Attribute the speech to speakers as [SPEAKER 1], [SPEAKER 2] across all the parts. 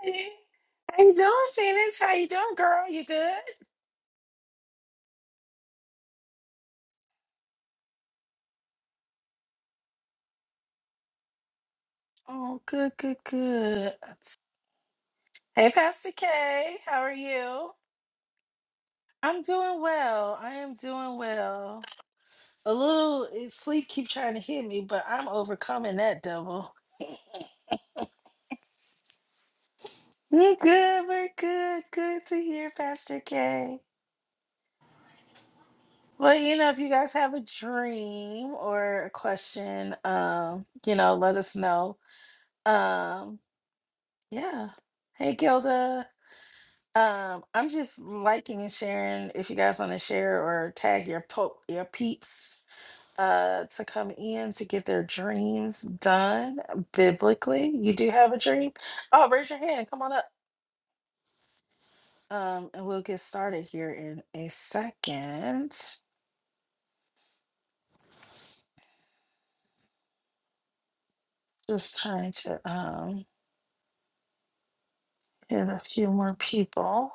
[SPEAKER 1] Hey, how you doing, Phoenix? How you doing, girl? You good? Oh, good, good, good. Hey, Pastor K, how are you? I'm doing well. I am doing well. A little eh, sleep keep trying to hit me, but I'm overcoming that devil. We're good. We're good. Good to hear, Pastor K. Well, you know, if you guys have a dream or a question, um, you know, let us know. Um, yeah. Hey, Gilda. Um, I'm just liking and sharing. If you guys want to share or tag your po- your peeps uh, to come in to get their dreams done biblically, you do have a dream. Oh, raise your hand. Come on up, um, and we'll get started here in a second. Just trying to um, get a few more people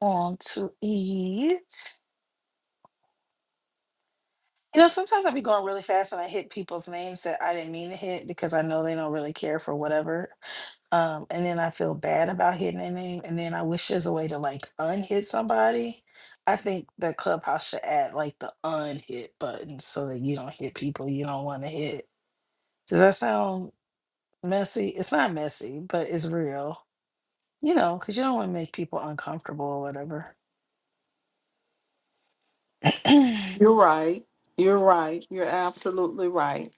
[SPEAKER 1] on to eat. You know, sometimes i be going really fast and I hit people's names that I didn't mean to hit because I know they don't really care for whatever. Um, and then I feel bad about hitting their name. And then I wish there's a way to like unhit somebody. I think that Clubhouse should add like the unhit button so that you don't hit people you don't want to hit. Does that sound messy? It's not messy, but it's real, you know, because you don't want to make people uncomfortable or whatever.
[SPEAKER 2] You're right. You're right. You're absolutely right.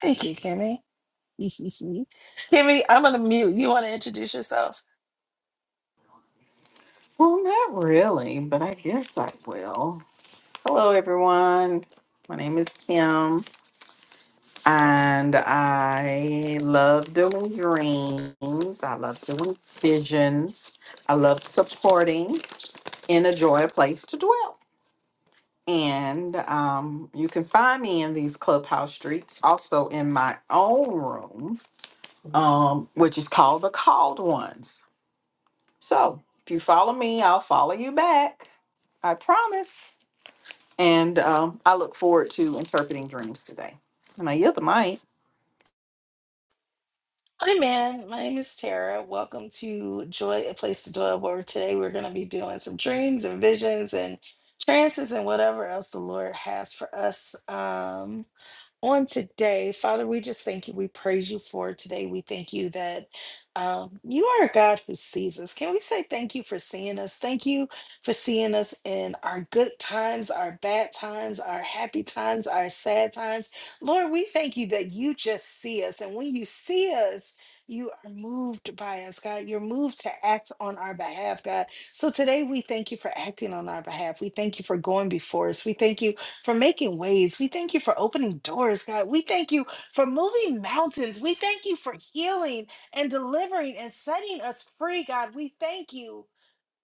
[SPEAKER 1] Thank you, Kimmy. Kimmy, I'm going to mute. You want to introduce yourself?
[SPEAKER 2] Well, not really, but I guess I will. Hello, everyone. My name is Kim, and I love doing dreams. I love doing visions. I love supporting in a joy, a place to dwell. And um, you can find me in these clubhouse streets, also in my own room, um, which is called the Called Ones So if you follow me, I'll follow you back. I promise. And um, I look forward to interpreting dreams today. And I yield the mic.
[SPEAKER 1] Hi, man. My name is Tara. Welcome to Joy, a Place to Dwell, where today we're going to be doing some dreams and visions and trances and whatever else the Lord has for us. Um, on today, Father, we just thank you. We praise you for today. We thank you that um, you are a God who sees us. Can we say thank you for seeing us? Thank you for seeing us in our good times, our bad times, our happy times, our sad times. Lord, we thank you that you just see us. And when you see us, you are moved by us, God. You're moved to act on our behalf, God. So today we thank you for acting on our behalf. We thank you for going before us. We thank you for making ways. We thank you for opening doors, God. We thank you for moving mountains. We thank you for healing and delivering and setting us free, God. We thank you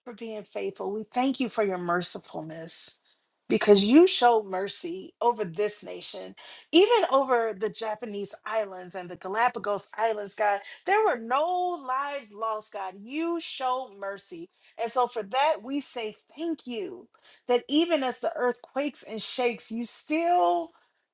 [SPEAKER 1] for being faithful. We thank you for your mercifulness because you showed mercy over this nation, even over the Japanese islands and the Galapagos Islands, God. There were no lives lost, God. You showed mercy. And so for that, we say thank you that even as the earth quakes and shakes, you still.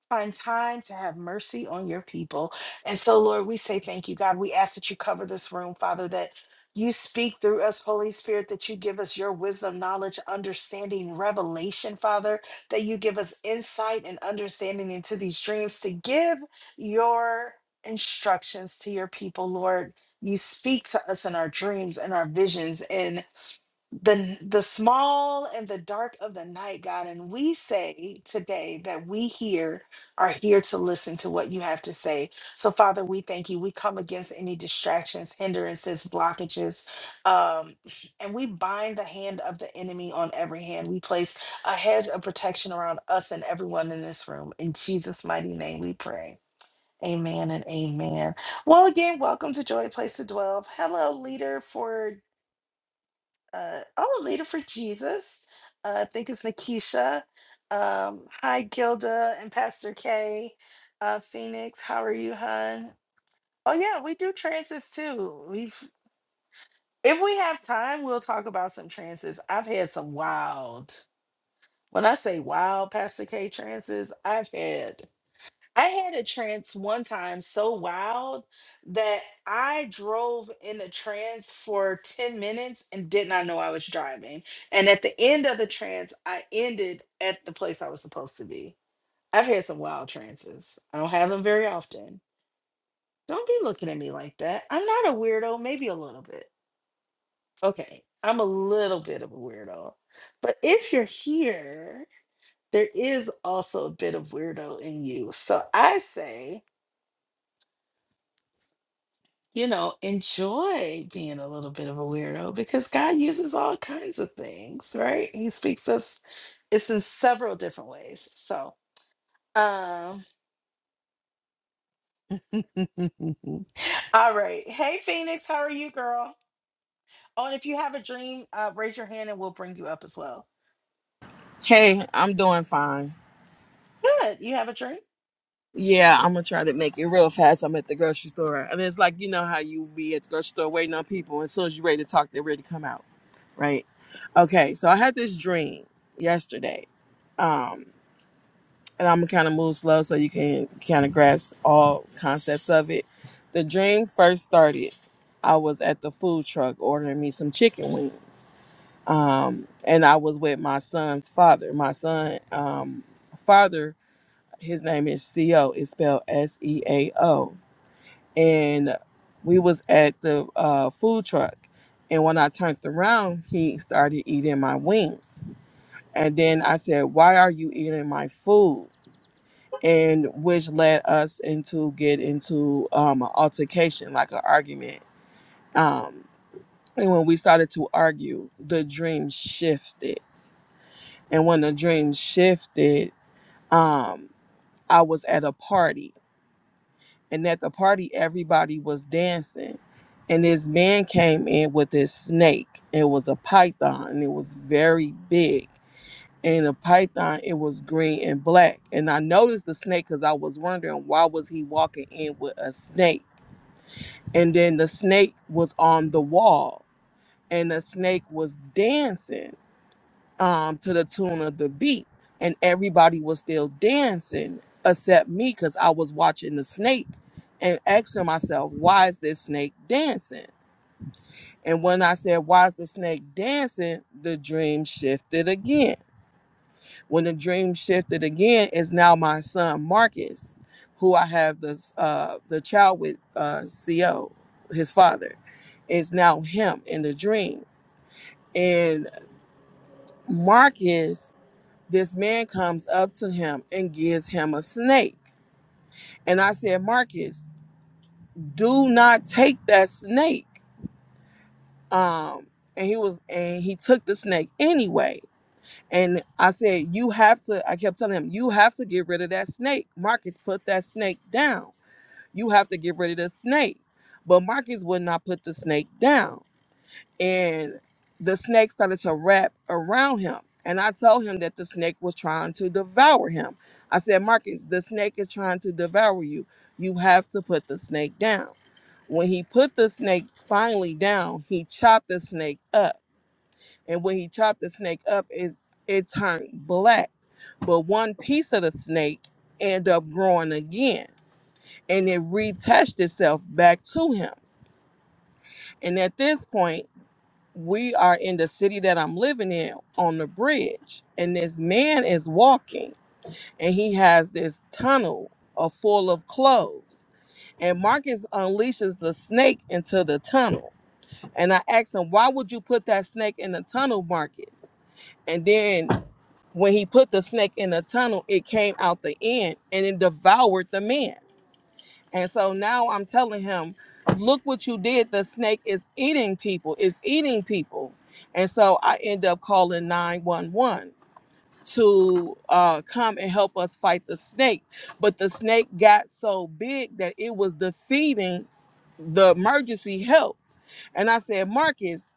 [SPEAKER 1] Find time to have mercy on your people. And so, Lord, we say thank you, God. We ask that you cover this room, Father, that you speak through us, Holy Spirit, that you give us your wisdom, knowledge, understanding, revelation, Father, that you give us insight and understanding into these dreams to give your instructions to your people, Lord. You speak to us in our dreams and our visions the the small and the dark of the night god and we say today that we here are here to listen to what you have to say so father we thank you we come against any distractions hindrances blockages um, and we bind the hand of the enemy on every hand we place a hedge of protection around us and everyone in this room in jesus mighty name we pray Amen and amen. Well, again, welcome to Joy Place to Dwell. Hello, leader for. Uh, oh, Leader for Jesus. Uh, I think it's Nakisha. Um, hi, Gilda and Pastor K. Uh, Phoenix, how are you, hun? Oh, yeah, we do transits too. We've, if we have time, we'll talk about some transits. I've had some wild, when I say wild Pastor K transits, I've had. I had a trance one time so wild that I drove in a trance for 10 minutes and did not know I was driving. And at the end of the trance, I ended at the place I was supposed to be. I've had some wild trances. I don't have them very often. Don't be looking at me like that. I'm not a weirdo, maybe a little bit. Okay, I'm a little bit of a weirdo. But if you're here, there is also a bit of weirdo in you. So I say, you know, enjoy being a little bit of a weirdo because God uses all kinds of things, right? He speaks us it's in several different ways. So, um All right. Hey Phoenix, how are you, girl? Oh, and if you have a dream, uh raise your hand and we'll bring you up as well.
[SPEAKER 3] Hey, I'm doing fine.
[SPEAKER 1] Good. You have a dream?
[SPEAKER 3] Yeah, I'm gonna try to make it real fast. I'm at the grocery store, and it's like you know how you be at the grocery store waiting on people, and as soon as you're ready to talk, they're ready to come out, right? Okay, so I had this dream yesterday, um, and I'm gonna kind of move slow so you can kind of grasp all concepts of it. The dream first started. I was at the food truck ordering me some chicken wings, um, and I was with my son's father. My son, um, father his name is Co. It's spelled S E A O. And we was at the uh, food truck, and when I turned around, he started eating my wings. And then I said, "Why are you eating my food?" And which led us into get into um, an altercation, like an argument. Um, and when we started to argue, the dream shifted. And when the dream shifted, um, I was at a party and at the party everybody was dancing and this man came in with this snake it was a python and it was very big and the python it was green and black and i noticed the snake because i was wondering why was he walking in with a snake and then the snake was on the wall and the snake was dancing um, to the tune of the beat, and everybody was still dancing except me because I was watching the snake and asking myself, why is this snake dancing? And when I said, why is the snake dancing? The dream shifted again. When the dream shifted again, is now my son Marcus, who I have this uh, the child with uh, Co, his father, is now him in the dream, and Marcus. This man comes up to him and gives him a snake. And I said, Marcus, do not take that snake. Um, and he was and he took the snake anyway. And I said, You have to, I kept telling him, you have to get rid of that snake. Marcus, put that snake down. You have to get rid of the snake. But Marcus would not put the snake down. and the snake started to wrap around him. And I told him that the snake was trying to devour him. I said, Marcus, the snake is trying to devour you. You have to put the snake down. When he put the snake finally down, he chopped the snake up. And when he chopped the snake up, it, it turned black. But one piece of the snake ended up growing again and it reattached itself back to him. And at this point, we are in the city that I'm living in on the bridge, and this man is walking, and he has this tunnel uh, full of clothes. And Marcus unleashes the snake into the tunnel. And I asked him, Why would you put that snake in the tunnel, Marcus? And then when he put the snake in the tunnel, it came out the end and it devoured the man. And so now I'm telling him, look what you did. The snake is eating people, it's eating people. And so I end up calling 911 to uh, come and help us fight the snake. But the snake got so big that it was defeating the emergency help. And I said, Marcus,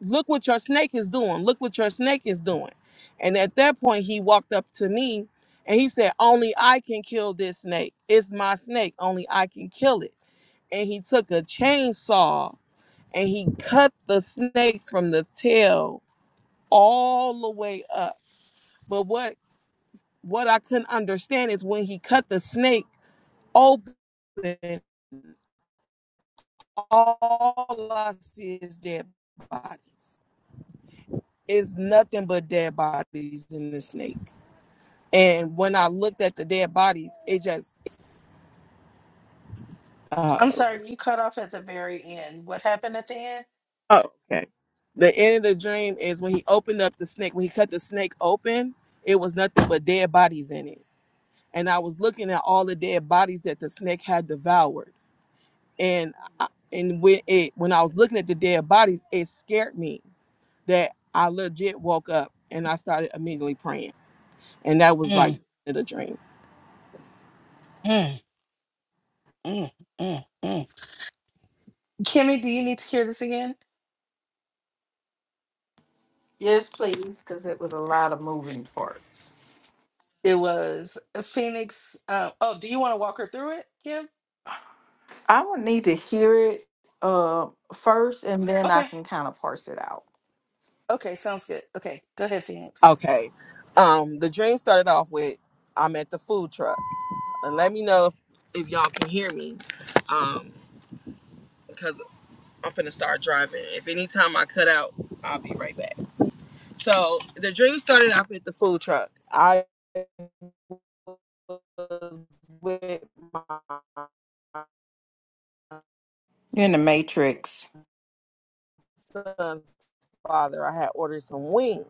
[SPEAKER 3] look what your snake is doing. Look what your snake is doing. And at that point, he walked up to me and he said, Only I can kill this snake. It's my snake. Only I can kill it and he took a chainsaw and he cut the snakes from the tail all the way up. But what what I couldn't understand is when he cut the snake open, all I see is dead bodies. It's nothing but dead bodies in the snake. And when I looked at the dead bodies, it just uh.
[SPEAKER 1] I'm sorry, you cut off at the very end. What happened at the end?
[SPEAKER 3] Oh, okay. The end of the dream is when he opened up the snake. When he cut the snake open, it was nothing but dead bodies in it. And I was looking at all the dead bodies that the snake had devoured. And I, and when it when I was looking at the dead bodies, it scared me that I legit woke up and I started immediately praying. And that was like
[SPEAKER 1] Mm,
[SPEAKER 3] the end of the dream.
[SPEAKER 1] mm. Mm, mm, mm. Kimmy, do you need to hear this again?
[SPEAKER 2] Yes, please, because it was a lot of moving parts.
[SPEAKER 1] It was a Phoenix. Uh, oh, do you want to walk her through it, Kim?
[SPEAKER 2] I would need to hear it uh, first, and then I
[SPEAKER 1] Okay.
[SPEAKER 2] can kind of parse it out.
[SPEAKER 1] Okay, sounds good. Okay, go ahead, Phoenix.
[SPEAKER 3] Okay. Um, the dream started off with I'm at the food truck. And let me know if, if y'all can hear me. Um, 'cause I'm finna start driving. If anytime I cut out, I'll be right back. So the dream started off with the food truck. I was with my
[SPEAKER 2] You're in the matrix.
[SPEAKER 3] son's father. I had ordered some wings.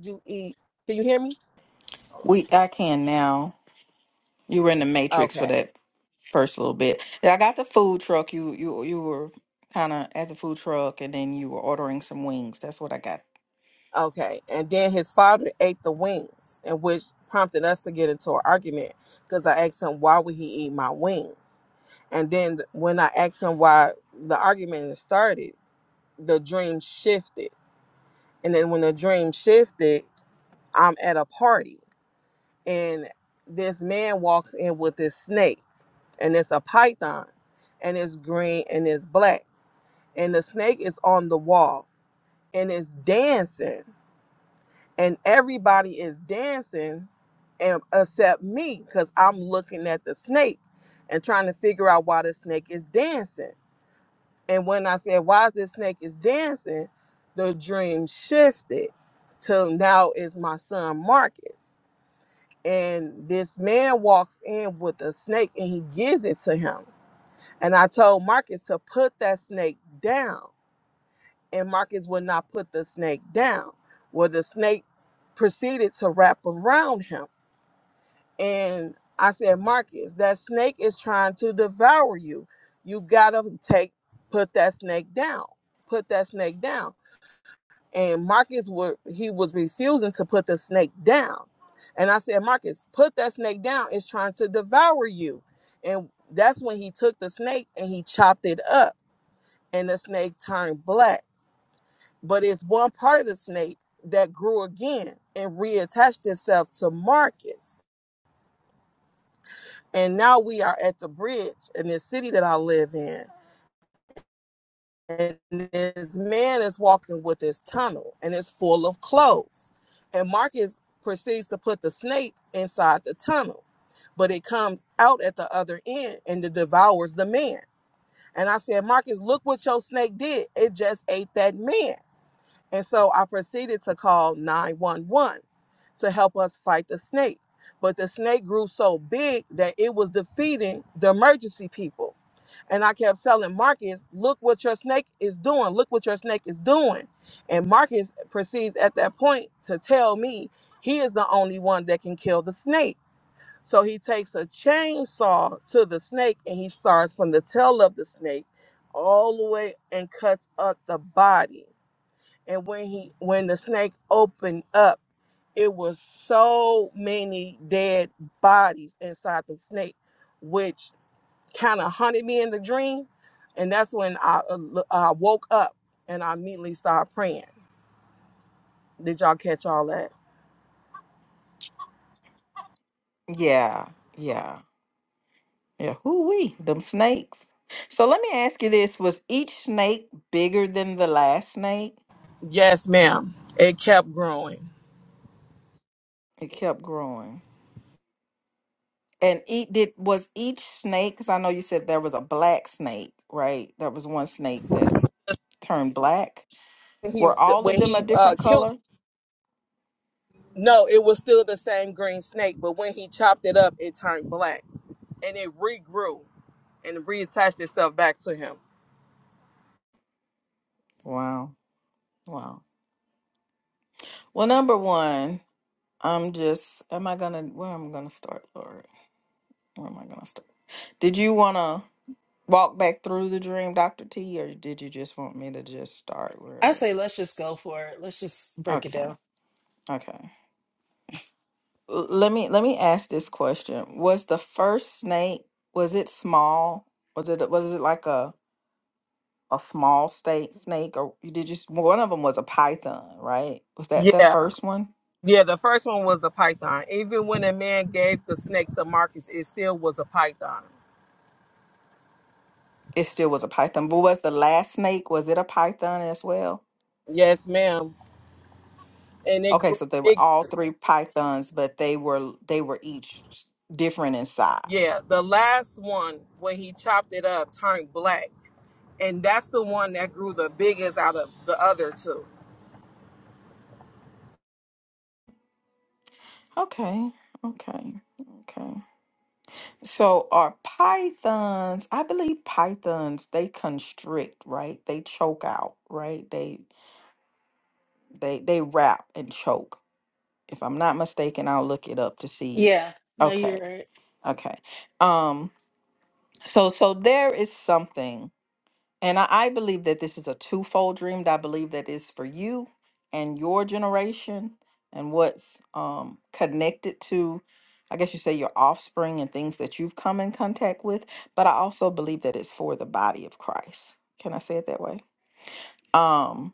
[SPEAKER 3] You eat? Can you hear me?
[SPEAKER 2] We I can now. You were in the matrix for
[SPEAKER 3] Okay.
[SPEAKER 2] that first little bit. Yeah, I got the food truck. You you you were kind of at the food truck, and then you were ordering some wings. That's what I got
[SPEAKER 3] Okay. And then his father ate the wings, and which prompted us to get into an argument because I asked him why would he eat my wings, and then when I asked him why the argument started the dream shifted. And then when the dream shifted, I'm at a party and this man walks in with this snake and it's a python and it's green and it's black. And the snake is on the wall and it's dancing and everybody is dancing and except me because I'm looking at the snake and trying to figure out why the snake is dancing. And when I said, Why is this snake is dancing? The dream shifted to now is my son Marcus. And this man walks in with a snake and he gives it to him. And I told Marcus to put that snake down. And Marcus would not put the snake down. Well, the snake proceeded to wrap around him. And I said, Marcus, that snake is trying to devour you. You gotta take, put that snake down. Put that snake down and Marcus were he was refusing to put the snake down. And I said, Marcus, put that snake down. It's trying to devour you. And that's when he took the snake and he chopped it up, and the snake turned black. But it's one part of the snake that grew again and reattached itself to Marcus. And now we are at the bridge in this city that I live in. and this man is walking with his tunnel and it's full of clothes and marcus proceeds to put the snake inside the tunnel but it comes out at the other end and it devours the man and i said marcus look what your snake did it just ate that man and so i proceeded to call 911 to help us fight the snake but the snake grew so big that it was defeating the emergency people and I kept telling Marcus, look what your snake is doing. Look what your snake is doing. And Marcus proceeds at that point to tell me he is the only one that can kill the snake. So he takes a chainsaw to the snake and he starts from the tail of the snake all the way and cuts up the body. And when he when the snake opened up, it was so many dead bodies inside the snake, which kind of haunted me in the dream. And that's when I, uh, lo- I woke up and I immediately started praying. Did y'all catch all that?
[SPEAKER 2] Yeah, yeah, yeah. Who we? Them snakes. So let me ask you this: Was each snake bigger than the last snake?
[SPEAKER 3] Yes, ma'am. It kept growing.
[SPEAKER 2] It kept growing. And eat did was each snake? Because I know you said there was a black snake, right? There was one snake that turned black.
[SPEAKER 3] When he
[SPEAKER 2] Were all of
[SPEAKER 3] when
[SPEAKER 2] them a
[SPEAKER 3] he uh,
[SPEAKER 2] different
[SPEAKER 3] killed,
[SPEAKER 2] color?
[SPEAKER 3] no, it was still the same green snake, but when he chopped it up, it turned black and it regrew and reattached itself back to him.
[SPEAKER 2] Wow, wow. Well, number one, I'm just. Am I gonna? Where am I gonna start, Lori? Where am I gonna start? Did you wanna? walk back through the dream, Dr. T, or did you just want me to just start
[SPEAKER 1] I
[SPEAKER 2] wherever?
[SPEAKER 1] say let's just go for it. Let's just break it
[SPEAKER 2] Okay,
[SPEAKER 1] down.
[SPEAKER 2] okay. L- let me let me ask this question. Was the first snake was it small? Was it was it like a a small snake snake or you did you one of them was a python, right? Was that that
[SPEAKER 3] Yeah,
[SPEAKER 2] first one?
[SPEAKER 3] yeah. The first one was a python. Even when a man gave the snake to Marcus, it still was a python.
[SPEAKER 2] It still was a python, but was the last snake was it a python as well?
[SPEAKER 3] Yes, ma'am. And it
[SPEAKER 2] Okay,
[SPEAKER 3] grew.
[SPEAKER 2] so they were
[SPEAKER 3] it
[SPEAKER 2] all three pythons, but they were they were each different in size.
[SPEAKER 3] Yeah, the last one when he chopped it up turned black, and that's the one that grew the biggest out of the other two.
[SPEAKER 2] Okay, okay, okay. So are pythons, I believe pythons, they constrict, right? They choke out, right? They they they wrap and choke. If I'm not mistaken, I'll look it up to see.
[SPEAKER 1] Yeah, no,
[SPEAKER 2] Okay,
[SPEAKER 1] you're right.
[SPEAKER 2] okay. Um so so there is something And I, I believe that this is a twofold dream. that I believe that is for you and your generation and what's um, connected to, I guess you say, your offspring and things that you've come in contact with. But I also believe that it's for the body of Christ. Can I say it that way? Um,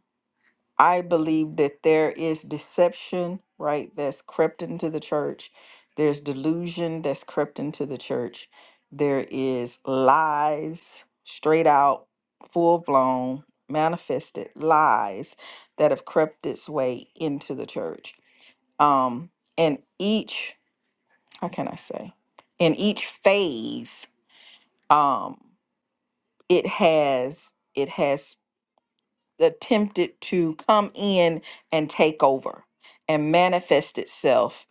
[SPEAKER 2] I believe that there is deception, right, that's crept into the church. There's delusion that's crept into the church. There is lies, straight out, full blown, manifested lies that have crept its way into the church. Um, and each, how can I say, in each phase, um, it has it has attempted to come in and take over and manifest itself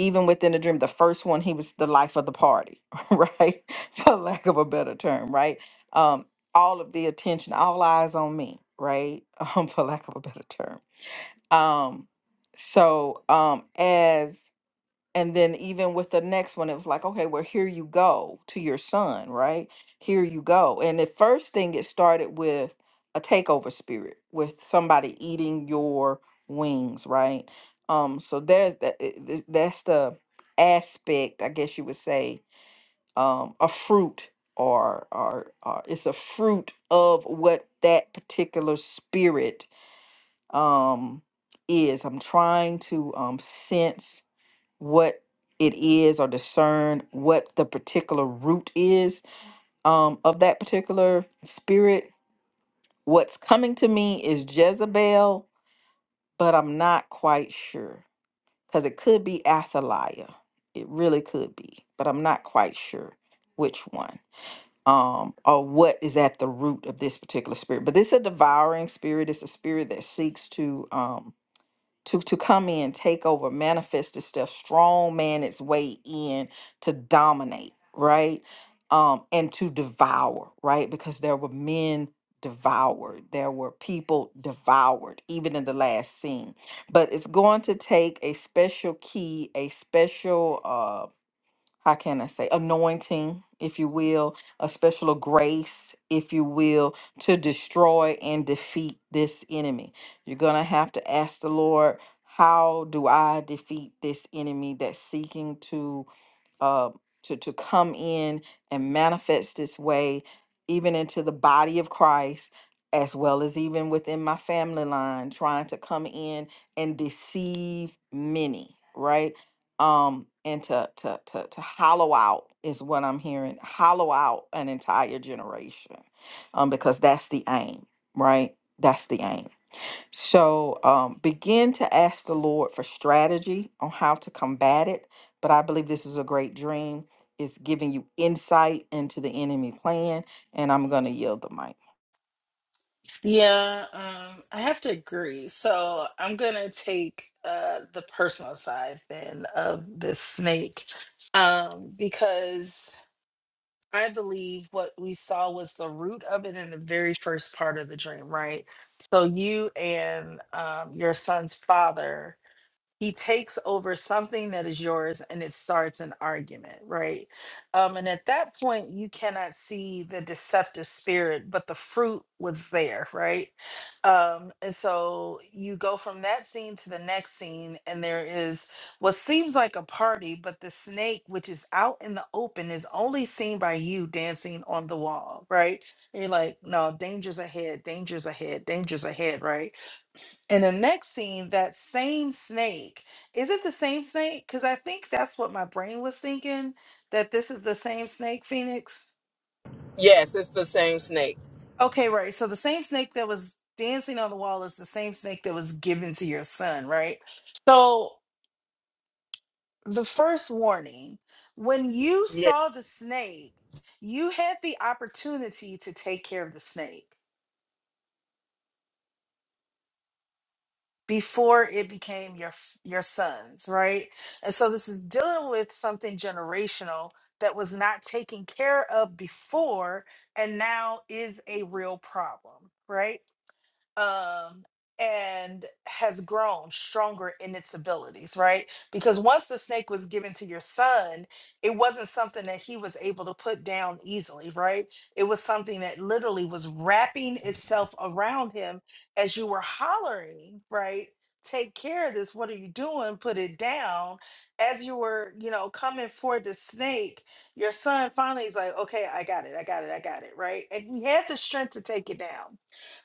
[SPEAKER 2] even within the dream the first one he was the life of the party right for lack of a better term right um all of the attention all eyes on me right um for lack of a better term um so um as and then even with the next one it was like okay well here you go to your son right here you go and the first thing it started with a takeover spirit with somebody eating your wings right um so there's that i- i- that's the aspect i guess you would say um a fruit or or, or it's a fruit of what that particular spirit um is i'm trying to um sense what it is or discern what the particular root is um, of that particular spirit. What's coming to me is Jezebel, but I'm not quite sure because it could be Athaliah. It really could be, but I'm not quite sure which one um, or what is at the root of this particular spirit. But this is a devouring spirit. It's a spirit that seeks to um, to to come in, take over, manifest this stuff, strong man its way in to dominate, right? Um, and to devour, right? Because there were men devoured, there were people devoured, even in the last scene. But it's going to take a special key, a special uh, how can I say, anointing, if you will, a special grace, if you will, to destroy and defeat this enemy. You're going to have to ask the Lord, how do I defeat this enemy that's seeking to uh, to to come in and manifest this way, even into the body of Christ, as well as even within my family line, trying to come in and deceive many, right? Um, and to to to to hollow out is what I'm hearing. Hollow out an entire generation, um, because that's the aim, right? That's the aim. So um, begin to ask the Lord for strategy on how to combat it. But I believe this is a great dream. It's giving you insight into the enemy plan. And I'm going to yield the mic.
[SPEAKER 1] Yeah, um, I have to agree. So I'm gonna take uh the personal side then of this snake. Um, because I believe what we saw was the root of it in the very first part of the dream, right? So you and um, your son's father he takes over something that is yours and it starts an argument right um, and at that point you cannot see the deceptive spirit but the fruit was there right um, and so you go from that scene to the next scene and there is what seems like a party but the snake which is out in the open is only seen by you dancing on the wall right and you're like no dangers ahead dangers ahead dangers ahead right in the next scene, that same snake, is it the same snake? Because I think that's what my brain was thinking, that this is the same snake, Phoenix.
[SPEAKER 3] Yes, it's the same snake.
[SPEAKER 1] Okay, right. So the same snake that was dancing on the wall is the same snake that was given to your son, right? So the first warning when you
[SPEAKER 3] Yes,
[SPEAKER 1] saw the snake, you had the opportunity to take care of the snake. before it became your your sons right and so this is dealing with something generational that was not taken care of before and now is a real problem right um, and has grown stronger in its abilities, right? Because once the snake was given to your son, it wasn't something that he was able to put down easily, right? It was something that literally was wrapping itself around him as you were hollering, right? Take care of this. What are you doing? Put it down. As you were, you know, coming for the snake, your son finally is like, okay, I got it. I got it. I got it. Right. And he had the strength to take it down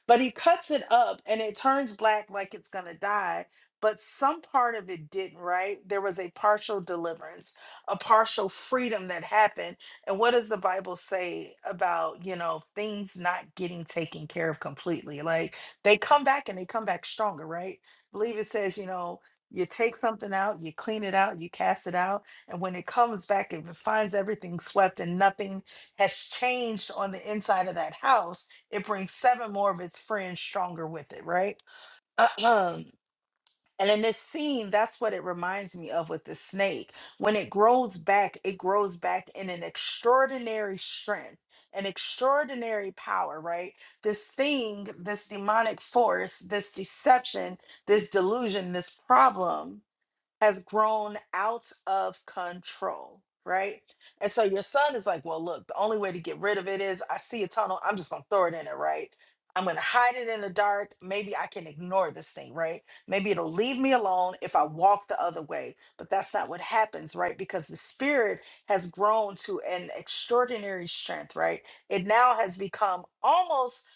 [SPEAKER 1] but he cuts it up and it turns black like it's going to die but some part of it didn't right there was a partial deliverance a partial freedom that happened and what does the bible say about you know things not getting taken care of completely like they come back and they come back stronger right I believe it says you know you take something out you clean it out you cast it out and when it comes back it finds everything swept and nothing has changed on the inside of that house it brings seven more of its friends stronger with it, right? And in this scene, that's what it reminds me of with the snake. When it grows back, it grows back in an extraordinary strength, an extraordinary power, right? This thing, this demonic force, this deception, this delusion, this problem has grown out of control, right? And so your son is like, well, look, the only way to get rid of it is I see a tunnel, I'm just gonna throw it in it, right? I'm gonna hide it in the dark. Maybe I can ignore this thing, right? Maybe it'll leave me alone if I walk the other way. But that's not what happens, right? Because the spirit has grown to an extraordinary strength, right? It now has become almost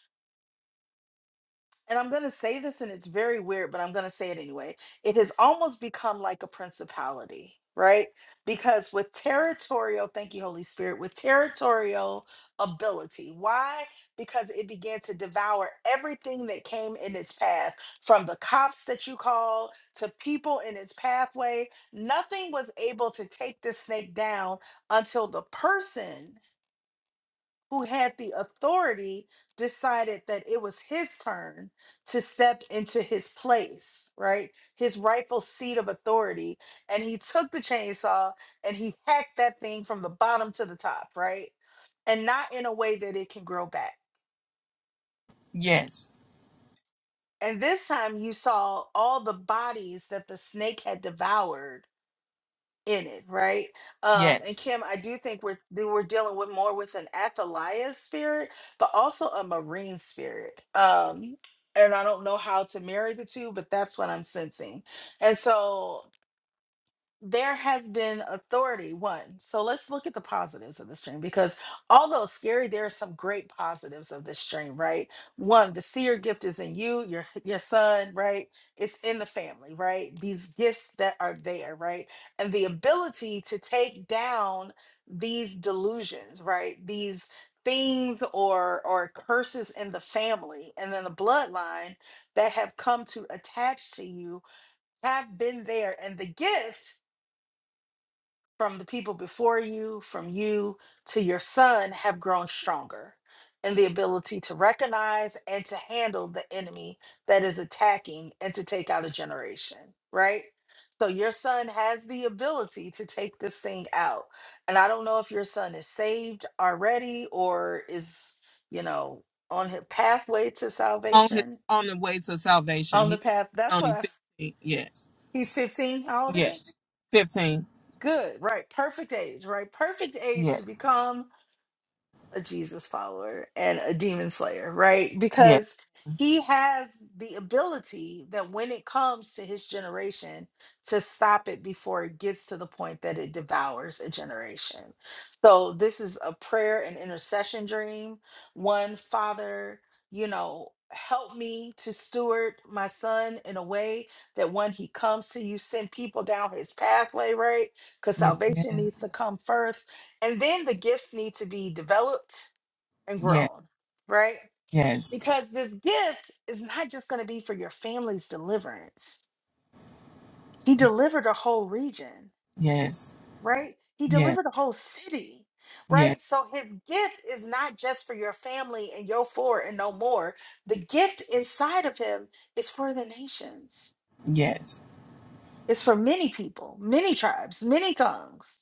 [SPEAKER 1] and I'm going to say this, and it's very weird, but I'm going to say it anyway. It has almost become like a principality, right? Because with territorial, thank you, Holy Spirit, with territorial ability. Why? Because it began to devour everything that came in its path, from the cops that you called to people in its pathway. Nothing was able to take this snake down until the person who had the authority decided that it was his turn to step into his place, right? His rightful seat of authority. And he took the chainsaw and he hacked that thing from the bottom to the top, right? And not in a way that it can grow back.
[SPEAKER 3] yes,
[SPEAKER 1] And this time you saw all the bodies that the snake had devoured in it, right? Um, and
[SPEAKER 3] yes.
[SPEAKER 1] Kim, I do think we're we're dealing with more with an Athaliah spirit, but also a Marine spirit. Um, and I don't know how to marry the two, but that's what I'm sensing. And so there has been authority one so let's look at the positives of the stream because although scary there are some great positives of this stream right one the seer gift is in you your your son right it's in the family right these gifts that are there right and the ability to take down these delusions right these things or or curses in the family and then the bloodline that have come to attach to you have been there and the gift from the people before you, from you to your son, have grown stronger in the ability to recognize and to handle the enemy that is attacking and to take out a generation, right? So your son has the ability to take this thing out. And I don't know if your son is saved already or is, you know, on his pathway to
[SPEAKER 3] On his
[SPEAKER 1] salvation,
[SPEAKER 3] on the way to salvation,
[SPEAKER 1] on the
[SPEAKER 3] he's
[SPEAKER 1] path. That's what
[SPEAKER 3] only
[SPEAKER 1] I, f-
[SPEAKER 3] fifteen. Yes,
[SPEAKER 1] he's 15. How old is he?
[SPEAKER 3] yes, fifteen.
[SPEAKER 1] Good, right? Perfect age, right? Perfect age
[SPEAKER 3] Yes,
[SPEAKER 1] to become a Jesus follower and a demon slayer, right?
[SPEAKER 3] yes,
[SPEAKER 1] Because he has the ability that when it comes to his generation to stop it before it gets to the point that it devours a generation. So this is a prayer and intercession dream. One father, you know, help me to steward my son in a way that when he comes to you send people down his pathway, right? Cuz
[SPEAKER 3] yes,
[SPEAKER 1] salvation
[SPEAKER 3] ma'am.
[SPEAKER 1] needs to come first and then the gifts need to be developed and
[SPEAKER 3] Yes,
[SPEAKER 1] grown, right?
[SPEAKER 3] yes,
[SPEAKER 1] Because this gift is not just going to be for your family's deliverance. He
[SPEAKER 3] yes,
[SPEAKER 1] delivered a whole region,
[SPEAKER 3] yes,
[SPEAKER 1] right? He
[SPEAKER 3] yes,
[SPEAKER 1] delivered a whole city,
[SPEAKER 3] yes,
[SPEAKER 1] right? So his gift is not just for your family and your four and no more. The gift inside of him is for the nations,
[SPEAKER 3] yes,
[SPEAKER 1] it's for many people, many tribes, many tongues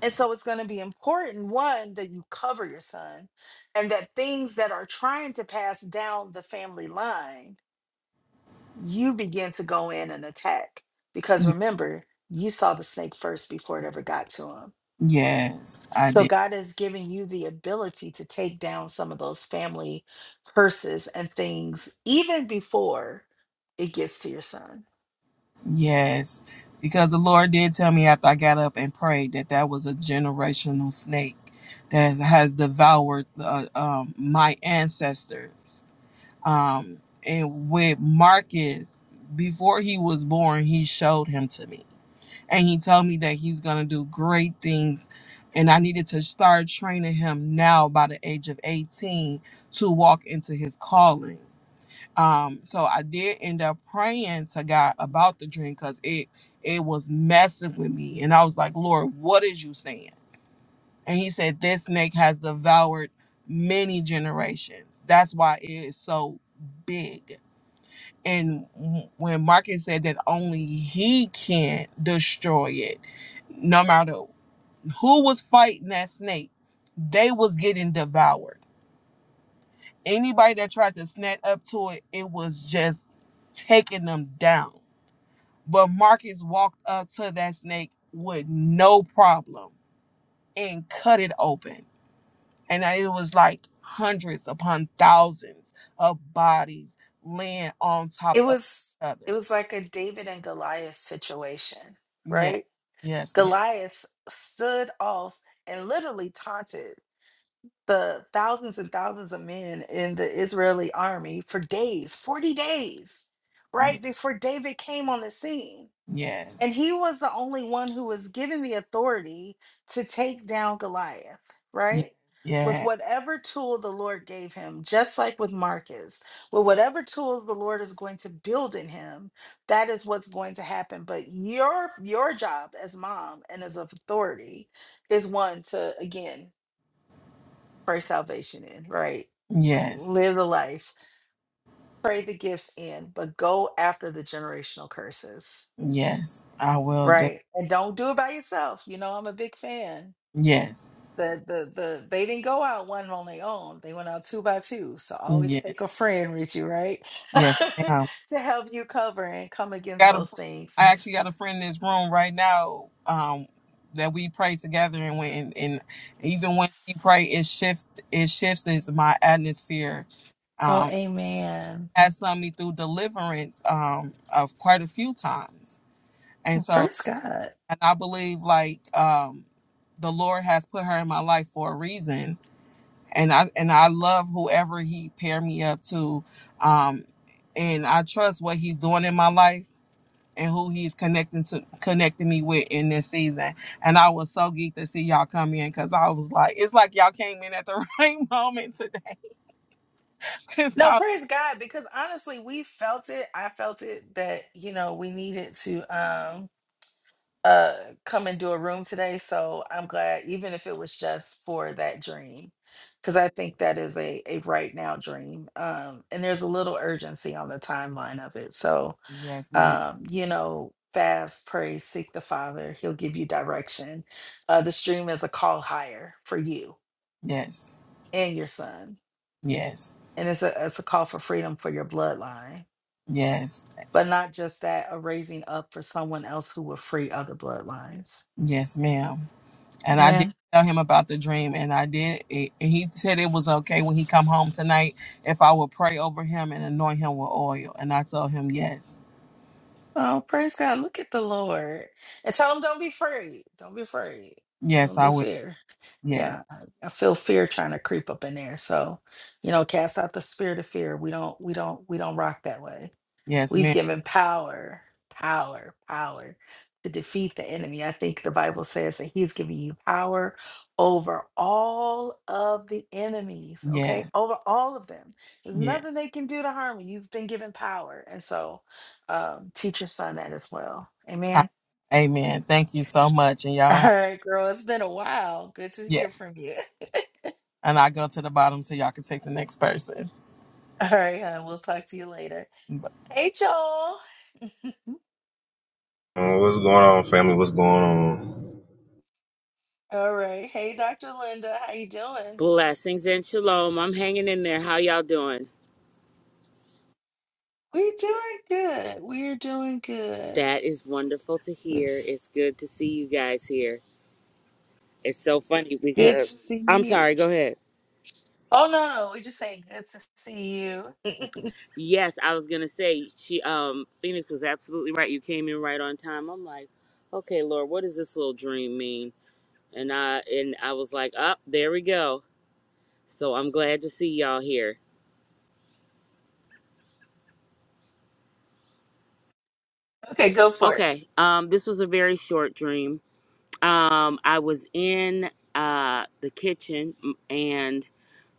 [SPEAKER 1] And so it's going to be important, one, that you cover your son and that things that are trying to pass down the family line, you begin to go in and attack. Because
[SPEAKER 3] Yeah.
[SPEAKER 1] remember, you saw the snake first before it ever got to him.
[SPEAKER 3] yes. I did.
[SPEAKER 1] So God has given you the ability to take down some of those family curses and things even before it gets to your son.
[SPEAKER 3] Yes, because the Lord did tell me after I got up and prayed that that was a generational snake that has devoured uh, um, my ancestors. Um, and with Marcus, before he was born, he showed him to me. And he told me that he's going to do great things. And I needed to start training him now by the age of 18 to walk into his calling um so i did end up praying to god about the dream because it it was messing with me and i was like lord what is you saying and he said this snake has devoured many generations that's why it is so big and w- when marcus said that only he can destroy it no matter who was fighting that snake they was getting devoured Anybody that tried to snap up to it, it was just taking them down. But Marcus walked up to that snake with no problem and cut it open. And it was like hundreds upon thousands of bodies laying on top
[SPEAKER 1] It
[SPEAKER 3] of
[SPEAKER 1] was
[SPEAKER 3] each
[SPEAKER 1] it
[SPEAKER 3] other.
[SPEAKER 1] was like a David and Goliath situation,
[SPEAKER 3] Yeah.
[SPEAKER 1] right?
[SPEAKER 3] Yes, ma'am.
[SPEAKER 1] Goliath stood off and literally taunted the thousands and thousands of men in the Israeli army for days, 40 days,
[SPEAKER 3] Yeah.
[SPEAKER 1] right before David came on the scene and
[SPEAKER 3] Yes.
[SPEAKER 1] he was the only one who was given the authority to take down Goliath,
[SPEAKER 3] Yeah.
[SPEAKER 1] right? With
[SPEAKER 3] Yeah.
[SPEAKER 1] whatever tool the Lord gave him, just like with Marcus, with whatever tools the Lord is going to build in him, that is what's going to happen. But your your job as mom and as of authority is one to again pray salvation in, right?
[SPEAKER 3] Yes.
[SPEAKER 1] Live the life, pray the gifts in, but go after the generational curses
[SPEAKER 3] Yes. I will do.
[SPEAKER 1] Right. And don't do it by yourself. You know, I'm a big fan.
[SPEAKER 3] Yes.
[SPEAKER 1] The the the they didn't go out one on their own. They went out two by two. So always
[SPEAKER 3] Yes.
[SPEAKER 1] take a friend with you, right?
[SPEAKER 3] Yes, ma'am.
[SPEAKER 1] to help you cover and come against
[SPEAKER 3] got a
[SPEAKER 1] those
[SPEAKER 3] friend, I
[SPEAKER 1] things.
[SPEAKER 3] actually got a friend in this room right now um that we pray together and when and, and even when she pray it shifts it shifts is my atmosphere
[SPEAKER 1] Oh,
[SPEAKER 3] um
[SPEAKER 1] amen.
[SPEAKER 3] has sent me through deliverance um of quite a few times and
[SPEAKER 1] Well,
[SPEAKER 3] so
[SPEAKER 1] Praise God.
[SPEAKER 3] and I believe like um the Lord has put her in my life for a reason and I and I love whoever he paired me up to um and I trust what he's doing in my life and who he's connecting to connecting me with in this season. And I was so geeked to see y'all come in because I was like, it's like y'all came in at the right moment today. Cause
[SPEAKER 1] No,
[SPEAKER 3] I
[SPEAKER 1] praise God, because honestly, we felt it. I felt it that, you know, we needed to um uh come and do a room today so i'm glad even if it was just for that dream because i think that is a a right now dream um and there's a little urgency on the timeline of it so
[SPEAKER 3] Yes, ma'am.
[SPEAKER 1] um you know fast pray seek the father he'll give you direction uh this dream is a call higher for you
[SPEAKER 3] Yes.
[SPEAKER 1] and your son
[SPEAKER 3] Yes.
[SPEAKER 1] and it's a it's a call for freedom for your bloodline
[SPEAKER 3] Yes.
[SPEAKER 1] but not just that a raising up for someone else who will free other bloodlines
[SPEAKER 3] Yes, ma'am. And I did tell him about the dream and I did it, and he said it was okay when he come home tonight if I would pray over him and anoint him with oil. And I told him yes.
[SPEAKER 1] Oh, praise God. Look at the Lord. And tell him don't be afraid. Don't be afraid.
[SPEAKER 3] Yes,
[SPEAKER 1] Don't
[SPEAKER 3] I
[SPEAKER 1] do
[SPEAKER 3] will.
[SPEAKER 1] fear.
[SPEAKER 3] Yes.
[SPEAKER 1] Yeah. I I feel fear trying to creep up in there. So, you know, cast out the spirit of fear. We don't, we don't, we don't rock that way.
[SPEAKER 3] Yes,
[SPEAKER 1] We've
[SPEAKER 3] ma'am.
[SPEAKER 1] given power, power, power to defeat the enemy. I think the Bible says that he's giving you power over all of the enemies, okay?
[SPEAKER 3] Yes.
[SPEAKER 1] Over all of them. There's
[SPEAKER 3] Yes.
[SPEAKER 1] nothing they can do to harm you. You've been given power. And so um, teach your son that as well.
[SPEAKER 3] I
[SPEAKER 1] Amen.
[SPEAKER 3] Amen. Thank you so much. And
[SPEAKER 1] All
[SPEAKER 3] y'all have
[SPEAKER 1] right, girl, it's been a while. Good to
[SPEAKER 3] Yeah.
[SPEAKER 1] hear from you.
[SPEAKER 3] And I go to the bottom so y'all can take the next person.
[SPEAKER 1] All right, hon, we'll talk to you later. Hey, y'all.
[SPEAKER 4] Uh, What's going on, family? What's going on?
[SPEAKER 1] All right. Hey, Dr. Linda, how you doing?
[SPEAKER 5] Blessings and shalom. I'm hanging in there. How y'all doing?
[SPEAKER 1] We're doing good. We're doing good.
[SPEAKER 5] That is wonderful to hear.
[SPEAKER 1] It's
[SPEAKER 5] It's good to see you guys here. It's so funny
[SPEAKER 1] good to
[SPEAKER 5] because
[SPEAKER 1] see
[SPEAKER 5] I'm
[SPEAKER 1] you.
[SPEAKER 5] sorry, go ahead.
[SPEAKER 1] Oh no, no, we're just saying good to see you.
[SPEAKER 5] Yes, I was gonna say she um Phoenix was absolutely right. You came in right on time. I'm like, okay, Lord, what does this little dream mean? And I and I was like, up there we go. So I'm glad to see y'all here.
[SPEAKER 1] Okay, go for it.
[SPEAKER 5] Okay, um, this was a very short dream. Um, I was in uh the kitchen and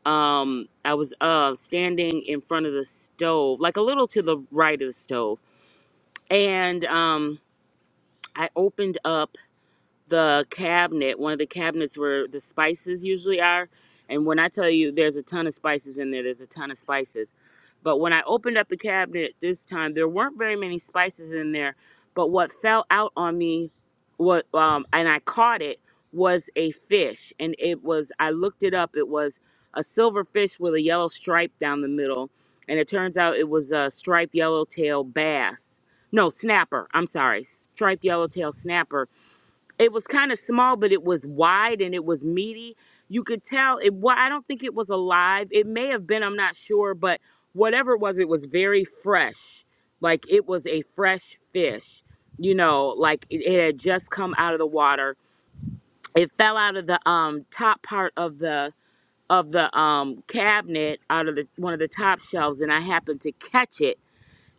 [SPEAKER 5] um i was uh standing in front of the stove like a little to the right of the stove and um i opened up the cabinet, one of the cabinets where the spices usually are. And when I tell you there's a ton of spices in there, there's a ton of spices. But when I opened up the cabinet this time, there weren't very many spices in there. But what fell out on me, what um, and I caught it was a fish, and it was I looked it up. It was a silver fish with a yellow stripe down the middle, and it turns out it was a striped yellowtail bass. No, snapper. I'm sorry, striped yellowtail snapper it was kind of small but it was wide and it was meaty you could tell it well i don't think it was alive it may have been i'm not sure but whatever it was it was very fresh like it was a fresh fish you know like it, it had just come out of the water it fell out of the um top part of the of the um cabinet out of the one of the top shelves and i happened to catch it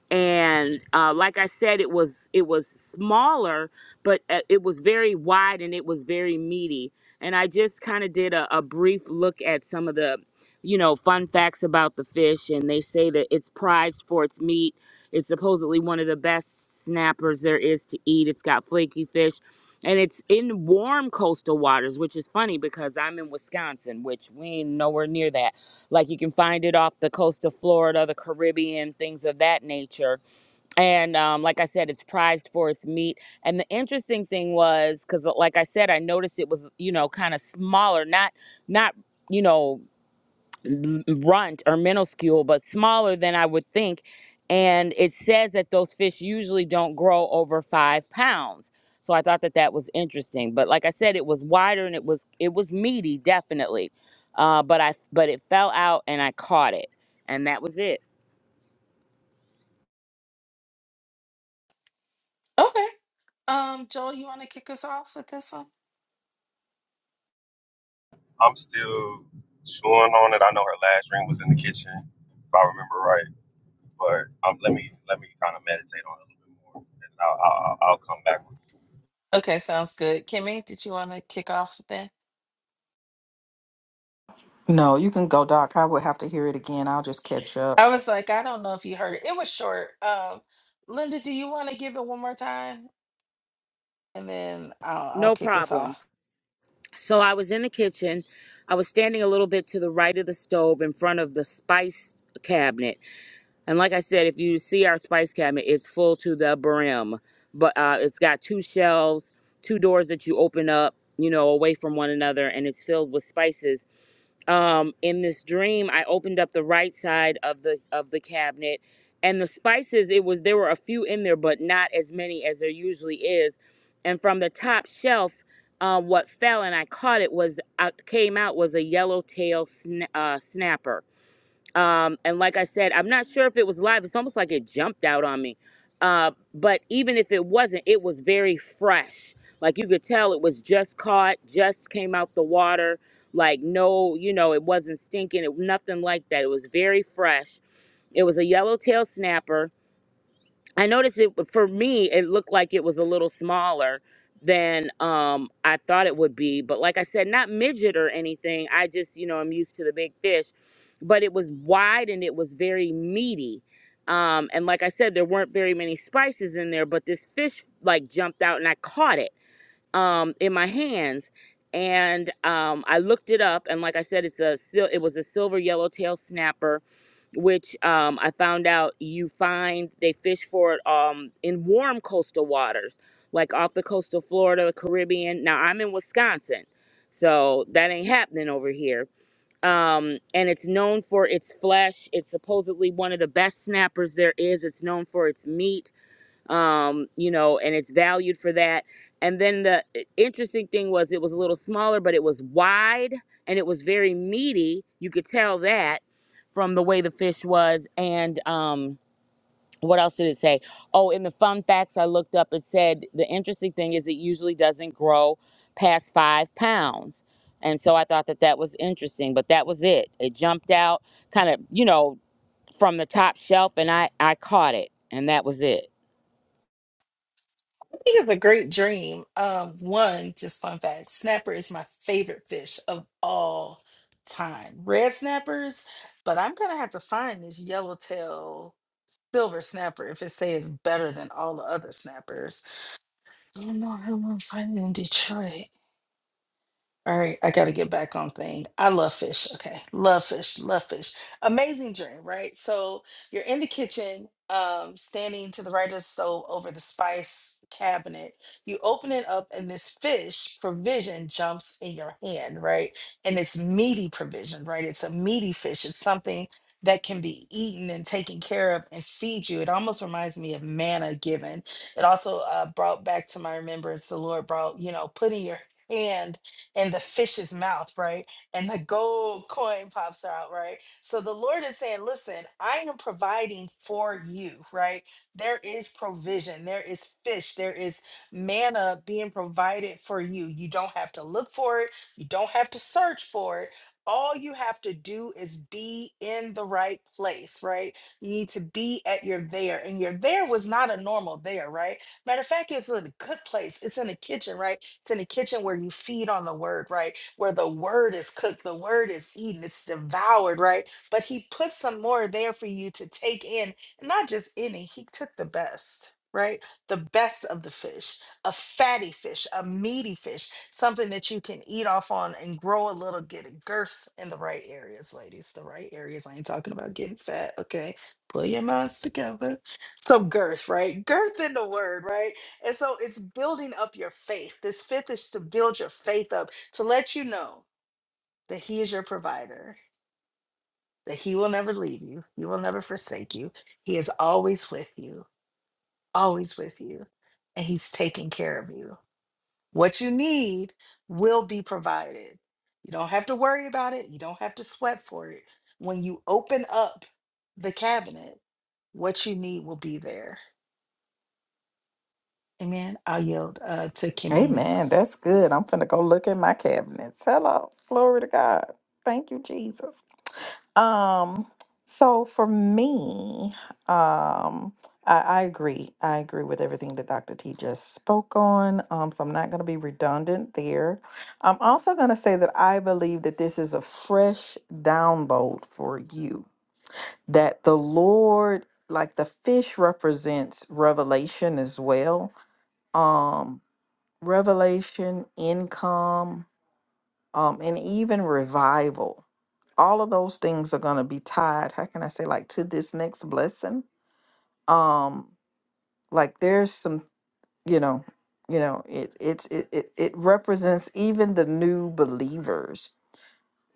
[SPEAKER 5] and uh, like I said, it was it was smaller, but uh, it was very wide and it was very meaty. And I just kind of did a, a brief look at some of the, you know, fun facts about the fish. And they say that it's prized for its meat. It's supposedly one of the best snappers there is to eat. It's got flaky fish, and it's in warm coastal waters, which is funny because I'm in Wisconsin, which we ain't nowhere near that like you can find it off the coast of Florida, the Caribbean, things of that nature. And um, like I said, it's prized for its meat. And the interesting thing was, because like I said, I noticed it was you know kind of smaller, not not you know l- runt or minuscule, but smaller than I would think. And it says that those fish usually don't grow over five pounds. So I thought that that was interesting. But like I said, it was wider and it was it was meaty, definitely. Uh, but I but it fell out and I caught it, and that was it.
[SPEAKER 1] Okay. Um, Joel, you want to kick us off with this one?
[SPEAKER 4] I'm still chewing on it. I know her last dream was in the kitchen, if I remember right. But um, let me let me kind of meditate on it a little bit more, and I'll, I'll, I'll come back. with
[SPEAKER 1] Okay, sounds good. Kimmy, did you want to kick off with that?
[SPEAKER 2] No, you can go, Doc. I would have to hear it again. I'll just catch up.
[SPEAKER 1] I was like, I don't know if you heard it. It was short. Um, Linda, do you want to give it one more time? And then I'll, I'll
[SPEAKER 5] No
[SPEAKER 1] kick us
[SPEAKER 5] problem.
[SPEAKER 1] off.
[SPEAKER 5] So I was in the kitchen. I was standing a little bit to the right of the stove in front of the spice cabinet And like I said, if you see our spice cabinet, it's full to the brim. But uh, it's got two shelves, two doors that you open up, you know, away from one another, and it's filled with spices. Um, in this dream, I opened up the right side of the of the cabinet, and the spices. It was there were a few in there, but not as many as there usually is. And from the top shelf, uh, what fell and I caught it was uh, came out was a yellowtail sna- uh, snapper um, and like I said, I'm not sure if it was live. It's almost like it jumped out on me. Uh, but even if it wasn't, it was very fresh. Like you could tell it was just caught, just came out the water. Like, no, you know, it wasn't stinking, it, nothing like that. It was very fresh. It was a yellowtail snapper I noticed it for me, it looked like it was a little smaller than um I thought it would be. But like I said, not midget or anything. I just, you know, I'm used to the big fish. But it was wide and it was very meaty. Um, and like I said, there weren't very many spices in there, but this fish like jumped out and I caught it um in my hands. And um I looked it up and like I said, it's a sil- it was a silver yellowtail snapper which um, I found out you find they fish for it um, in warm coastal waters, like off the coast of Florida, the Caribbean. Now I'm in Wisconsin, so that ain't happening over here. Um, and it's known for its flesh. It's supposedly one of the best snappers there is. It's known for its meat um you know and it's valued for that and then the interesting thing was it was a little smaller but it was wide and it was very meaty you could tell that from the way the fish was and um what else did it say oh in the fun facts i looked up it said the interesting thing is it usually doesn't grow past five pounds and so i thought that that was interesting but that was it it jumped out kind of you know from the top shelf and i i caught it and that was it
[SPEAKER 1] It is a great dream. Um, one just fun fact: snapper is my favorite fish of all time. Red snappers, but I'm gonna have to find this yellowtail silver snapper if it says better than all the other snappers. I don't know how I'm gonna find it in Detroit. All right, I got to get back on thing. I love fish. Okay. Love fish. Love fish. Amazing dream, right? So you're in the kitchen, um, standing to the right of the stove over the spice cabinet. You open it up, and this fish provision jumps in your hand, right? And it's meaty provision, right? It's a meaty fish. It's something that can be eaten and taken care of and feed you. It almost reminds me of manna given. It also uh, brought back to my remembrance the Lord brought, you know, putting your hand and the fish's mouth, right? And the gold coin pops out, right? So the Lord is saying, listen, I am providing for you, right? There is provision, there is fish, there is manna being provided for you. You don't have to look for it, you don't have to search for it. All you have to do is be in the right place, right? You need to be at your there. And your there was not a normal there, right? Matter of fact, it's in a good place. It's in the kitchen, right? It's in the kitchen where you feed on the word, right? Where the word is cooked, the word is eaten, it's devoured, right? But he put some more there for you to take in, and not just any, he took the best, right? The best of the fish, a fatty fish, a meaty fish, something that you can eat off on and grow a little, get a girth in the right areas, ladies. The right areas. I ain't talking about getting fat, okay? Pull your minds together. Some girth, right? Girth in the word, right? And so it's building up your faith. This fifth is to build your faith up, to let you know that He is your provider, that He will never leave you, He will never forsake you. He is always with you, always with you, and He's taking care of you. What you need will be provided. You don't have to worry about it, you don't have to sweat for it. When you open up the cabinet, what you need will be there. Amen. I'll yield uh, to Kimmy
[SPEAKER 2] Amen.
[SPEAKER 1] next.
[SPEAKER 2] That's good. I'm finna go look in my cabinets. Hello. Glory to God. Thank you, Jesus. Um, so for me, um, I, I agree. I agree with everything that Dr. T just spoke on. Um, so I'm not going to be redundant there. I'm also going to say that I believe that this is a fresh download for you, that the Lord, like the fish represents revelation as well. Um, revelation, income, um, and even revival. All of those things are going to be tied. How can I say like to this next blessing? Um, like there's some, you know, you know, it it's it, it it represents even the new believers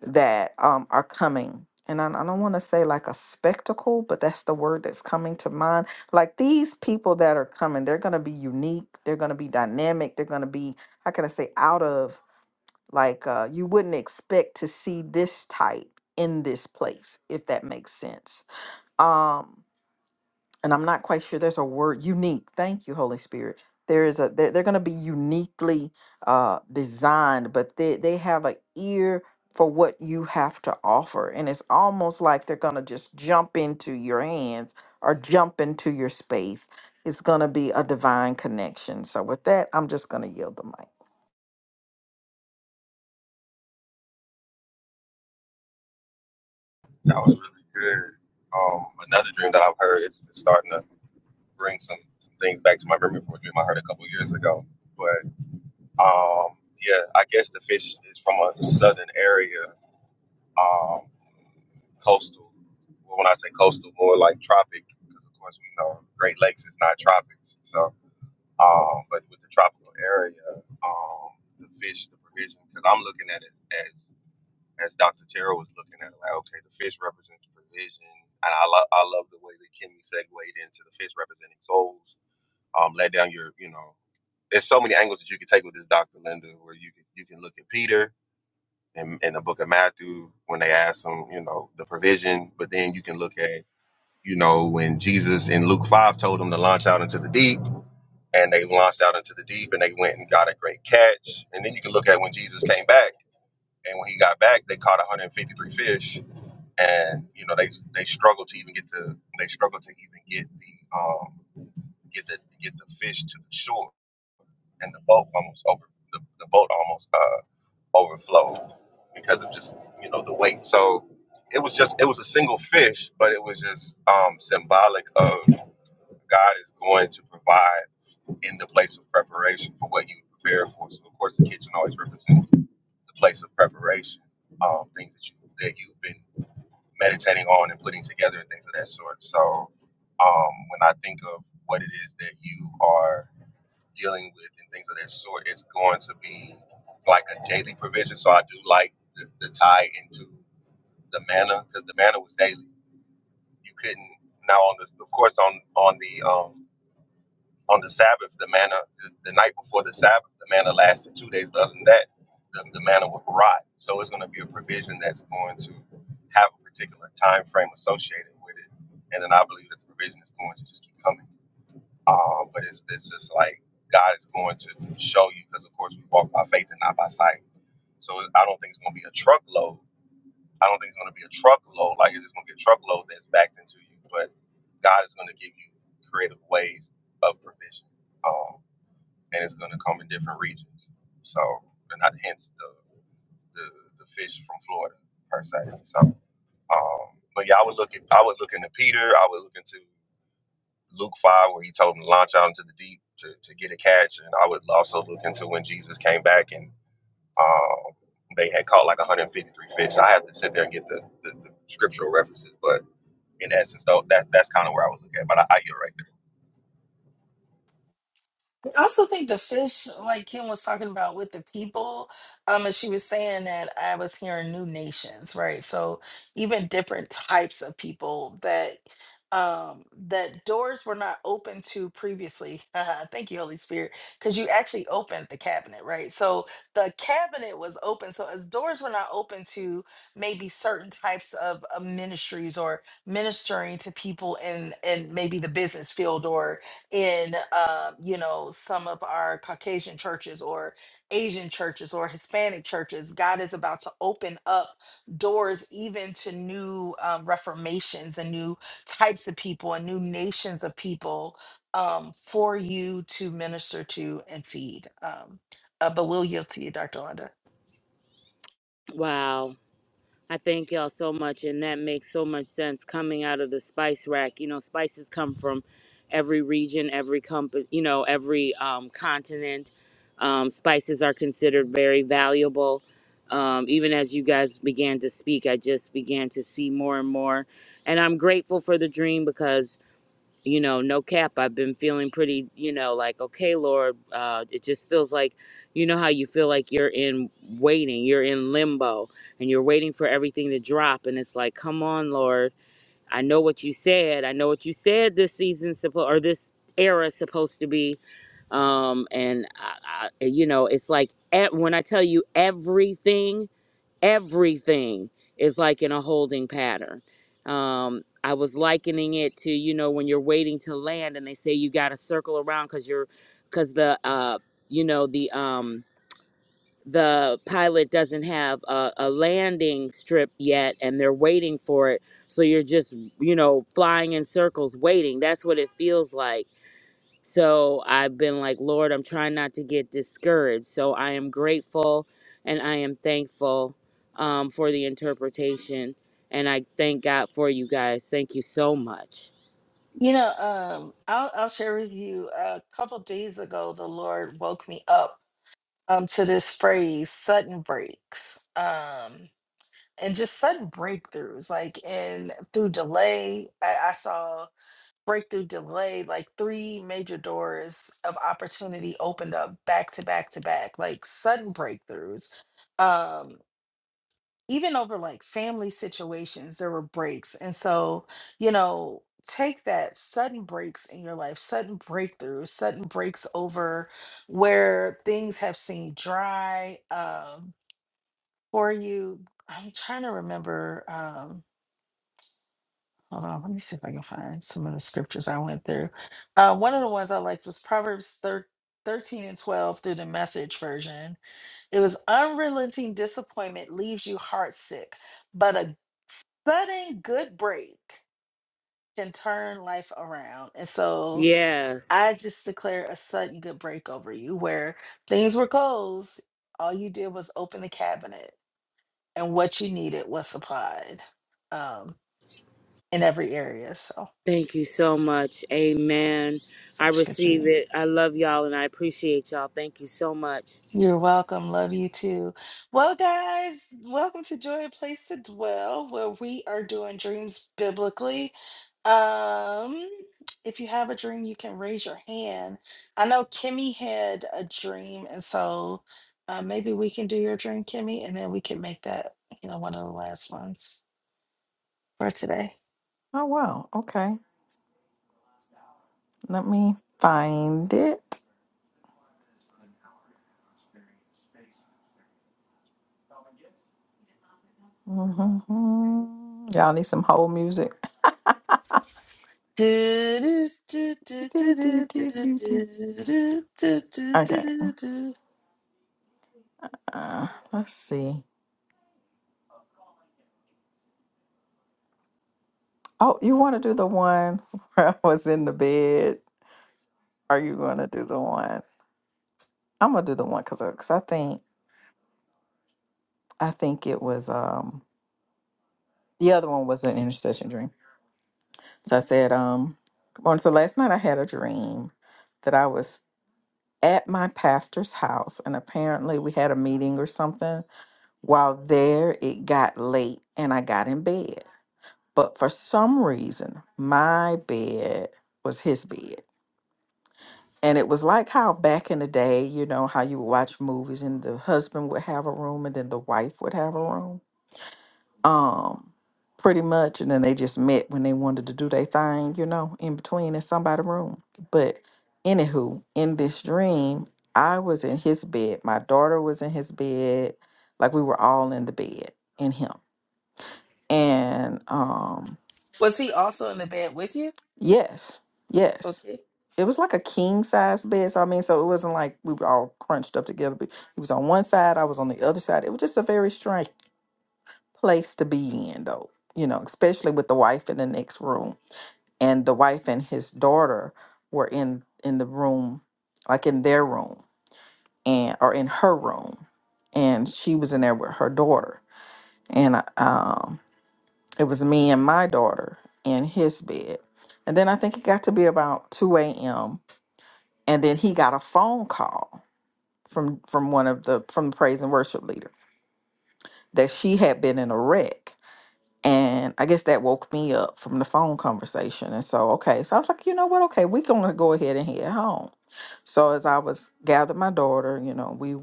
[SPEAKER 2] that um are coming. And I, I don't want to say like a spectacle, but that's the word that's coming to mind. Like these people that are coming, they're going to be unique. They're going to be dynamic. They're going to be, how can I say, out of like uh, you wouldn't expect to see this type in this place, if that makes sense. Um, and I'm not quite sure there's a word unique. Thank you, Holy Spirit. There is a they're, they're going to be uniquely uh, designed, but they they have an ear for what you have to offer, and it's almost like they're going to just jump into your hands or jump into your space. It's going to be a divine connection. So with that, I'm just going to yield the mic.
[SPEAKER 4] it. That was really good. Um, another dream that I've heard is is starting to bring some, some things back to my memory from a dream I heard a couple years ago. But um, yeah, I guess the fish is from a southern area. Um, coastal. Well, when I say coastal, more like tropic, because of course we know Great Lakes is not tropics. So, um, but with the tropical area, um, the fish, the provision, because I'm looking at it as as Dr. Terrell was looking at it, like okay, the fish represents provision, and I love I love the way that Kimmy segued into the fish representing souls. Um, let down your, you know, there's so many angles that you can take with this Dr. Linda, where you can you can look at Peter in, in the book of Matthew when they ask him, you know, the provision, but then you can look at you know, when Jesus in Luke 5 told them to launch out into the deep, and they launched out into the deep and they went and got a great catch. And then you can look at when Jesus came back, and when he got back, they caught 153 fish. And, you know, they they struggled to even get the they struggled to even get the um get the get the fish to the shore. And the boat almost over the, the boat almost uh overflowed because of just you know the weight. So it was just it was a single fish, but it was just um, symbolic of God is going to provide in the place of preparation for what you prepare for. So, of course, the kitchen always represents the place of preparation, um, things that you that you've been meditating on and putting together and things of that sort. So, um, when I think of what it is that you are dealing with and things of that sort, it's going to be like a daily provision. So, I do like the, the tie into the manna because the manna was daily. You couldn't now on the of course on on the um on the Sabbath, the manna, the, the night before the Sabbath, the manna lasted two days. But other than that, the, the manna would rot. So it's going to be a provision that's going to have a particular time frame associated with it. And then I believe that the provision is going to just keep coming. Um, but it's, it's just like God is going to show you because, of course, we walk by faith and not by sight. So I don't think it's going to be a truckload. I don't think it's going to be a truckload. Like it's just going to be a truckload that's backed into you. But God is going to give you creative ways of provision. Um, and it's going to come in different regions. So, and not hence the, the the fish from Florida per se. So, um, but yeah, I would look at I would look into Peter. I would look into Luke five, where he told him to launch out into the deep to, to get a catch, and I would also look into when Jesus came back and um, they had caught like 153 fish. I have to sit there and get the, the, the scriptural references, but in essence, though, that that's kind of where I would look at. But I, I you're right.
[SPEAKER 1] I also think the fish, like Kim was talking about with the people, um, and she was saying that I was hearing new nations, right? So even different types of people that um that doors were not open to previously. Thank you, Holy Spirit, because you actually opened the cabinet, right? So the cabinet was open. So as doors were not open to maybe certain types of uh, ministries or ministering to people in in maybe the business field or in uh, you know some of our caucasian churches or asian churches or hispanic churches god is about to open up doors even to new um, reformations and new types of people and new nations of people um, for you to minister to and feed um, uh, but we'll yield to you dr Londa.
[SPEAKER 5] wow I thank y'all so much, and that makes so much sense coming out of the spice rack. You know, spices come from every region, every company, you know, every um, continent. Um, spices are considered very valuable. Um, even as you guys began to speak, I just began to see more and more. And I'm grateful for the dream because you know, no cap, I've been feeling pretty, you know, like, okay, Lord, uh, it just feels like, you know, how you feel like you're in waiting, you're in limbo, and you're waiting for everything to drop. And it's like, come on, Lord, I know what you said. I know what you said this season's supposed, or this era is supposed to be. Um, and, I, I, you know, it's like, at, when I tell you everything, everything is like in a holding pattern. Um, I was likening it to you know when you're waiting to land and they say you got to circle around because you're because the uh, you know the um, the pilot doesn't have a, a landing strip yet and they're waiting for it so you're just you know flying in circles waiting that's what it feels like so I've been like, Lord, I'm trying not to get discouraged. So I am grateful and I am thankful um, for the interpretation. And I thank God for you guys. Thank you so much.
[SPEAKER 1] you know um, I'll, I'll share with you a couple days ago the lord woke me up um, to this phrase sudden breaks Um, and just sudden breakthroughs like and through delay I, I saw breakthrough delay like three major doors of opportunity opened up back to back to back like sudden breakthroughs um even over like family situations there were breaks and so you know take that sudden breaks in your life sudden breakthroughs sudden breaks over where things have seemed dry um for you i'm trying to remember um Hold on, let me see if I can find some of the scriptures I went through. Uh, one of the ones I liked was Proverbs thir- 13 and 12 through the message version. It was unrelenting disappointment leaves you heartsick, but a budding good break can turn life around. And so I
[SPEAKER 5] Yes.
[SPEAKER 1] just declare a sudden good break over you where things were closed. All you did was open the cabinet, and what you needed was supplied um, in every area. So,
[SPEAKER 5] Thank you so much. Amen. I
[SPEAKER 1] such a good dream.
[SPEAKER 5] receive it. I love y'all and I appreciate y'all. Thank you so much.
[SPEAKER 1] You're welcome. Love you too. Well, guys, welcome to Joy a Place to Dwell, where we are doing dreams biblically. Um, if you have a dream, you can raise your hand. I know Kimmy had a dream, and so uh, maybe we can do your dream, Kimmy, and then we can make that, you know, one of the last ones for today.
[SPEAKER 2] Oh wow, okay. Let me find it. Mhm. Y'all need some whole music. Do, do, do, do, do. Okay. Uh, let's see. Oh, you want to do the one where I was in the bed? Are you going to do the one? I'm gonna do the one because I think I think it was um the other one was an intercession dream. So I said um on so last night I had a dream that I was at my pastor's house and apparently we had a meeting or something While there, it got late and I got in bed. But for some reason, my bed was his bed. And it was like how back in the day, you know, how you would watch movies and the husband would have a room and then the wife would have a room. Um, pretty much. And then they just met when they wanted to do their thing, you know, in between in somebody's room. But anywho, in this dream, I was in his bed. My daughter was in his bed. Like we were all in the bed in him. and um
[SPEAKER 1] Was he also in the bed with you?
[SPEAKER 2] yes yes
[SPEAKER 1] Okay.
[SPEAKER 2] it was like a king size bed so i mean so it wasn't like we were all crunched up together but he was on one side i was on the other side it was just a very strange place to be in though you know especially with the wife in the next room and the wife and his daughter were in in the room like in their room and or in her room and she was in there with her daughter and um It was me and my daughter in his bed. And then I think it got to be about 2 a.m. And then he got a phone call from from one of the from the praise and worship leader that she had been in a wreck. And I guess that woke me up from the phone conversation. And so okay, so I was like, you know what? Okay, we're gonna go ahead and head home. So as I was gathered my daughter, you know, we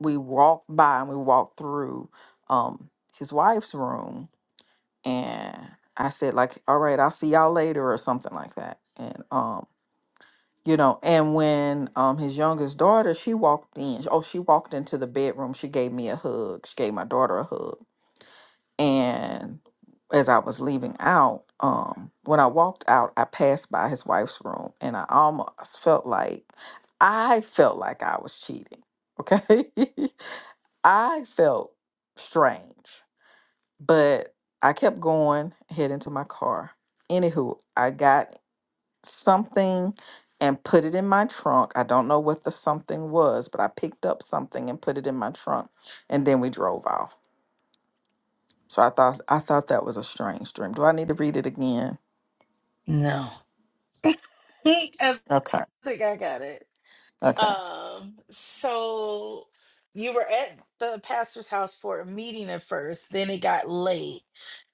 [SPEAKER 2] we walked by and we walked through um his wife's room and I said like, "All right, I'll see y'all later" or something like that. And um, you know, and when um his youngest daughter, she walked in. Oh, she walked into the bedroom. She gave me a hug. She gave my daughter a hug. And as I was leaving out, um, when I walked out, I passed by his wife's room, and I almost felt like I felt like I was cheating. Okay, I felt strange but I kept going, heading to my car. Anywho, I got something and put it in my trunk. I don't know what the something was, but I picked up something and put it in my trunk, and then we drove off. So I thought I thought that was a strange dream. Do I need to read it again?
[SPEAKER 1] No. I
[SPEAKER 2] Okay.
[SPEAKER 1] think I got it.
[SPEAKER 2] Okay.
[SPEAKER 1] Um, so you were at the pastor's house for a meeting at first, then it got late.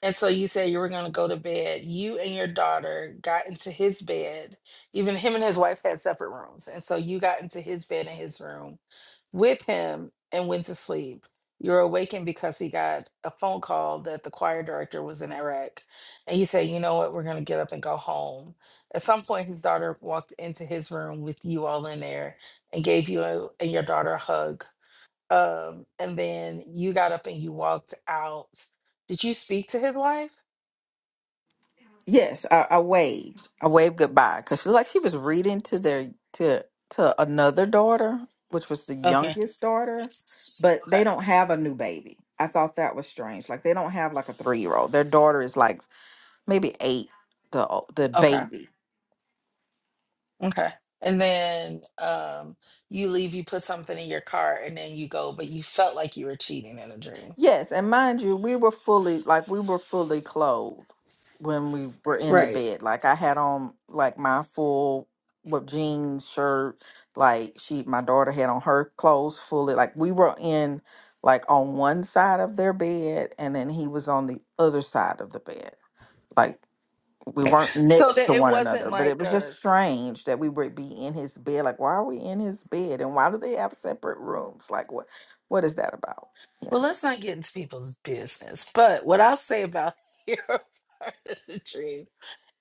[SPEAKER 1] And so you said you were going to go to bed. You and your daughter got into his bed. Even him and his wife had separate rooms. And so you got into his bed in his room with him and went to sleep. You were awakened because he got a phone call that the choir director was in Iraq. And you said, you know what, we're going to get up and go home. At some point, his daughter walked into his room with you all in there and gave you and your daughter a hug. Um, and then you got up and you walked out. Did you speak to his wife?
[SPEAKER 2] Yes, I, I waved. I waved goodbye because she like she was reading to their to to another daughter, which was the
[SPEAKER 1] Okay.
[SPEAKER 2] youngest daughter, but
[SPEAKER 1] Okay.
[SPEAKER 2] they don't have a new baby. I thought that was strange. Like they don't have like a three year old. Their daughter is like maybe eight, the o- the
[SPEAKER 1] Okay.
[SPEAKER 2] baby.
[SPEAKER 1] Okay. And then um, you leave, you put something in your car, and then you go, but you felt like you were cheating in a dream.
[SPEAKER 2] Yes, and mind you, we were fully like we were fully clothed when we were in the
[SPEAKER 1] Right.
[SPEAKER 2] bed. Like I had on like my full with jeans, shirt, like she my daughter had on her clothes fully. Like we were in like on one side of their bed and then he was on the other side of the bed. Like we weren't
[SPEAKER 1] So
[SPEAKER 2] next
[SPEAKER 1] that
[SPEAKER 2] to
[SPEAKER 1] it
[SPEAKER 2] one another,
[SPEAKER 1] wasn't
[SPEAKER 2] but it
[SPEAKER 1] like
[SPEAKER 2] was
[SPEAKER 1] a.
[SPEAKER 2] just
[SPEAKER 1] s-
[SPEAKER 2] strange that we would be in his bed. Like, why are we in his bed? And why do they have separate rooms? Like, what, what is that about?
[SPEAKER 1] Well, let's not get into people's business. But what I'll say about your part of the dream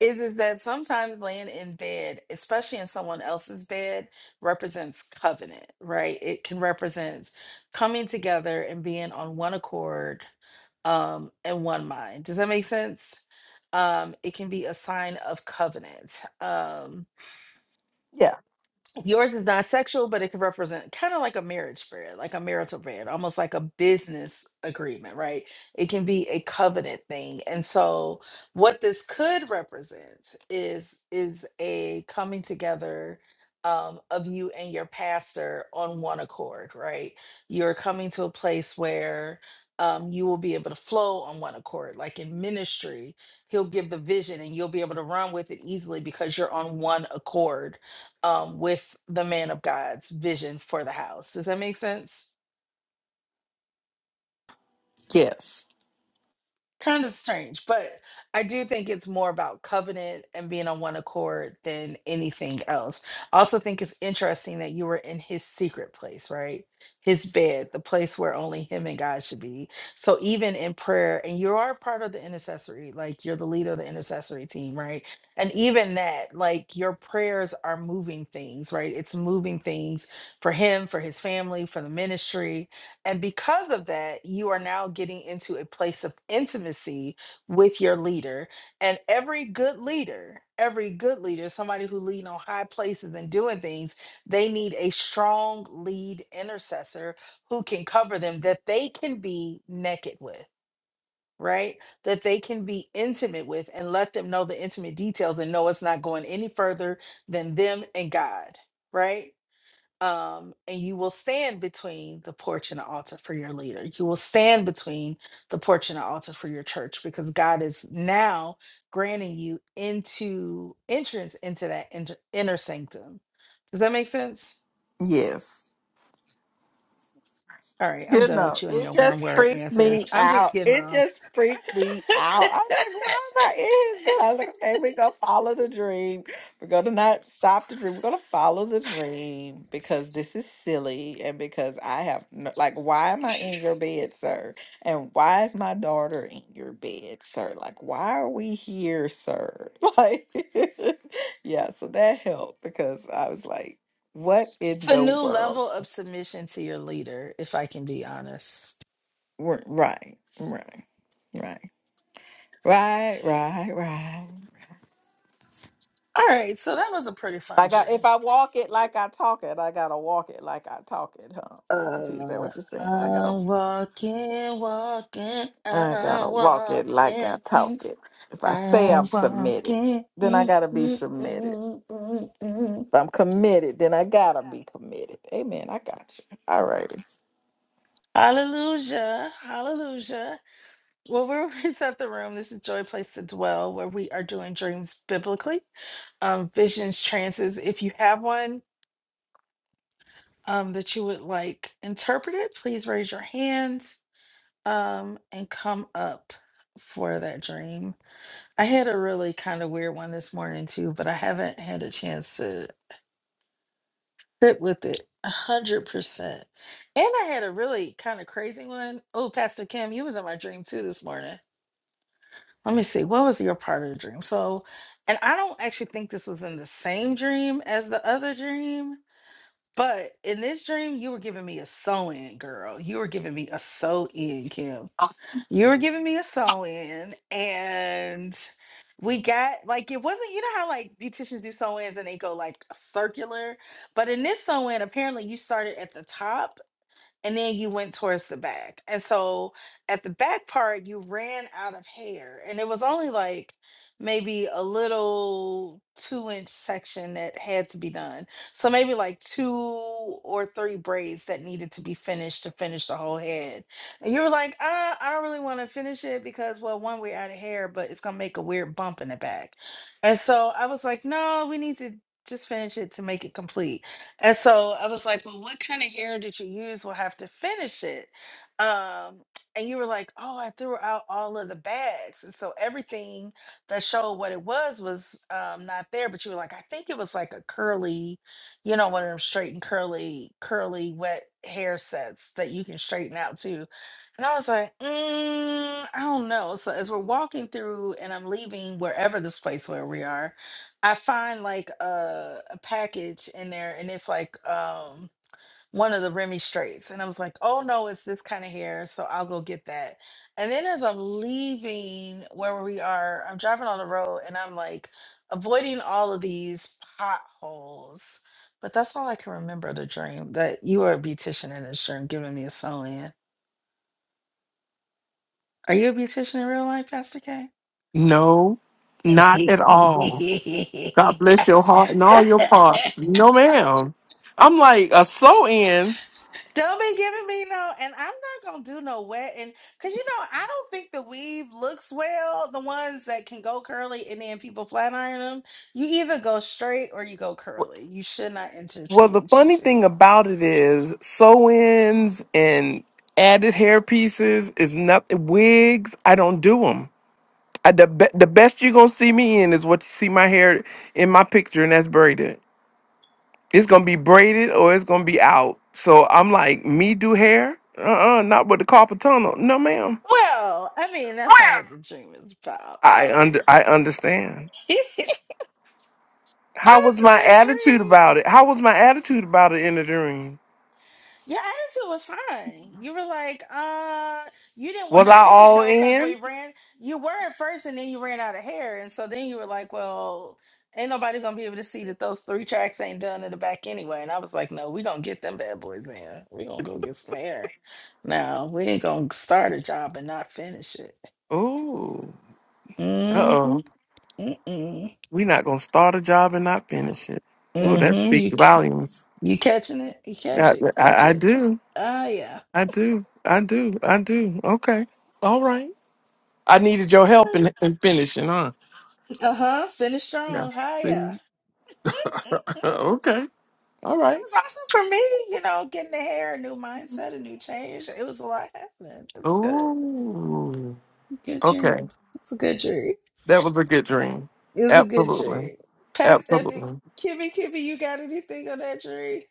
[SPEAKER 1] is is that sometimes laying in bed, especially in someone else's bed, represents covenant, right? It can represent coming together and being on one accord um and one mind. Does that make sense? Um, it can be a sign of covenant. Um,
[SPEAKER 2] Yeah.
[SPEAKER 1] yours is not sexual, but it could represent kind of like a marriage spread, like a marital bed, almost like a business agreement, right? It can be a covenant thing. And so what this could represent is is a coming together um, of you and your pastor on one accord, right? You're coming to a place where um, you will be able to flow on one accord. Like in ministry, he'll give the vision and you'll be able to run with it easily because you're on one accord um, with the man of God's vision for the house. Does that make sense?
[SPEAKER 2] Yes.
[SPEAKER 1] kind of strange, but I do think it's more about covenant and being on one accord than anything else. I also think it's interesting that you were in his secret place, right? His bed, the place where only him and God should be. So even in prayer, and you are part of the intercessory, like you're the leader of the intercessory team, right? And even that, like your prayers are moving things, right? It's moving things for him, for his family, for the ministry and because of that, you are now getting into a place of intimacy with your leader. And every good leader, every good leader, somebody who lead on high places and doing things, they need a strong lead intercessor who can cover them that they can be naked with, right? That they can be intimate with and let them know the intimate details and know it's not going any further than them and God, right? um, and you will stand between the porch and the altar for your leader. You will stand between the porch and the altar for your church because God is now granting you into entrance into that inter- inner sanctum. Does that make sense?
[SPEAKER 2] Yes.
[SPEAKER 1] All right, I'm
[SPEAKER 2] You
[SPEAKER 1] done
[SPEAKER 2] know,
[SPEAKER 1] with you and
[SPEAKER 2] it
[SPEAKER 1] your
[SPEAKER 2] just
[SPEAKER 1] one word
[SPEAKER 2] freaked
[SPEAKER 1] answers.
[SPEAKER 2] me
[SPEAKER 1] I'm just
[SPEAKER 2] out.
[SPEAKER 1] getting
[SPEAKER 2] It
[SPEAKER 1] off.
[SPEAKER 2] just freaked me out. I was like, why am I in his bed? I was like, okay, we're going to follow the dream. We're going to not stop the dream. We're going to follow the dream because this is silly and because I have, no, like, why am I in your bed, sir? And why is my daughter in your bed, sir? Like, why are we here, sir? Like, yeah, so that helped because I was like, what
[SPEAKER 1] It's
[SPEAKER 2] in
[SPEAKER 1] a
[SPEAKER 2] the
[SPEAKER 1] new
[SPEAKER 2] world?
[SPEAKER 1] level of submission to your leader, if I can be honest.
[SPEAKER 2] R- Right, right, right, right, right, right.
[SPEAKER 1] All right, so that was a pretty
[SPEAKER 2] I
[SPEAKER 1] fun
[SPEAKER 2] got
[SPEAKER 1] dream.
[SPEAKER 2] if I walk it like I talk it, I gotta walk it like I talk it, huh? Doctor T, is that
[SPEAKER 1] Uh,
[SPEAKER 2] what you're saying? I gotta,
[SPEAKER 1] I'm walking, walking,
[SPEAKER 2] I gotta
[SPEAKER 1] I'm
[SPEAKER 2] walk it like I
[SPEAKER 1] walking,
[SPEAKER 2] talk
[SPEAKER 1] mm,
[SPEAKER 2] it. If I say
[SPEAKER 1] I'm
[SPEAKER 2] I'm submitted,
[SPEAKER 1] walking.
[SPEAKER 2] then I
[SPEAKER 1] mm,
[SPEAKER 2] gotta be
[SPEAKER 1] mm,
[SPEAKER 2] submitted.
[SPEAKER 1] mm, mm, mm.
[SPEAKER 2] If I'm committed, then I gotta be committed. Amen. I got you. All right.
[SPEAKER 1] Hallelujah, hallelujah. Well, we're reset the room. This is Joy Place to Dwell, where we are doing dreams biblically, um, visions, trances. If you have one um, that you would like interpreted, please raise your hand um, and come up for that dream. I had a really kind of weird one this morning too, but I haven't had a chance to sit with it a hundred percent. And I had a really kind of crazy one. Oh, Pastor Kim, you was in my dream too this morning. Let me see. What was your part of the dream? So, and I don't actually think this was in the same dream as the other dream, but in this dream, you were giving me a sew in, girl. You were giving me a sew in, Kim. you were giving me a sew in and we got like it wasn't you know how like beauticians do sew ins and they go like circular but in this sew in apparently you started at the top and then you went towards the back. And so at the back part, you ran out of hair, and it was only like maybe a little two inch section that had to be done. So maybe like two or three braids that needed to be finished to finish the whole head. And you were like, ah, I don't really want to finish it because, well, one, we're out of hair, but it's going to make a weird bump in the back. And so I was like, no, we need to just finish it to make it complete. And so I was like, well, what kind of hair did you use? We'll have to finish it. Um, and you were like, oh, I threw out all of the bags. And so everything that showed what it was was um, not there. But you were like, I think it was like a curly, you know, one of them straight and curly, curly, wet hair sets that you can straighten out too. And I was like, mm, I don't know. So as we're walking through and I'm leaving wherever this place where we are, I find like a, a package in there and it's like um one of the Remy straights. And I was like, oh no, it's this kind of hair. So I'll go get that. And then as I'm leaving where we are, I'm driving on the road and I'm like avoiding all of these potholes. But that's all I can remember the dream that you were a beautician in this dream, giving me a sew in. Are you a beautician in real life, Pastor K?
[SPEAKER 6] No, not at all. God bless your heart and all your parts. No, ma'am. I'm like a sew in.
[SPEAKER 1] Don't be giving me no, and I'm not gonna do no wet, and because you know I don't think the weave looks well. The ones that can go curly and then people flat iron them, you either go straight or you go curly. You should not
[SPEAKER 6] Well, the
[SPEAKER 1] interchange the
[SPEAKER 6] funny thing
[SPEAKER 1] two.
[SPEAKER 6] about it is sew ins and added hair pieces is nothing. Wigs, I don't do them. I, the, be- the best you're going to see me in is what you see my hair in my picture, and that's braided. It's going to be braided or it's going to be out. So I'm like, me do hair? Uh uh not with the carpal tunnel. No, ma'am.
[SPEAKER 1] Well, I mean that's not what the dream is about,
[SPEAKER 6] I under
[SPEAKER 1] obviously.
[SPEAKER 6] I understand.
[SPEAKER 1] but
[SPEAKER 6] How
[SPEAKER 1] it's
[SPEAKER 6] was
[SPEAKER 1] a
[SPEAKER 6] my
[SPEAKER 1] good
[SPEAKER 6] attitude
[SPEAKER 1] dream.
[SPEAKER 6] about it? How was my attitude about it in the dream?
[SPEAKER 1] Your attitude was fine. You were like, uh, you didn't want
[SPEAKER 6] Was
[SPEAKER 1] to
[SPEAKER 6] I
[SPEAKER 1] finish
[SPEAKER 6] all
[SPEAKER 1] though because we
[SPEAKER 6] in?
[SPEAKER 1] ran. You were at first, and then you ran out of hair, and so then you were like, well, ain't nobody gonna be able to see that those three tracks ain't done in the back anyway. And I was like, no, we gonna get them bad boys in. We gonna go get some hair. Now we ain't gonna start a job and not finish it.
[SPEAKER 6] Ooh. Uh
[SPEAKER 1] Mm-hmm.
[SPEAKER 6] oh.
[SPEAKER 1] Mm-mm.
[SPEAKER 6] we not gonna start a job and not finish it. Ooh, that
[SPEAKER 1] Mm-hmm.
[SPEAKER 6] speaks
[SPEAKER 1] You ca-
[SPEAKER 6] volumes.
[SPEAKER 1] you catching it? You catch
[SPEAKER 6] Yeah,
[SPEAKER 1] it? Catch
[SPEAKER 6] I, I
[SPEAKER 1] it?
[SPEAKER 6] do.
[SPEAKER 1] Ah, yeah.
[SPEAKER 6] I do. I do. I do. Okay. All right. I needed your help in, in finishing, huh?
[SPEAKER 1] Uh huh. Finish
[SPEAKER 6] Yeah.
[SPEAKER 1] strong. Hiya.
[SPEAKER 6] See?
[SPEAKER 1] it
[SPEAKER 6] okay. All right.
[SPEAKER 1] was awesome for me, you know, getting the hair, a new mindset, a new change. It was a lot happening. It's good.
[SPEAKER 6] Ooh.
[SPEAKER 1] Good
[SPEAKER 6] Okay.
[SPEAKER 1] dream. It's a good dream.
[SPEAKER 6] That was a good dream.
[SPEAKER 1] It's a good
[SPEAKER 6] Absolutely.
[SPEAKER 1] dream. Pass Ebby,
[SPEAKER 6] Absolutely.
[SPEAKER 1] Kimmy, Kimmy, you got anything on that dream?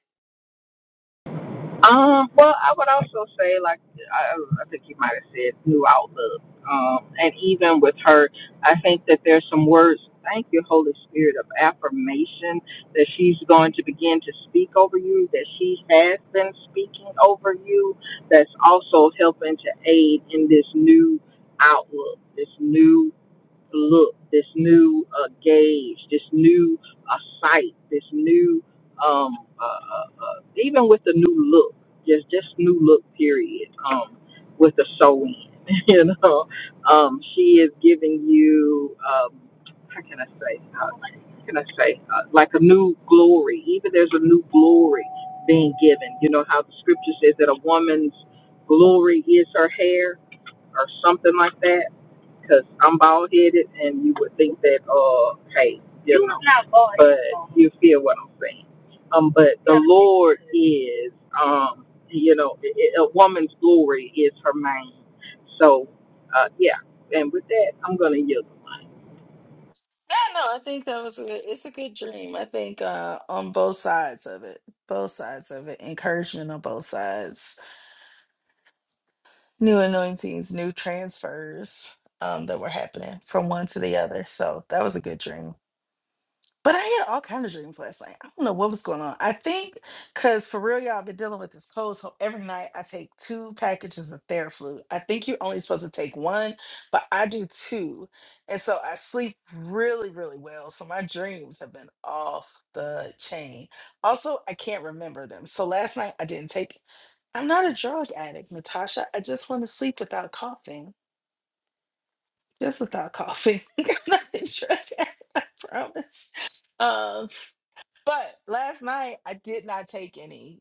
[SPEAKER 2] Um, well, I would also say, like, I, I think you might have said new outlook. Um, and even with her, I think that there's some words, thank you, Holy Spirit, of affirmation that she's going to begin to speak over you, that she has been speaking over you, that's also helping to aid in this new outlook, this new look, this new uh, gauge, this new uh, sight, this new um, uh, uh, uh, even with the new look, just just new look period. Um, with the sewing, you know, um, she is giving you um, how can I say? Uh, how can I say? Uh, like a new glory. Even there's a new glory being given. You know how the scripture says that a woman's glory is her hair or something like that because I'm bald headed, and you would think that, uh, hey, you You know, are not bald, but you feel what I'm saying. Um, but the Yeah. Lord is, um, you know, i i- a woman's glory is her main. So, uh, yeah. And with that, I'm gonna yield.
[SPEAKER 1] No, no, I think that was a good, it's a good dream. I think uh on both sides of it. Both sides of it. Encouragement on both sides. New anointings, new transfers um that were happening from one to the other. So that was a good dream. But I had all kind of dreams last night. I don't know what was going on. I think because for real, y'all, I've been dealing with this cold. So every night I take two packages of Theraflu. I think you're only supposed to take one, but I do two. And so I sleep really, really well. So my dreams have been off the chain. Also, I can't remember them. So last night I didn't take, I'm not a drug addict, Natasha. I just want to sleep without coughing, just without coughing. I'm not a drug addict, I promise. Um, but last night I did not take any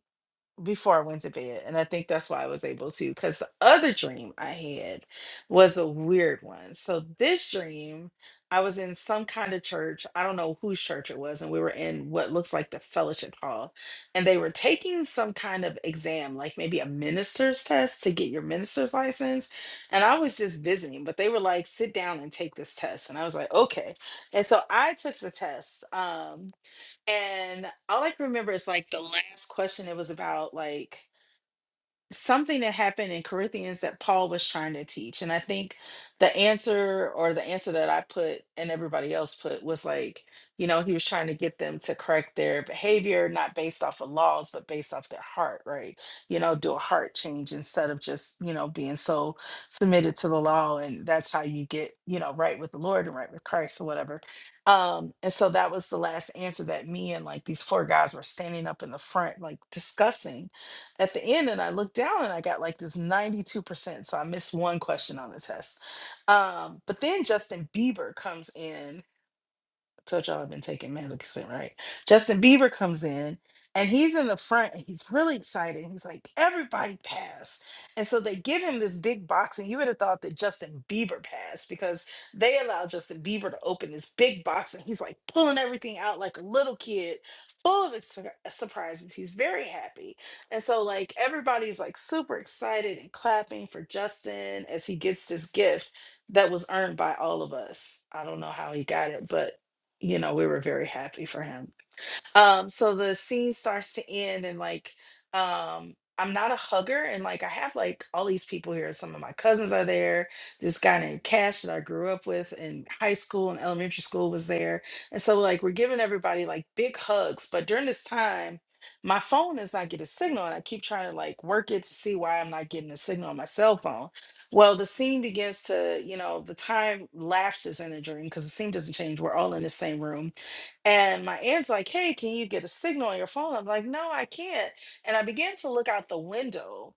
[SPEAKER 1] before I went to bed. And I think that's why I was able to, because the other dream I had was a weird one. So this dream, I was in some kind of church. I don't know whose church it was. And we were in what looks like the fellowship hall. And they were taking some kind of exam, like maybe a minister's test to get your minister's license. And I was just visiting, but they were like, sit down and take this test. And I was like, okay. And so I took the test. Um, and all I can remember is like the last question, it was about like, something that happened in Corinthians that Paul was trying to teach. And I think the answer or the answer that I put and everybody else put was like, you know, he was trying to get them to correct their behavior, not based off of laws, but based off their heart, right? You know, do a heart change instead of just, you know, being so submitted to the law. And that's how you get, you know, right with the Lord and right with Christ or whatever. Um, and so that was the last answer that me and like these four guys were standing up in the front, like discussing at the end and I looked down and I got like this 92%. So I missed one question on the test. Um, but then Justin Bieber comes in told y'all I've been taking Magnificent, right? Justin Bieber comes in and he's in the front and he's really excited. He's like, everybody pass. And so they give him this big box, and you would have thought that Justin Bieber passed because they allowed Justin Bieber to open this big box and he's like pulling everything out like a little kid, full of ex- surprises. He's very happy. And so, like, everybody's like super excited and clapping for Justin as he gets this gift that was earned by all of us. I don't know how he got it, but you know, we were very happy for him um so the scene starts to end and like um i'm not a hugger and like i have like all these people here some of my cousins are there this guy named cash that i grew up with in high school and elementary school was there and so like we're giving everybody like big hugs but during this time my phone is not getting a signal and i keep trying to like work it to see why i'm not getting a signal on my cell phone well the scene begins to you know the time lapses in the dream because the scene doesn't change we're all in the same room and my aunt's like, Hey, can you get a signal on your phone? I'm like, No, I can't. And I began to look out the window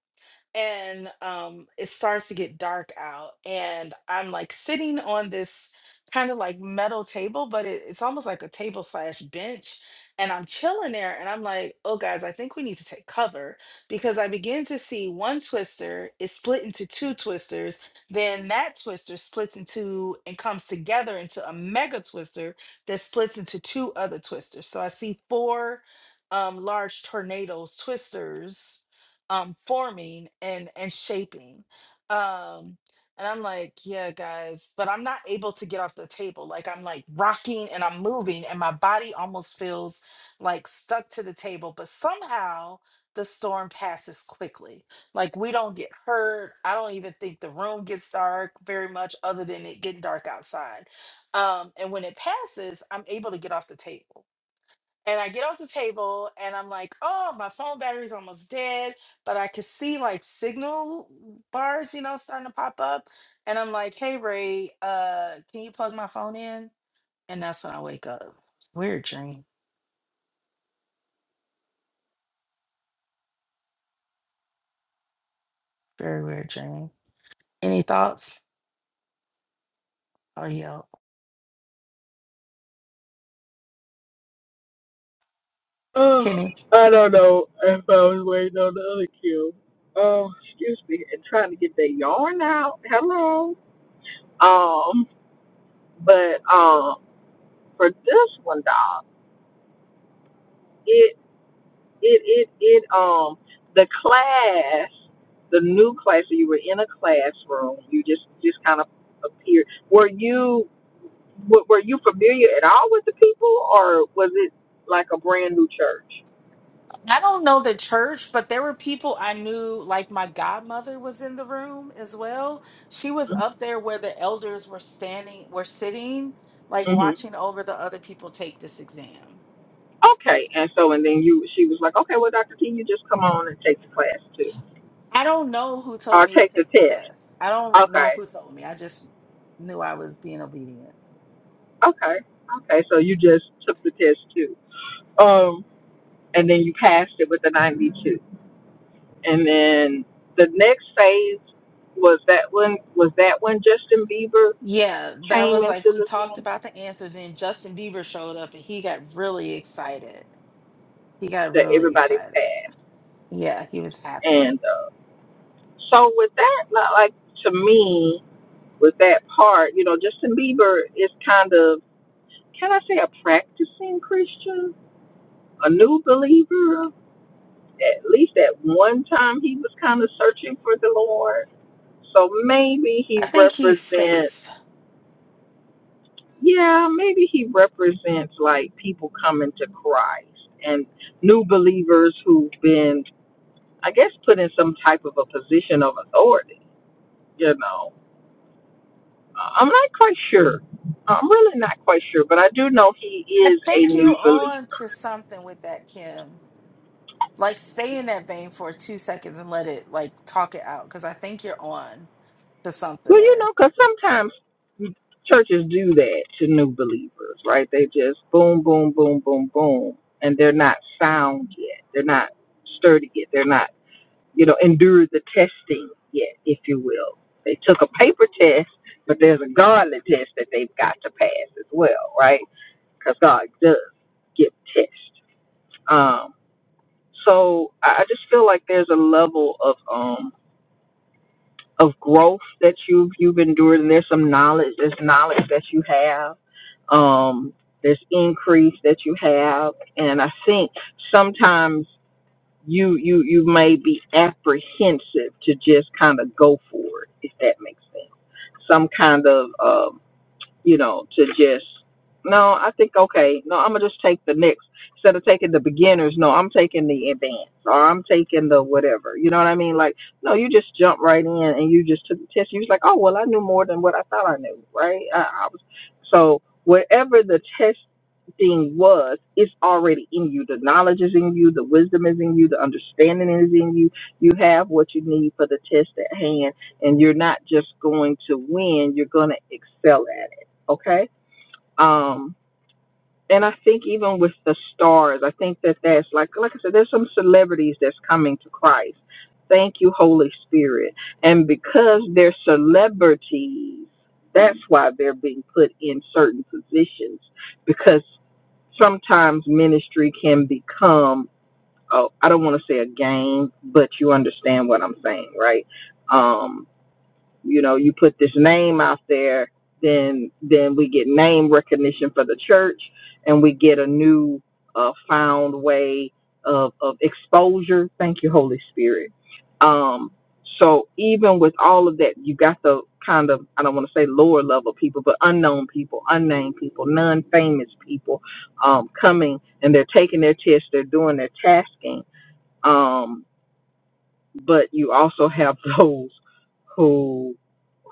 [SPEAKER 1] and um it starts to get dark out and i'm like sitting on this kind of like metal table but it, it's almost like a table slash bench and i'm chilling there and i'm like oh guys i think we need to take cover because i begin to see one twister is split into two twisters then that twister splits into and comes together into a mega twister that splits into two other twisters so i see four um large tornado twisters um forming and and shaping um and i'm like yeah guys but i'm not able to get off the table like i'm like rocking and i'm moving and my body almost feels like stuck to the table but somehow the storm passes quickly like we don't get hurt i don't even think the room gets dark very much other than it getting dark outside um and when it passes i'm able to get off the table and I get off the table and I'm like, oh, my phone battery's almost dead, but I could see like signal bars, you know, starting to pop up. And I'm like, hey, Ray, uh, can you plug my phone in? And that's when I wake up. Weird dream. Very weird dream. Any thoughts? Oh, yeah.
[SPEAKER 2] Oh,
[SPEAKER 1] Kimmy?
[SPEAKER 2] I don't know if I was waiting on the other cue. Oh, excuse me, and trying to get that yarn out. Hello. Um, but um, for this one, dog. it it it um the class the new class so you were in a classroom you just just kind of appeared were you w- were you familiar at all with the people or was it like a brand new church
[SPEAKER 1] I don't know the church, but there were people I knew, like my godmother was in the room as well. She was up there where the elders were standing, were sitting, like
[SPEAKER 2] mm-hmm.
[SPEAKER 1] watching over the other people take this exam.
[SPEAKER 2] okay and so and then you she was like okay well dr t you just come on and take the class too
[SPEAKER 1] I don't know who told
[SPEAKER 2] or
[SPEAKER 1] me to
[SPEAKER 2] take the
[SPEAKER 1] take the
[SPEAKER 2] test
[SPEAKER 1] test. I don't know
[SPEAKER 2] okay
[SPEAKER 1] who told me. I just knew I was being obedient.
[SPEAKER 2] okay okay so you just took the test too um and then you passed it with a 92 And then the next phase was that one. was that when Justin Bieber
[SPEAKER 1] Yeah, that
[SPEAKER 2] came
[SPEAKER 1] was like
[SPEAKER 2] into
[SPEAKER 1] we
[SPEAKER 2] the
[SPEAKER 1] talked
[SPEAKER 2] room
[SPEAKER 1] about the answer. Then Justin Bieber showed up and he got really excited. He got
[SPEAKER 2] that
[SPEAKER 1] really
[SPEAKER 2] everybody
[SPEAKER 1] excited.
[SPEAKER 2] passed.
[SPEAKER 1] Yeah, he was
[SPEAKER 2] And
[SPEAKER 1] happy.
[SPEAKER 2] uh, so with that, li- like to me, with that part, you know, Justin Bieber is kind of can I say a practicing Christian, a new believer. At least at one time, he was kind of searching for the Lord. So maybe he
[SPEAKER 1] I think he's
[SPEAKER 2] represents.
[SPEAKER 1] safe.
[SPEAKER 2] Yeah, maybe he represents like people coming to Christ and new believers who've been, I guess, put in some type of a position of authority. You know, Uh, I'm not quite sure. I'm really not quite sure, but I do know he
[SPEAKER 1] I
[SPEAKER 2] is a
[SPEAKER 1] think you
[SPEAKER 2] new believer.
[SPEAKER 1] on to something with that, Kim. Like stay in that vein for two seconds and let it like talk it out because I think you're on to something
[SPEAKER 2] Well, you
[SPEAKER 1] there.
[SPEAKER 2] know, because sometimes churches do that to new believers, right? They just boom, boom, boom, boom, boom, and they're not sound yet. They're not sturdy yet. They're not you know, endured the testing yet, if you will. They took a paper test, but there's a godly test that they've got to pass as well, right? Because God does give tests. Um, so I I just feel like there's a level of um, of growth that you've you've endured, and there's some knowledge, there's knowledge that you have, um, there's increase that you have, and I think sometimes you you you may be apprehensive to just kind of go for it, if that makes sense. Some kind of um, you know, to just no, I think okay, no, I'm gonna just take the next instead of taking the beginners, no, I'm taking the advanced or I'm taking the whatever. You know what I mean? Like, no, you just jump right in and you just took the test. You was like, Oh well I knew more than what I thought I knew, right? I, I was so whatever the test thing was, it's already in you. The knowledge is in you, the wisdom is in you, the understanding is in you. You have what you need for the test at hand and you're not just going to win, you're gonna excel at it okay um and i think even with the stars i think that that's like like i said there's some celebrities that's coming to christ thank you holy spirit and because they're celebrities that's why they're being put in certain positions because sometimes ministry can become oh i don't want to say a game but you understand what i'm saying right Um, you know you put this name out there then then we get name recognition for the church and we get a new uh, found way of, of exposure thank you holy spirit um so even with all of that you got the kind of i don't want to say lower level people but unknown people unnamed people non-famous people um coming and they're taking their tests they're doing their tasking Um, but you also have those who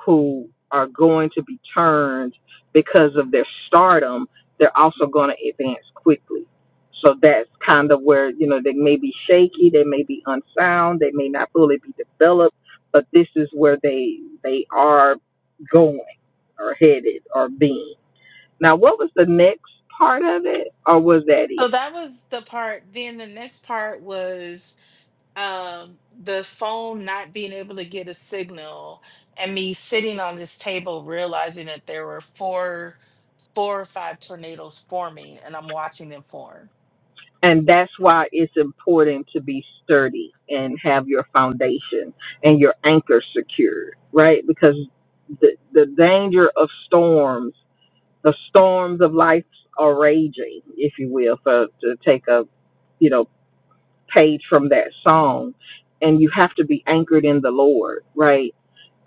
[SPEAKER 2] who are going to be turned because of their stardom they're also going to advance quickly so that's kind of where you know they may be shaky they may be unsound they may not fully be developed but this is where they they are going or headed or being now what was the next part of it or was that it
[SPEAKER 1] So that was the part. Then the next part was um the phone not being able to get a signal and me sitting on this table realizing that there were four four or five tornadoes forming and I'm watching them form.
[SPEAKER 2] And that's why it's important to be sturdy and have your foundation and your anchor secured, right? Because the, the danger of storms, the storms of life are raging, if you will, for, to take a, you know, page from that song. And you have to be anchored in the Lord, right?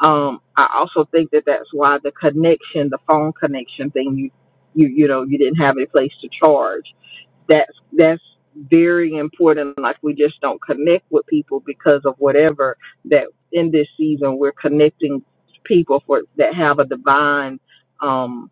[SPEAKER 2] Um, I also think that that's why the connection, the phone connection thing, you, you, you know, you didn't have a place to charge that's that's very important. Like we just don't connect with people because of whatever that in this season we're connecting people for that have a divine um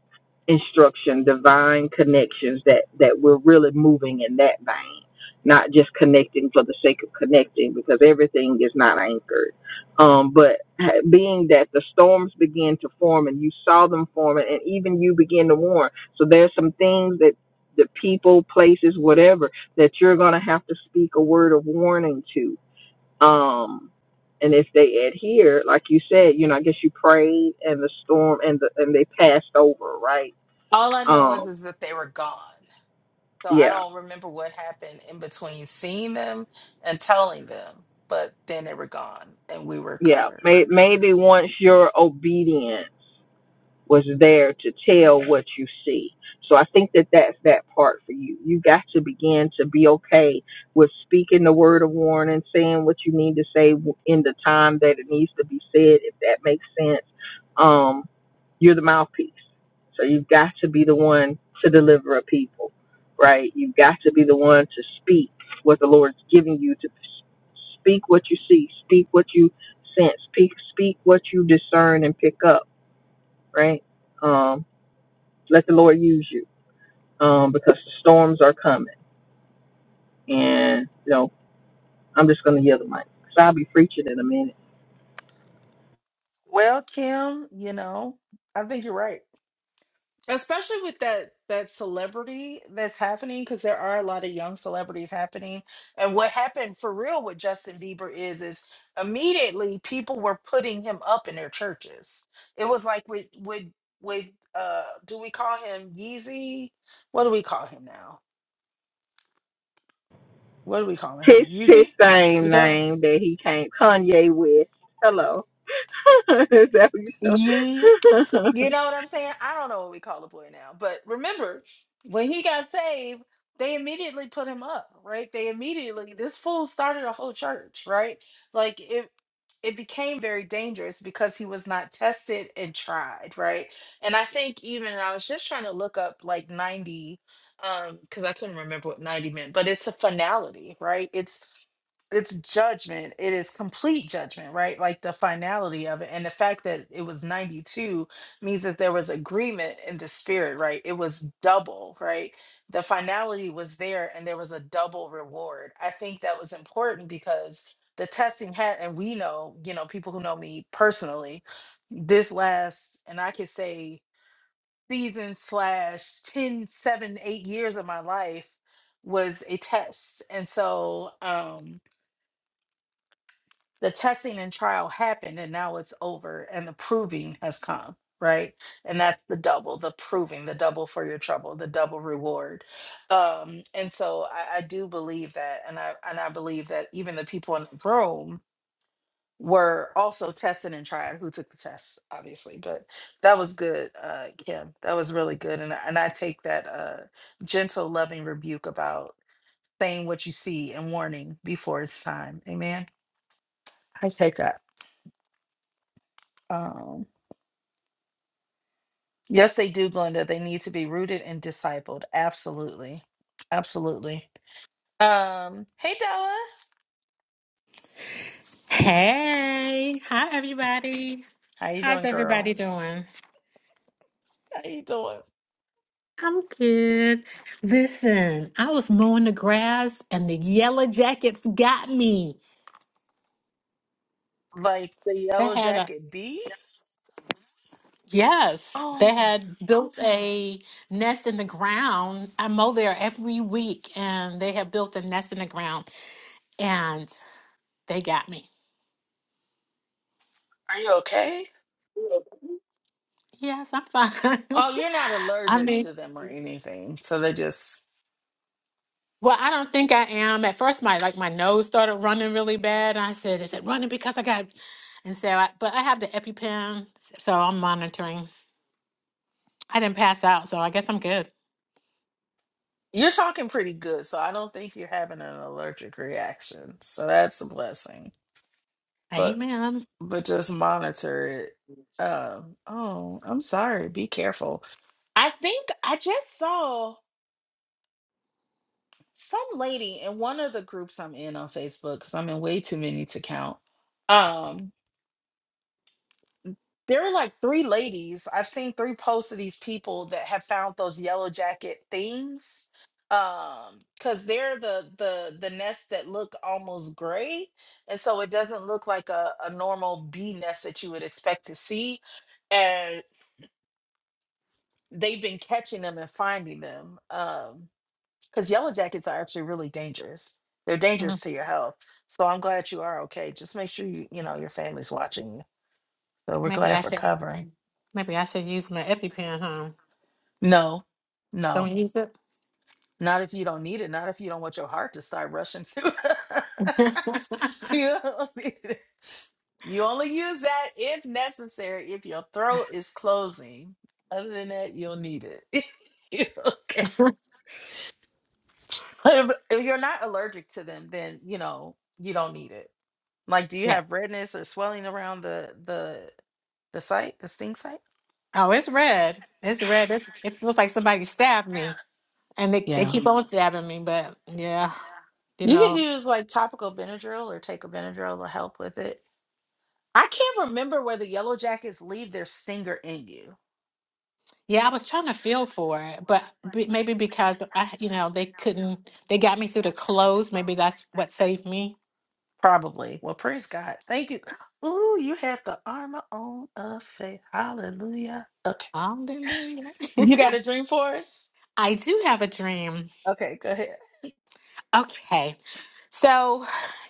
[SPEAKER 2] instruction, divine connections that that we're really moving in that vein. Not just connecting for the sake of connecting because everything is not anchored. Um, but ha- being that the storms begin to form and you saw them forming and even you begin to warn. So there's some things that the people, places, whatever that you're going to have to speak a word of warning to. Um, and if they adhere, like you said, you know, I guess you prayed and the storm and the and they passed over, right?
[SPEAKER 1] All I know is
[SPEAKER 2] Um,
[SPEAKER 1] is that they were gone. So I
[SPEAKER 2] yeah,
[SPEAKER 1] don't remember what happened in between seeing them and telling them, but then they were gone and we were
[SPEAKER 2] yeah.
[SPEAKER 1] covered.
[SPEAKER 2] May, maybe once you're obedient. was there to tell what you see. So I think that that's that part for you. You got to begin to be okay with speaking the word of warning, saying what you need to say w- in the time that it needs to be said, if that makes sense. Um, you're the mouthpiece. So you've got to be the one to deliver a people, right? You've got to be the one to speak what the Lord's giving you to s- speak what you see, speak what you sense, speak, speak what you discern and pick up right? Um, let the Lord use you um, because the storms are coming. And, you know, I'm just going to yell the mic because I'll be preaching in a minute.
[SPEAKER 1] Well, Kim, you know, I think you're right. Especially with that that celebrity that's happening, because there are a lot of young celebrities happening. And what happened for real with Justin Bieber is is immediately people were putting him up in their churches. It was like with with with uh do we call him Yeezy? What do we call him now? what are we calling him?
[SPEAKER 2] His, his
[SPEAKER 1] Yeezy?
[SPEAKER 2] same
[SPEAKER 1] Is that
[SPEAKER 2] name that he came, Kanye West. Hello. Is that what you
[SPEAKER 1] Yee.
[SPEAKER 2] said?
[SPEAKER 1] You know what I'm saying? I don't know what we call a boy now, but remember when he got saved, they immediately put him up, right? They immediately this fool started a whole church, right? Like it it became very dangerous because he was not tested and tried, right? And I think even I was just trying to look up like 90 um cuz I couldn't remember what 90 meant, but it's a finality, right? It's it's judgment it is complete judgment right like the finality of it and the fact that it was 92 means that there was agreement in the spirit, right? It was double, right? The finality was there and there was a double reward. I think that was important because the testing had, and we know, you know, people who know me personally, this last, and I could say season slash ten, seven, eight years of my life was a test. And so, um, the testing and trial happened and now it's over and the proving has come right and that's the double the proving the double for your trouble the double reward um and so i, I do believe that and i and i believe that even the people in the room were also tested and tried who took the test obviously but that was good uh kim that was really good and, I- and i take that uh gentle loving rebuke about saying what you see and warning before it's time amen i take that Um, Yes, they do, Glenda. They need to be rooted and discipled. Absolutely. Absolutely. Um, hey Della.
[SPEAKER 7] Hey, hi everybody.
[SPEAKER 1] How you
[SPEAKER 7] How's
[SPEAKER 1] doing,
[SPEAKER 7] everybody
[SPEAKER 1] girl?
[SPEAKER 7] doing?
[SPEAKER 1] How you doing?
[SPEAKER 7] I'm good. Listen, I was mowing the grass and the yellow jackets got me.
[SPEAKER 1] Like the
[SPEAKER 7] They
[SPEAKER 1] yellow
[SPEAKER 7] had a
[SPEAKER 1] jacket bee?
[SPEAKER 7] yes, they
[SPEAKER 1] Oh,
[SPEAKER 7] had built a nest in the ground. I mow there every week and they have built a nest in the ground and they got me.
[SPEAKER 1] are you okay?
[SPEAKER 7] Yes, I'm fine.
[SPEAKER 1] Oh, you're not
[SPEAKER 7] I
[SPEAKER 1] allergic
[SPEAKER 7] mean
[SPEAKER 1] to them or anything. So they just
[SPEAKER 7] Well, I don't think I am. At first, my like my nose started running really bad, and I said, "Is it running because I got?" And so, I, but I have the EpiPen, so I'm monitoring. I didn't pass out, so I guess I'm good.
[SPEAKER 1] you're talking pretty good, so I don't think you're having an allergic reaction. So that's a blessing. But
[SPEAKER 7] Amen.
[SPEAKER 1] but just monitor it. Um, oh, I'm sorry. Be careful. I think I just saw some lady in one of the groups I'm in on Facebook because I'm in way too many to count. Um, there were like three ladies. I've seen three posts of these people that have found those yellow jacket things. Um, because they're the the the nests that look almost gray, and so it doesn't look like a, a normal bee nest that you would expect to see. And they've been catching them and finding them. Um, because yellow jackets are actually really dangerous. They're dangerous
[SPEAKER 7] Mm,
[SPEAKER 1] to your health. So I'm glad you are okay. Just make sure you you know your family's watching you. So we're
[SPEAKER 7] Maybe I
[SPEAKER 1] glad for
[SPEAKER 7] should.
[SPEAKER 1] covering.
[SPEAKER 7] Maybe I should use my EpiPen, huh?
[SPEAKER 1] No, no,
[SPEAKER 7] Don't use it.
[SPEAKER 1] not if you don't need it. Not if you don't want your heart to start rushing through. you don't need it. You only use that if necessary. If your throat is closing, other than that, you'll need it. okay. But if if you're not allergic to them, then you know you don't need it Like, do you
[SPEAKER 7] yeah.
[SPEAKER 1] have redness or swelling around the the the site, the sting site?
[SPEAKER 7] Oh, it's red. It's red. It's, it feels like somebody stabbed me, and they they
[SPEAKER 1] Yeah.
[SPEAKER 7] keep on stabbing me. But yeah, you
[SPEAKER 1] You
[SPEAKER 7] know.
[SPEAKER 1] can use like topical Benadryl or take a Benadryl to help with it. I can't remember whether yellow jackets leave their stinger in you.
[SPEAKER 7] Yeah, I was trying to feel for it, but b maybe because I, you know, they couldn't, they got me through the clothes. Maybe that's what saved me.
[SPEAKER 1] Probably. Well, praise God. Thank you. Ooh, you had the armor on of faith. Hallelujah. Okay.
[SPEAKER 7] Hallelujah.
[SPEAKER 1] You got a dream for us?
[SPEAKER 7] I do have a dream.
[SPEAKER 1] Okay, go ahead.
[SPEAKER 7] Okay. So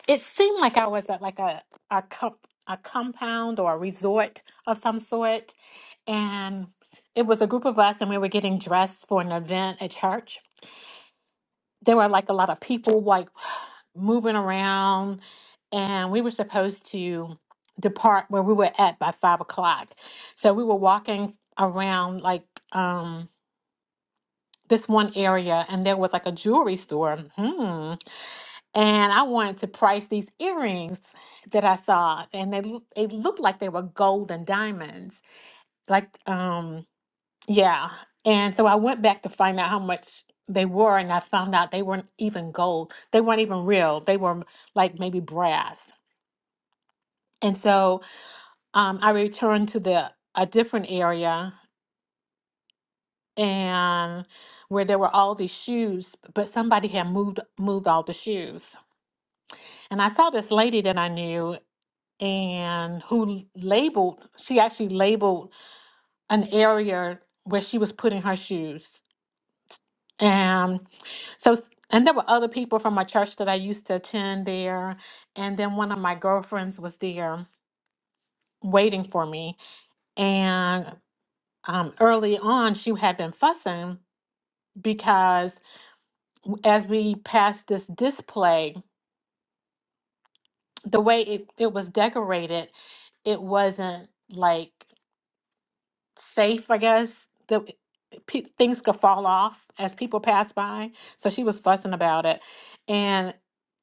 [SPEAKER 7] it seemed like I was at like a, a, co a compound or a resort of some sort. And it was a group of us, and we were getting dressed for an event at church. there were like a lot of people like moving around and we were supposed to depart where we were at by five o'clock so we were walking around like um this one area and there was like a jewelry store hmm. and i wanted to price these earrings that i saw and they, lo- they looked like they were gold and diamonds like um yeah. And so I went back to find out how much they were, and I found out they weren't even gold. They weren't even real. They were m- like maybe brass. And so um, I returned to the a different area and where there were all these shoes, but somebody had moved moved all the shoes. And I saw this lady that I knew and who l- labeled, she actually labeled an area where she was putting her shoes. So, and there were other people from my church that I used to attend there. And then one of my girlfriends was there waiting for me. And um, early on, she had been fussing because as we passed this display, the way it, it was decorated, it wasn't like safe, I guess. That pe- things could fall off as people pass by. So she was fussing about it, and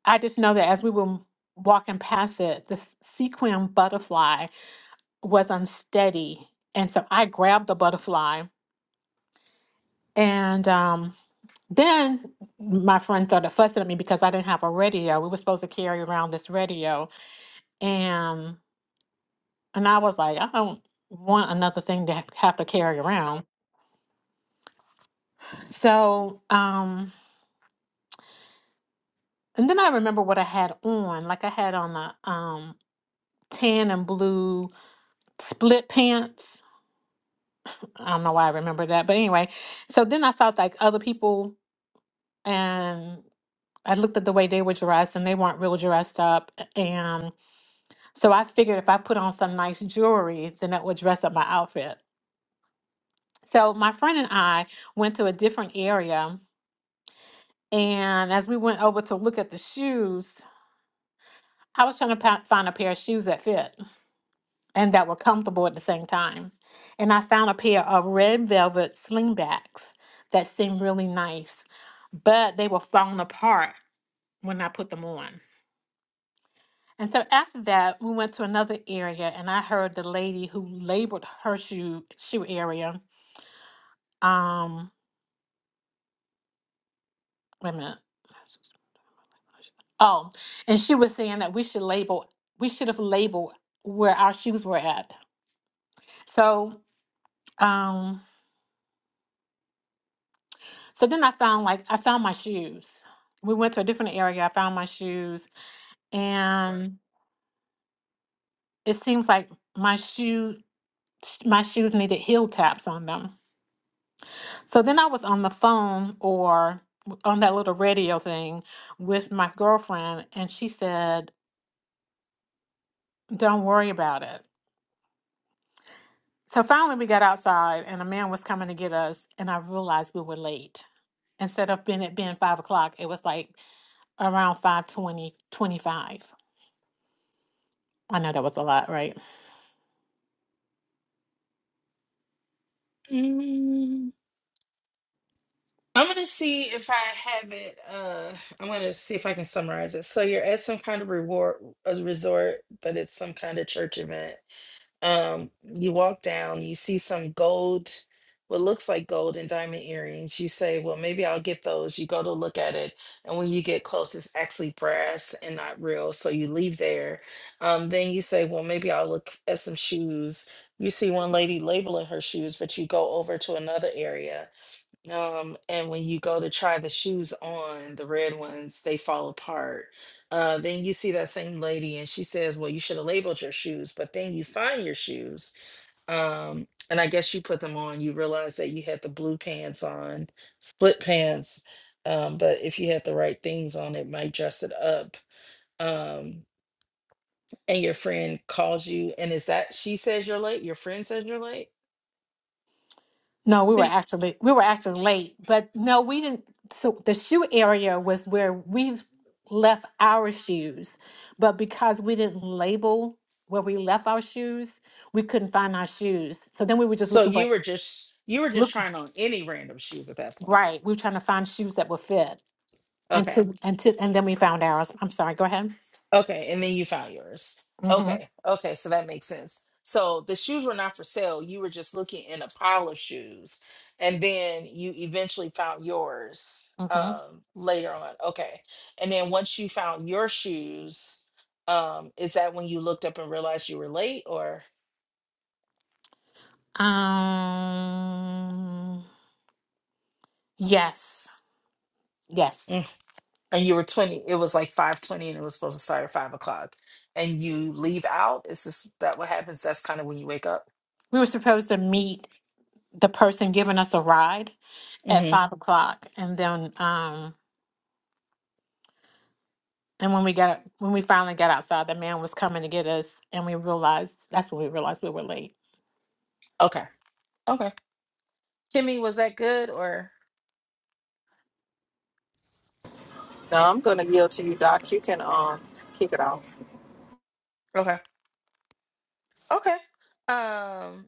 [SPEAKER 7] I just know that as we were m- walking past it, the s- sequin butterfly was unsteady, and so I grabbed the butterfly, and um, then my friend started fussing at me because I didn't have a radio. We were supposed to carry around this radio, and and I was like, I don't want another thing to have to carry around. So um And then I remember what I had on. Like I had on a um tan and blue split pants. I don't know why I remember that, but anyway. So then I saw like other people and I looked at the way they were dressed and they weren't real dressed up. And so I figured if I put on some nice jewelry, then that would dress up my outfit. So my friend and I went to a different area. And as we went over to look at the shoes, I was trying to pa- find a pair of shoes that fit. and that were comfortable at the same time. And I found a pair of red velvet slingbacks that seemed really nice, but they were falling apart when I put them on. And so after that, we went to another area, and I heard the lady who labeled her shoe shoe area. Um, wait a minute. Oh, and she was saying that we should label. We should have labeled where our shoes were at. So, um, So then I found like I found my shoes. We went to a different area. I found my shoes, and it seems like my shoe my shoes needed heel taps on them. So then I was on the phone or on that little radio thing with my girlfriend, and she said, "Don't worry about it." So finally, we got outside, and a man was coming to get us, and I realized we were late. Instead of being it being five o'clock, it was like around five twenty twenty-five. I know that was a lot, right?
[SPEAKER 1] Mm, I'm gonna see if I have it. Uh, I'm gonna see if I can summarize it. So you're at some kind of reward a resort, but it's some kind of church event. Um, you walk down, you see some gold, what looks like gold and diamond earrings. You say, Well, maybe I'll get those. You go to look at it, and when you get close, it's actually brass and not real. So you leave there. Um, then you say, Well, maybe I'll look at some shoes. You see one lady labeling her shoes, but you go over to another area um, and when you go to try the shoes on, the red ones, they fall apart. Uh, then you see that same lady and she says, Well, you should have labeled your shoes, but then you find your shoes. Um, and I guess you put them on, you realize that you had the blue pants on, split pants. Um, but if you had the right things on, it might dress it up. Um, and your friend calls you, and is that she says you're late? Your friend says you're late?
[SPEAKER 7] No, we were actually we were actually late, but no, we didn't. So the shoe area was where we left our shoes, but because we didn't label where we left our shoes, we couldn't find our shoes. So then we were just
[SPEAKER 1] So
[SPEAKER 7] looking for
[SPEAKER 1] you were just you were just
[SPEAKER 7] look
[SPEAKER 1] trying on any random shoes at that point.
[SPEAKER 7] right. We were trying to find shoes that would fit
[SPEAKER 1] Okay.
[SPEAKER 7] until until and then we found ours. I'm sorry. Go ahead.
[SPEAKER 1] Okay. And then you found yours.
[SPEAKER 7] Mm-hmm.
[SPEAKER 1] Okay. Okay. So that makes sense. So the shoes were not for sale. You were just looking in a pile of shoes. And then you eventually found yours
[SPEAKER 7] Mm-hmm.
[SPEAKER 1] um later on. Okay. And then once you found your shoes, um, is that when you looked up and realized you were late or
[SPEAKER 7] Um. Yes. Yes.
[SPEAKER 1] and you were 20 it was like 5.20 and it was supposed to start at 5 o'clock and you leave out is this that what happens that's kind of when you wake up
[SPEAKER 7] we were supposed to meet the person giving us a ride at
[SPEAKER 1] hmm
[SPEAKER 7] five o'clock, and then um, and when we got when we finally got outside, the man was coming to get us, and we realized that's when we realized we were late.
[SPEAKER 1] okay okay kimmy was that good or
[SPEAKER 2] No, I'm going to yield to you, Doc. You can um kick it off.
[SPEAKER 1] okay okay um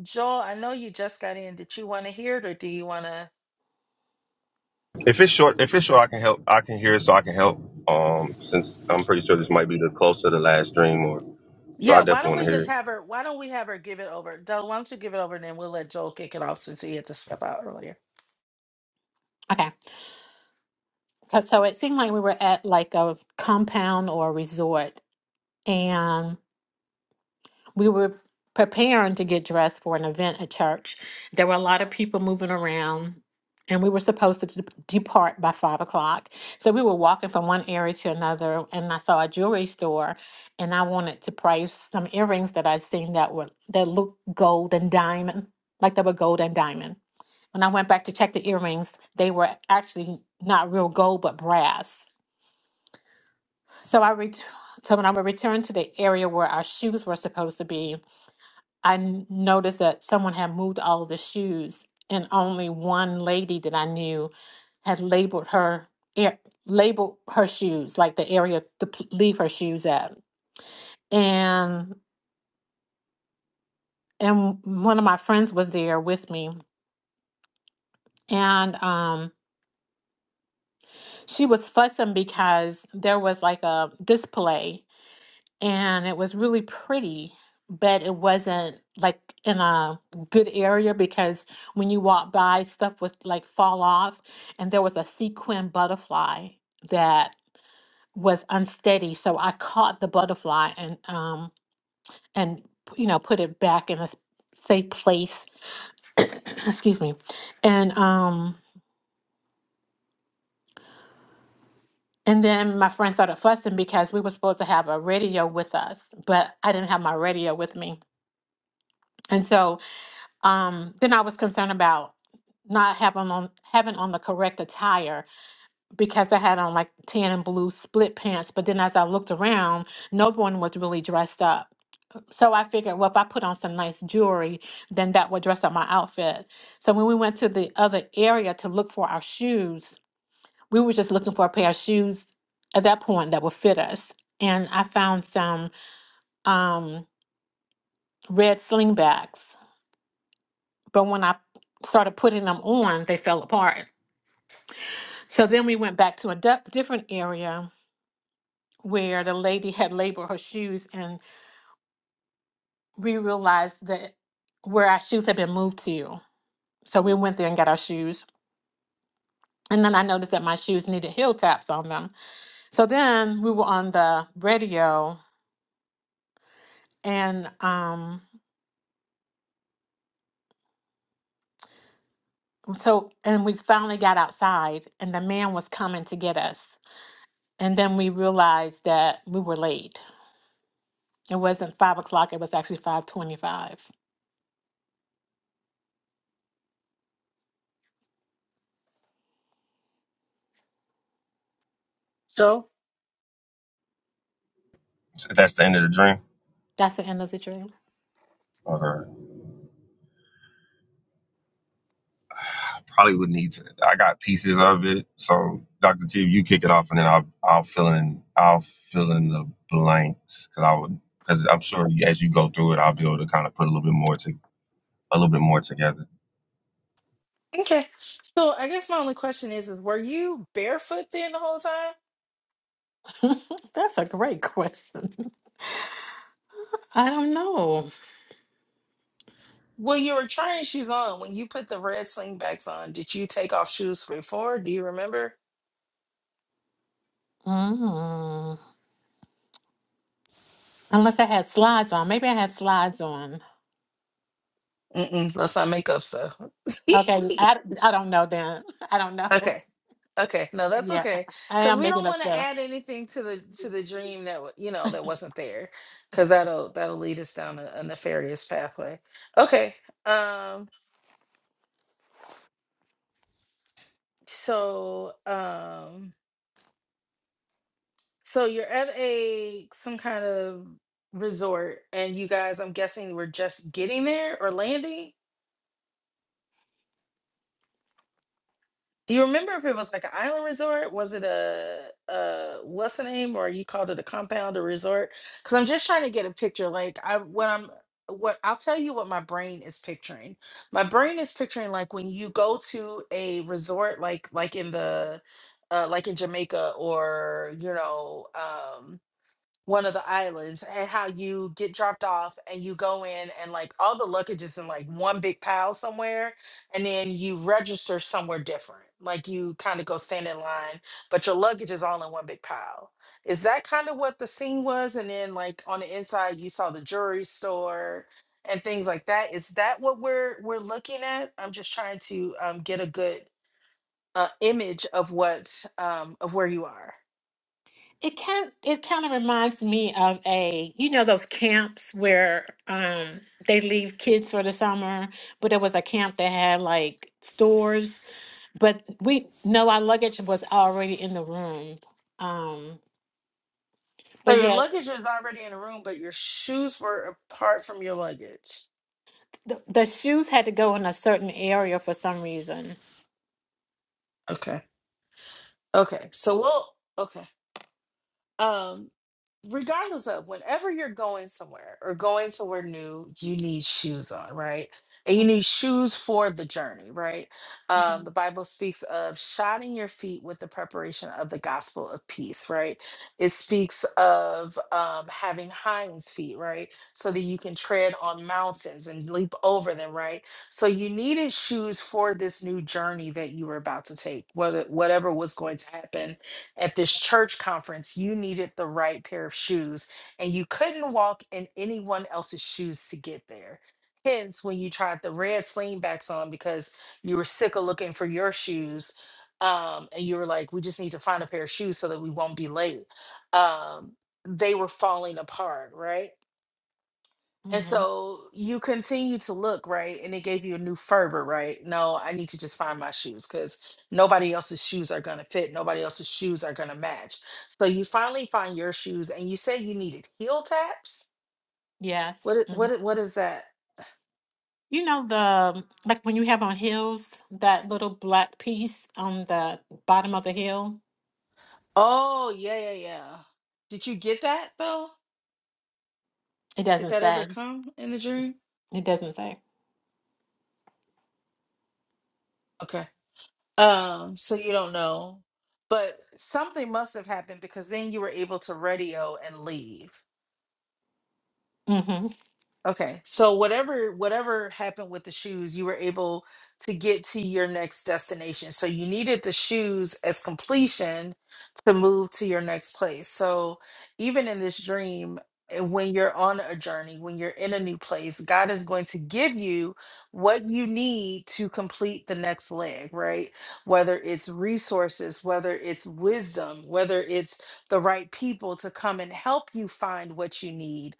[SPEAKER 1] joel i know you just got in did you want to hear it or do you want to
[SPEAKER 4] If it's short, if it's short, I can help. I can hear it, so I can help. Um, since I'm pretty sure this might be the close to the last dream, or so
[SPEAKER 1] yeah
[SPEAKER 4] I
[SPEAKER 1] why
[SPEAKER 4] definitely
[SPEAKER 1] don't
[SPEAKER 4] want to
[SPEAKER 1] we
[SPEAKER 4] hear
[SPEAKER 1] just
[SPEAKER 4] it.
[SPEAKER 1] have her why don't we have her give it over Del, why don't you give it over and then we'll let joel kick it off since he had to step out earlier
[SPEAKER 7] Okay, 'Cause- so it seemed like we were at like a compound or a resort, and we were preparing to get dressed for an event at church. There were a lot of people moving around, and we were supposed to de- depart by five o'clock. So we were walking from one area to another, and I saw a jewelry store, and I wanted to price some earrings that I'd seen that were that looked gold and diamond, like they were gold and diamond. When I went back to check the earrings, they were actually not real gold but brass. So I ret- so when I would return to the area where our shoes were supposed to be, I n- noticed that someone had moved all the shoes, and only one lady that I knew had labeled her ar- labeled her shoes, like the area to p- leave her shoes at. And and one of my friends was there with me, and um, she was fussing because there was like a display and it was really pretty, but it wasn't like in a good area because when you walk by, stuff would like fall off, and there was a sequin butterfly that was unsteady. So I caught the butterfly and um and you know put it back in a s- safe place. Excuse me, and um. And then my friend started fussing because we were supposed to have a radio with us, but I didn't have my radio with me. And so Um, then I was concerned about not having on having on the correct attire because I had on like tan and blue split pants. But then as I looked around, no one was really dressed up. So I figured, well, if I put on some nice jewelry, then that would dress up my outfit. So when we went to the other area to look for our shoes, we were just looking for a pair of shoes at that point that would fit us. And I found some um, red slingbacks. But when I started putting them on, they fell apart. So then we went back to a du- different area where the lady had labeled her shoes, and we realized that where our shoes had been moved to. So we went there and got our shoes. And then I noticed that my shoes needed heel taps on them. So then we were on the radio, and um, so and we finally got outside, and the man was coming to get us. And then we realized that we were late. It wasn't five o'clock; it was actually five twenty-five.
[SPEAKER 1] Joel,
[SPEAKER 4] So if that's the end of the dream,
[SPEAKER 7] That's the end of the dream.
[SPEAKER 4] or I probably would need to. I got pieces of it, so Doctor T, you kick it off, and then I'll I'll fill in I'll fill in the blanks because I would because I'm sure you- as you go through it, I'll be able to kind of put a little bit more to a little bit more together.
[SPEAKER 1] Okay. So I guess my only question is, is were you barefoot then the whole time?
[SPEAKER 7] That's a great question. I don't know.
[SPEAKER 1] Well, you were trying shoes on when you put the red slingbacks on. Did you take off shoes before? Do you remember?
[SPEAKER 7] Mm. Unless I had slides on. Maybe I had slides on.
[SPEAKER 1] Mm-mm, let's not make up stuff.
[SPEAKER 7] Okay, I, I don't know then. I don't know.
[SPEAKER 1] okay. Okay. No, that's
[SPEAKER 7] Yeah,
[SPEAKER 1] okay.
[SPEAKER 7] I
[SPEAKER 1] Cause
[SPEAKER 7] am
[SPEAKER 1] we
[SPEAKER 7] making
[SPEAKER 1] don't
[SPEAKER 7] up
[SPEAKER 1] want to
[SPEAKER 7] stuff.
[SPEAKER 1] add anything to the to the dream that wa- you know that wasn't there. Cause that'll that'll lead us down a, a nefarious pathway. Okay. Um, so um So you're at a some kind of resort, and you guys, I'm guessing, were just getting there or landing. Do you remember if it was like an island resort? Was it a, a what's the name, or you called it a compound or resort? Because I'm just trying to get a picture. Like I, what I'm, what I'll tell you what my brain is picturing. My brain is picturing like when you go to a resort, like like in the, uh, like in Jamaica or you know. um, one of the islands and how you get dropped off and you go in and like all the luggage is in like one big pile somewhere and then you register somewhere different like you kind of go stand in line but your luggage is all in one big pile is that kind of what the scene was and then like on the inside you saw the jewelry store and things like that is that what we're we're looking at i'm just trying to um, get a good uh, image of what um, of where you are
[SPEAKER 7] It kind it kind of reminds me of a you know those camps where um they leave kids for the summer, but it was a camp that had like stores, but we no our luggage was already in the room. Um,
[SPEAKER 1] So
[SPEAKER 7] but
[SPEAKER 1] your
[SPEAKER 7] yeah,
[SPEAKER 1] luggage is already in the room, but your shoes were apart from your luggage.
[SPEAKER 7] The, the shoes had to go in a certain area for some reason.
[SPEAKER 1] Okay. Okay. So we'll okay. Um. regardless of whenever you're going somewhere or going somewhere new, you need shoes on, right? And you
[SPEAKER 7] hmm
[SPEAKER 1] need shoes for the journey, right?
[SPEAKER 7] hmm
[SPEAKER 1] Um, the Bible speaks of shodding your feet with the preparation of the gospel of peace, right? It speaks of um, having hinds feet, right? So that you can tread on mountains and leap over them, right? So you needed shoes for this new journey that you were about to take, whether whatever was going to happen at this church conference, you needed the right pair of shoes and you couldn't walk in anyone else's shoes to get there. Hence, when you tried the red slingbacks on because you were sick of looking for your shoes, um, and you were like, we just need to find a pair of shoes so that we won't be late. Um, they were falling apart, right? And
[SPEAKER 7] hmm
[SPEAKER 1] so you continue to look, right? And it gave you a new fervor, right? No, I need to just find my shoes because nobody else's shoes are going to fit. Nobody else's shoes are going to match. So you finally find your shoes and you say you needed heel taps.
[SPEAKER 7] Yes.
[SPEAKER 1] What, i-
[SPEAKER 7] hmm
[SPEAKER 1] what, i- what is that?
[SPEAKER 7] You know the um, like when you have on heels, that little black piece on the bottom of the heel.
[SPEAKER 1] Oh, yeah, yeah, yeah. Did you get that though?
[SPEAKER 7] It
[SPEAKER 1] Did
[SPEAKER 7] doesn't
[SPEAKER 1] that ever
[SPEAKER 7] say.
[SPEAKER 1] come in the dream?
[SPEAKER 7] It doesn't say.
[SPEAKER 1] Okay. Um, so you don't know, but something must have happened because then you were able to radio and leave.
[SPEAKER 7] Mm-hmm.
[SPEAKER 1] Okay. So whatever whatever happened with the shoes, you were able to get to your next destination. So you needed the shoes as completion to move to your next place. So even in this dream, eh, when you're on a journey, when you're in a new place, God is going to give you what you need to complete the next leg, right? Whether it's resources, whether it's wisdom, whether it's the right people to come and help you find what you need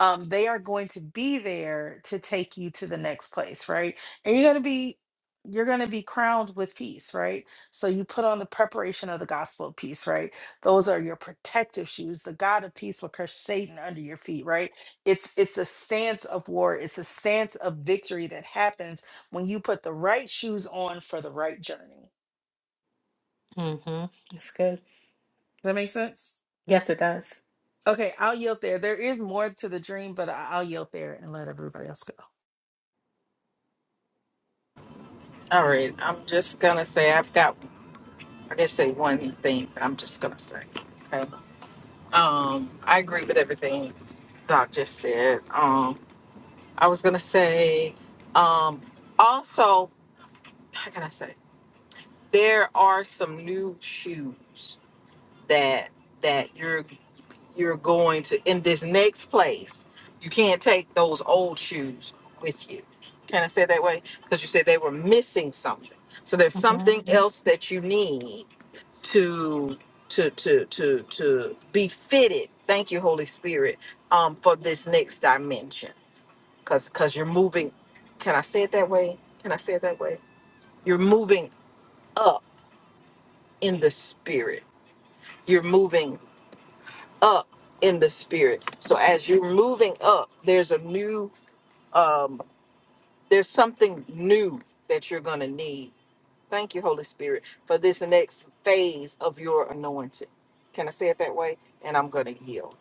[SPEAKER 1] um, they are going to be there to take you to the next place, right? And you're going to be you're going to be crowned with peace, right? So you put on the preparation of the gospel of peace, right? Those are your protective shoes. The God of peace will crush Satan under your feet, right? It's it's a stance of war. It's a stance of victory that happens when you put the right shoes on for the right journey.
[SPEAKER 7] Mm-hmm. That's good.
[SPEAKER 1] Does that make sense?
[SPEAKER 7] Yes, it does.
[SPEAKER 1] Okay, I'll yield there. There is more to the dream, but I- I'll yield there and let everybody else go.
[SPEAKER 2] All right. I'm just going to say I've got, I guess, say one thing that I'm just going to say. Um, I agree with everything Doc just said. Um, I was gonna say, um, also, how can I say? There are some new shoes that that you're you're going to in this next place. You can't take those old shoes with you. Can I say it that way? Because you said they were missing something. So there's
[SPEAKER 7] Mm-hmm.
[SPEAKER 2] something Mhm. else that you need to to to to to be fitted. Thank you, Holy Spirit, um, for this next dimension because because you're moving can i say it that way can i say it that way you're moving up in the spirit you're moving up in the spirit so as you're moving up there's a new um there's something new that you're gonna need thank you holy spirit for this next phase of your anointing can i say it that way and i'm gonna yield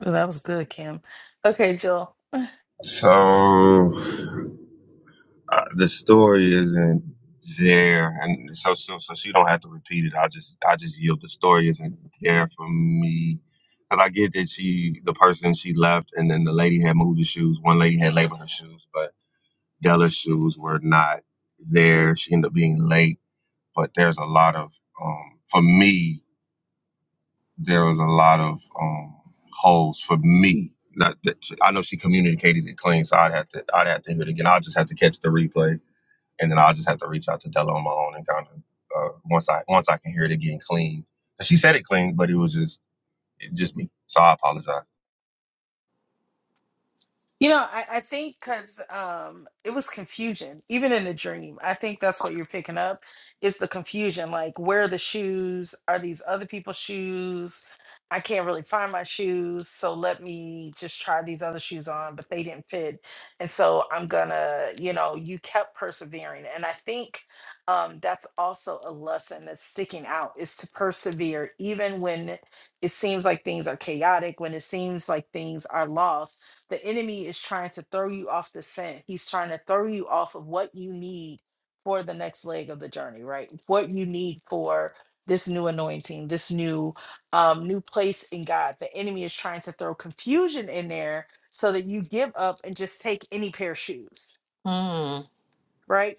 [SPEAKER 1] Well, that was good, Kim. Okay, Jill.
[SPEAKER 4] So. Uh, the story isn't there, and so so so she don't have to repeat it. I just I just yield. The story isn't there for me, because I get that she the person she left, and then the lady had moved the shoes. One lady had labeled her shoes, but Della's shoes were not there. She ended up being late, but there's a lot of um for me there was a lot of um holes for me. Not that I know she communicated it clean, so I'd have to I'd have to hear it again. I'll just have to catch the replay and then I'll just have to reach out to Della on my own and kind of uh, once I once I can hear it again clean. She said it clean, but it was just it just me. So I apologize.
[SPEAKER 1] You know, I, I think because um, it was confusion, even in the dream. I think that's what you're picking up is the confusion. Like, where are the shoes? Are these other people's shoes? I can't really find my shoes. So let me just try these other shoes on, but they didn't fit. And so I'm gonna, you know, you kept persevering. And I think um, that's also a lesson that's sticking out is to persevere, even when it seems like things are chaotic, when it seems like things are lost the enemy is trying to throw you off the scent. He's trying to throw you off of what you need for the next leg of the journey, right? What you need for this new anointing, this new um, new place in God. The enemy is trying to throw confusion in there so that you give up and just take any pair of shoes,
[SPEAKER 7] Mm-hmm.
[SPEAKER 1] right?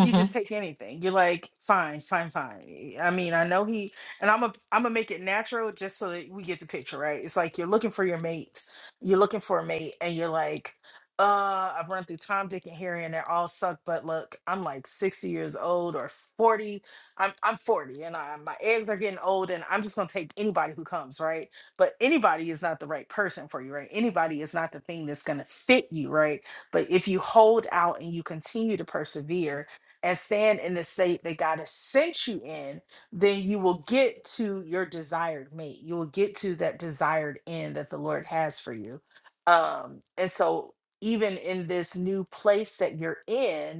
[SPEAKER 1] you
[SPEAKER 7] Mm-hmm.
[SPEAKER 1] just take anything. You're like, fine, fine, fine. I mean, I know he and I'm a I'm gonna make it natural just so that we get the picture, right? It's like you're looking for your mate, you're looking for a mate, and you're like, uh, I've run through Tom, Dick, and Harry, and they all suck, but look, I'm like 60 years old or 40. I'm I'm 40 and I, my eggs are getting old, and I'm just gonna take anybody who comes, right? But anybody is not the right person for you, right? Anybody is not the thing that's gonna fit you, right? But if you hold out and you continue to persevere and stand in the state that God has sent you in, then you will get to your desired mate. You will get to that desired end that the Lord has for you. Um, and so, even in this new place that you're in,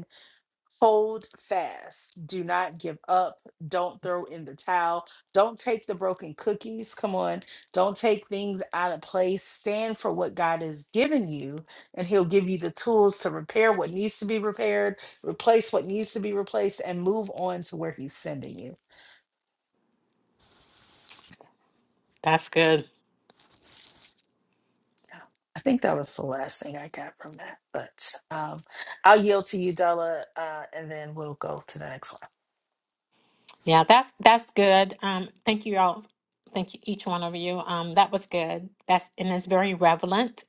[SPEAKER 1] hold fast. Do not give up. Don't throw in the towel. Don't take the broken cookies. Come on. Don't take things out of place. Stand for what God has given you, and He'll give you the tools to repair what needs to be repaired, replace what needs to be replaced, and move on to where He's sending you.
[SPEAKER 7] That's good.
[SPEAKER 1] I think that was the last thing I got from that, but um, I'll yield to you, Della, uh, and then we'll go to the next one.
[SPEAKER 7] Yeah, that's that's good. Um, thank you all. Thank you, each one of you. Um, that was good. That's and it's very relevant.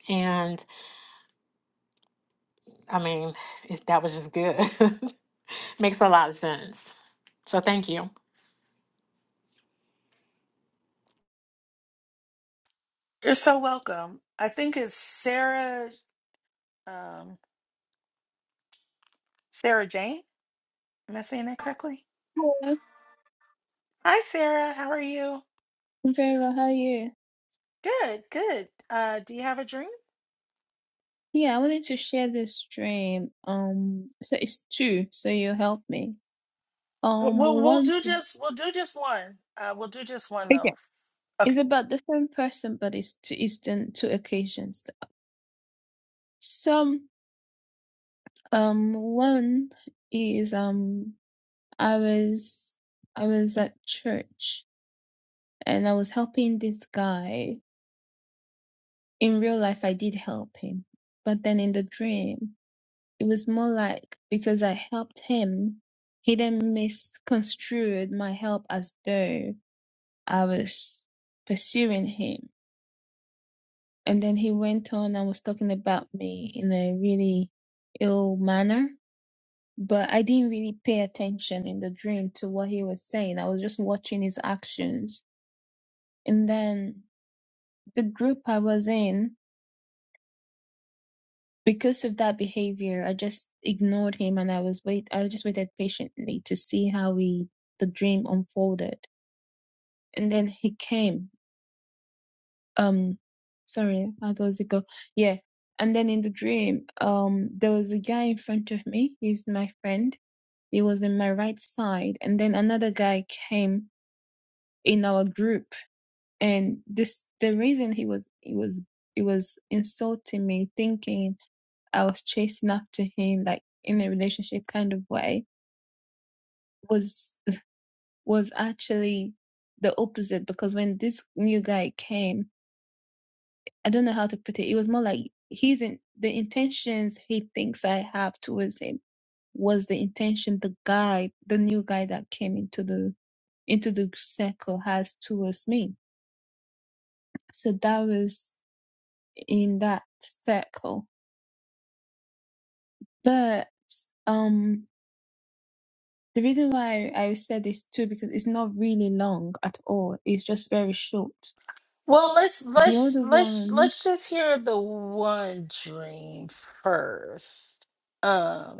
[SPEAKER 7] I mean, it, that was just good. Makes a lot of sense. So thank you.
[SPEAKER 1] You're so welcome. I think it's Sarah. Um, Sarah Jane. Am I saying that correctly?
[SPEAKER 8] Hello.
[SPEAKER 1] Hi, Sarah. How are you?
[SPEAKER 8] I'm very well. How are you?
[SPEAKER 1] Good, good. Uh, do you have a dream?
[SPEAKER 8] Yeah, I wanted to share this dream. Um, so it's two, so you help me.
[SPEAKER 1] Uh,
[SPEAKER 8] Um,
[SPEAKER 1] We'll we'll
[SPEAKER 8] one,
[SPEAKER 1] do just we'll do just one. Uh, we'll do just one
[SPEAKER 8] okay,
[SPEAKER 1] though.
[SPEAKER 8] it's
[SPEAKER 1] Okay.
[SPEAKER 8] about the same person, but it's two, it's in two occasions. Some, um, one is um, I was I was at church and I was helping this guy. In real life, I did help him, but then in the dream. It was more like because I helped him, he then misconstrued my help as though I was pursuing him. And then he went on and was talking about me in a really ill manner. But I didn't really pay attention in the dream to what he was saying. I was just watching his actions. And then the group I was in because of that behavior, I just ignored him and I was wait I just waited patiently to see how we the dream unfolded. And then he came. Um sorry, how does it go? Yeah. And then in the dream, um there was a guy in front of me, he's my friend. He was in my right side, and then another guy came in our group and this the reason he was he was he was insulting me, thinking I was chasing after him, like in a relationship kind of way, was was actually the opposite because when this new guy came, I don't know how to put it. It was more like he's in the intentions he thinks I have towards him was the intention the guy, the new guy that came into the into the circle has towards me. So that was in that circle. But um The reason why I said this too because it's not really long at all. It's just very short.
[SPEAKER 1] Well, let's
[SPEAKER 8] The
[SPEAKER 1] let's
[SPEAKER 8] other
[SPEAKER 1] let's
[SPEAKER 8] one,
[SPEAKER 1] let's just hear the one dream first.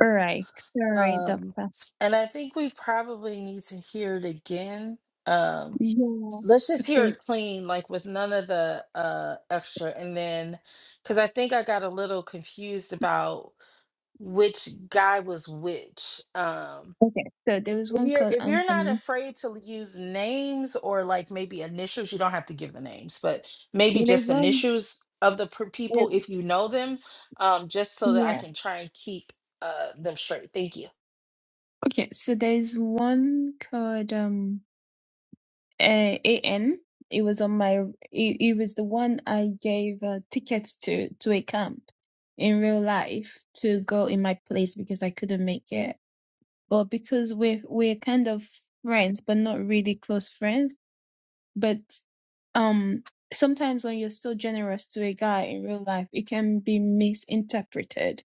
[SPEAKER 8] all right, sorry,
[SPEAKER 1] Um,
[SPEAKER 8] doctor.
[SPEAKER 1] and I think we probably need to hear it again. Um,
[SPEAKER 8] Yeah.
[SPEAKER 1] let's just hear
[SPEAKER 8] Okay.
[SPEAKER 1] it clean, like with none of the uh extra. And then, because I think I got a little confused about which guy was which. Um,
[SPEAKER 8] Okay. So there was
[SPEAKER 1] if
[SPEAKER 8] one
[SPEAKER 1] you're
[SPEAKER 8] called
[SPEAKER 1] if you're not
[SPEAKER 8] Anthony.
[SPEAKER 1] afraid to use names or like maybe initials, you don't have to give the names, but maybe
[SPEAKER 8] There's
[SPEAKER 1] just
[SPEAKER 8] one.
[SPEAKER 1] initials of the per- people
[SPEAKER 8] there-
[SPEAKER 1] if you know them, um, just so that I
[SPEAKER 8] Yeah.
[SPEAKER 1] can try and keep uh them straight. Thank you.
[SPEAKER 8] Okay. So there's one called um uh, An. It was on my. It, it was the one I gave uh, tickets to to a camp in real life to go in my place because I couldn't make it but because we're we're kind of friends, but not really close friends. But um, sometimes when you're so generous to a guy in real life, it can be misinterpreted,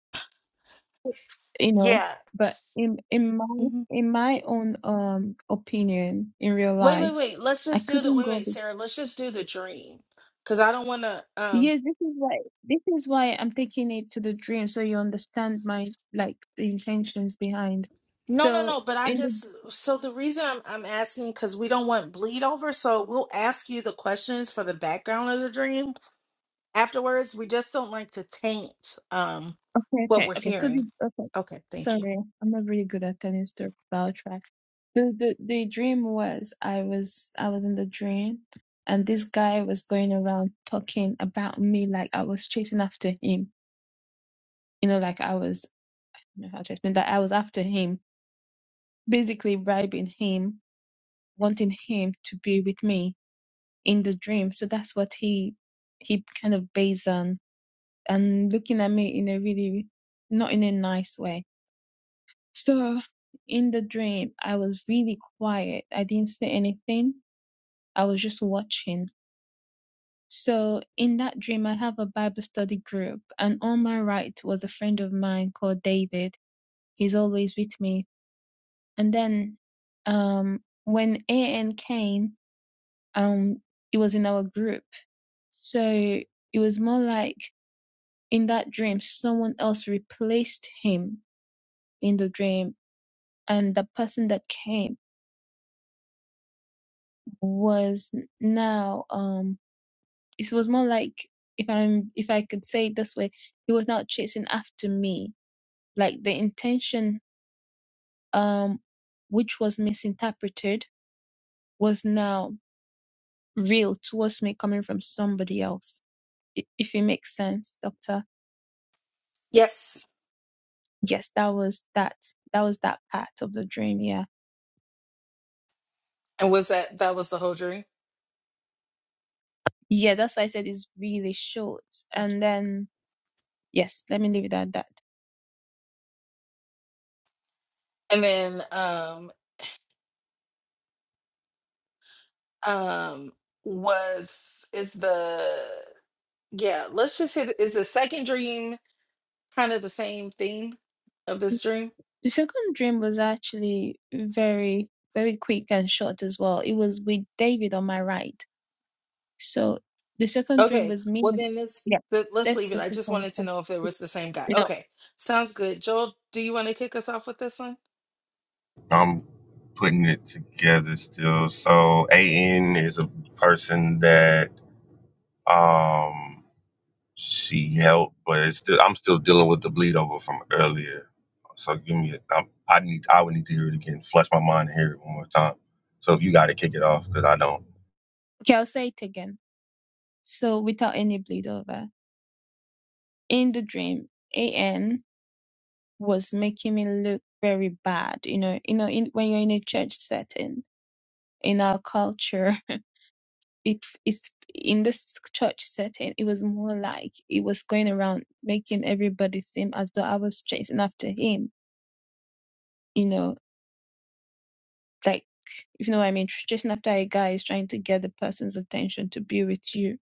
[SPEAKER 8] you know.
[SPEAKER 1] Yeah.
[SPEAKER 8] But
[SPEAKER 1] s-
[SPEAKER 8] in in my
[SPEAKER 1] hmm
[SPEAKER 8] in my own um opinion in real
[SPEAKER 1] Wait, wait,
[SPEAKER 8] life,
[SPEAKER 1] wait. Let's
[SPEAKER 8] I
[SPEAKER 1] just do the
[SPEAKER 8] couldn't
[SPEAKER 1] wait,
[SPEAKER 8] go.
[SPEAKER 1] wait,
[SPEAKER 8] be-
[SPEAKER 1] Sarah. Let's just do the dream, because I don't want to. Um,
[SPEAKER 8] Yes, this is why this is why I'm taking it to the dream, so you understand my like the intentions behind.
[SPEAKER 1] no, no,
[SPEAKER 8] So
[SPEAKER 1] no. But I
[SPEAKER 8] in the
[SPEAKER 1] just so the reason I'm I'm asking because we don't want bleed over. So we'll ask you the questions for the background of the dream afterwards. We just don't like to taint um
[SPEAKER 8] Okay,
[SPEAKER 1] what
[SPEAKER 8] okay,
[SPEAKER 1] we're
[SPEAKER 8] okay. So the
[SPEAKER 1] hearing.
[SPEAKER 8] okay.
[SPEAKER 1] Okay, thank you.
[SPEAKER 8] Sorry, I'm not really good at telling story about track. The, the the dream was I was I was in the dream and this guy was going around talking about me like I was chasing after him. You know, like I was I don't know how to explain that I was after him, basically bribing him, wanting him to be with me in the dream. So that's what he he kind of based on and looking at me in a really not in a nice way So in the dream, I was really quiet. I didn't say anything. I was just watching. So in that dream, I have a Bible study group, and on my right was a friend of mine called David. He's always with me. And then, um, when AN came, um, it was in our group. So it was more like in that dream, someone else replaced him in the dream, and the person that came. was now um it was more like if I'm if I could say it this way, he was now chasing after me. Like the intention um which was misinterpreted was now real towards me coming from somebody else. I- If it makes sense, Doctor.
[SPEAKER 1] Yes.
[SPEAKER 8] Yes, that was that that was that part of the dream, yeah.
[SPEAKER 1] And was that that was the whole dream?
[SPEAKER 8] Yeah, that's why I said it's really short.
[SPEAKER 1] Thank
[SPEAKER 8] And then yes, let me leave it at that.
[SPEAKER 1] you. And then um um was is the Yeah, let's just hit. Is the second dream kind of the same theme of this dream?
[SPEAKER 8] The second dream was actually very, very quick and short as well. It was with David on my right. So the second dream
[SPEAKER 1] Okay,
[SPEAKER 8] was me.
[SPEAKER 1] well
[SPEAKER 8] and-
[SPEAKER 1] then this,
[SPEAKER 8] Yeah.
[SPEAKER 1] th- let's let- us let us
[SPEAKER 8] Let's
[SPEAKER 1] leave it. I
[SPEAKER 8] focus
[SPEAKER 1] just
[SPEAKER 8] on
[SPEAKER 1] wanted to know if it
[SPEAKER 8] something.
[SPEAKER 1] was the same guy.
[SPEAKER 8] No.
[SPEAKER 1] Okay, sounds good. Joel, do you want to kick us off with this one?
[SPEAKER 4] I'm putting it together still. So AN is a person that um she helped, but it's still I'm still dealing with the bleed over from earlier. So give me a, I, I need I would need to hear it again, flush my mind and hear it one more time. So if you got to kick it off, because I don't.
[SPEAKER 8] Okay, I'll say it again. So without any bleed over. In the dream, AN was making me look very bad. You know, you know, in, when you're in a church setting, in our culture, it is in this church setting it was more like it was going around making everybody seem as though i was chasing after him you know like if you know what i mean chasing after a guy is trying to get the person's attention to be with you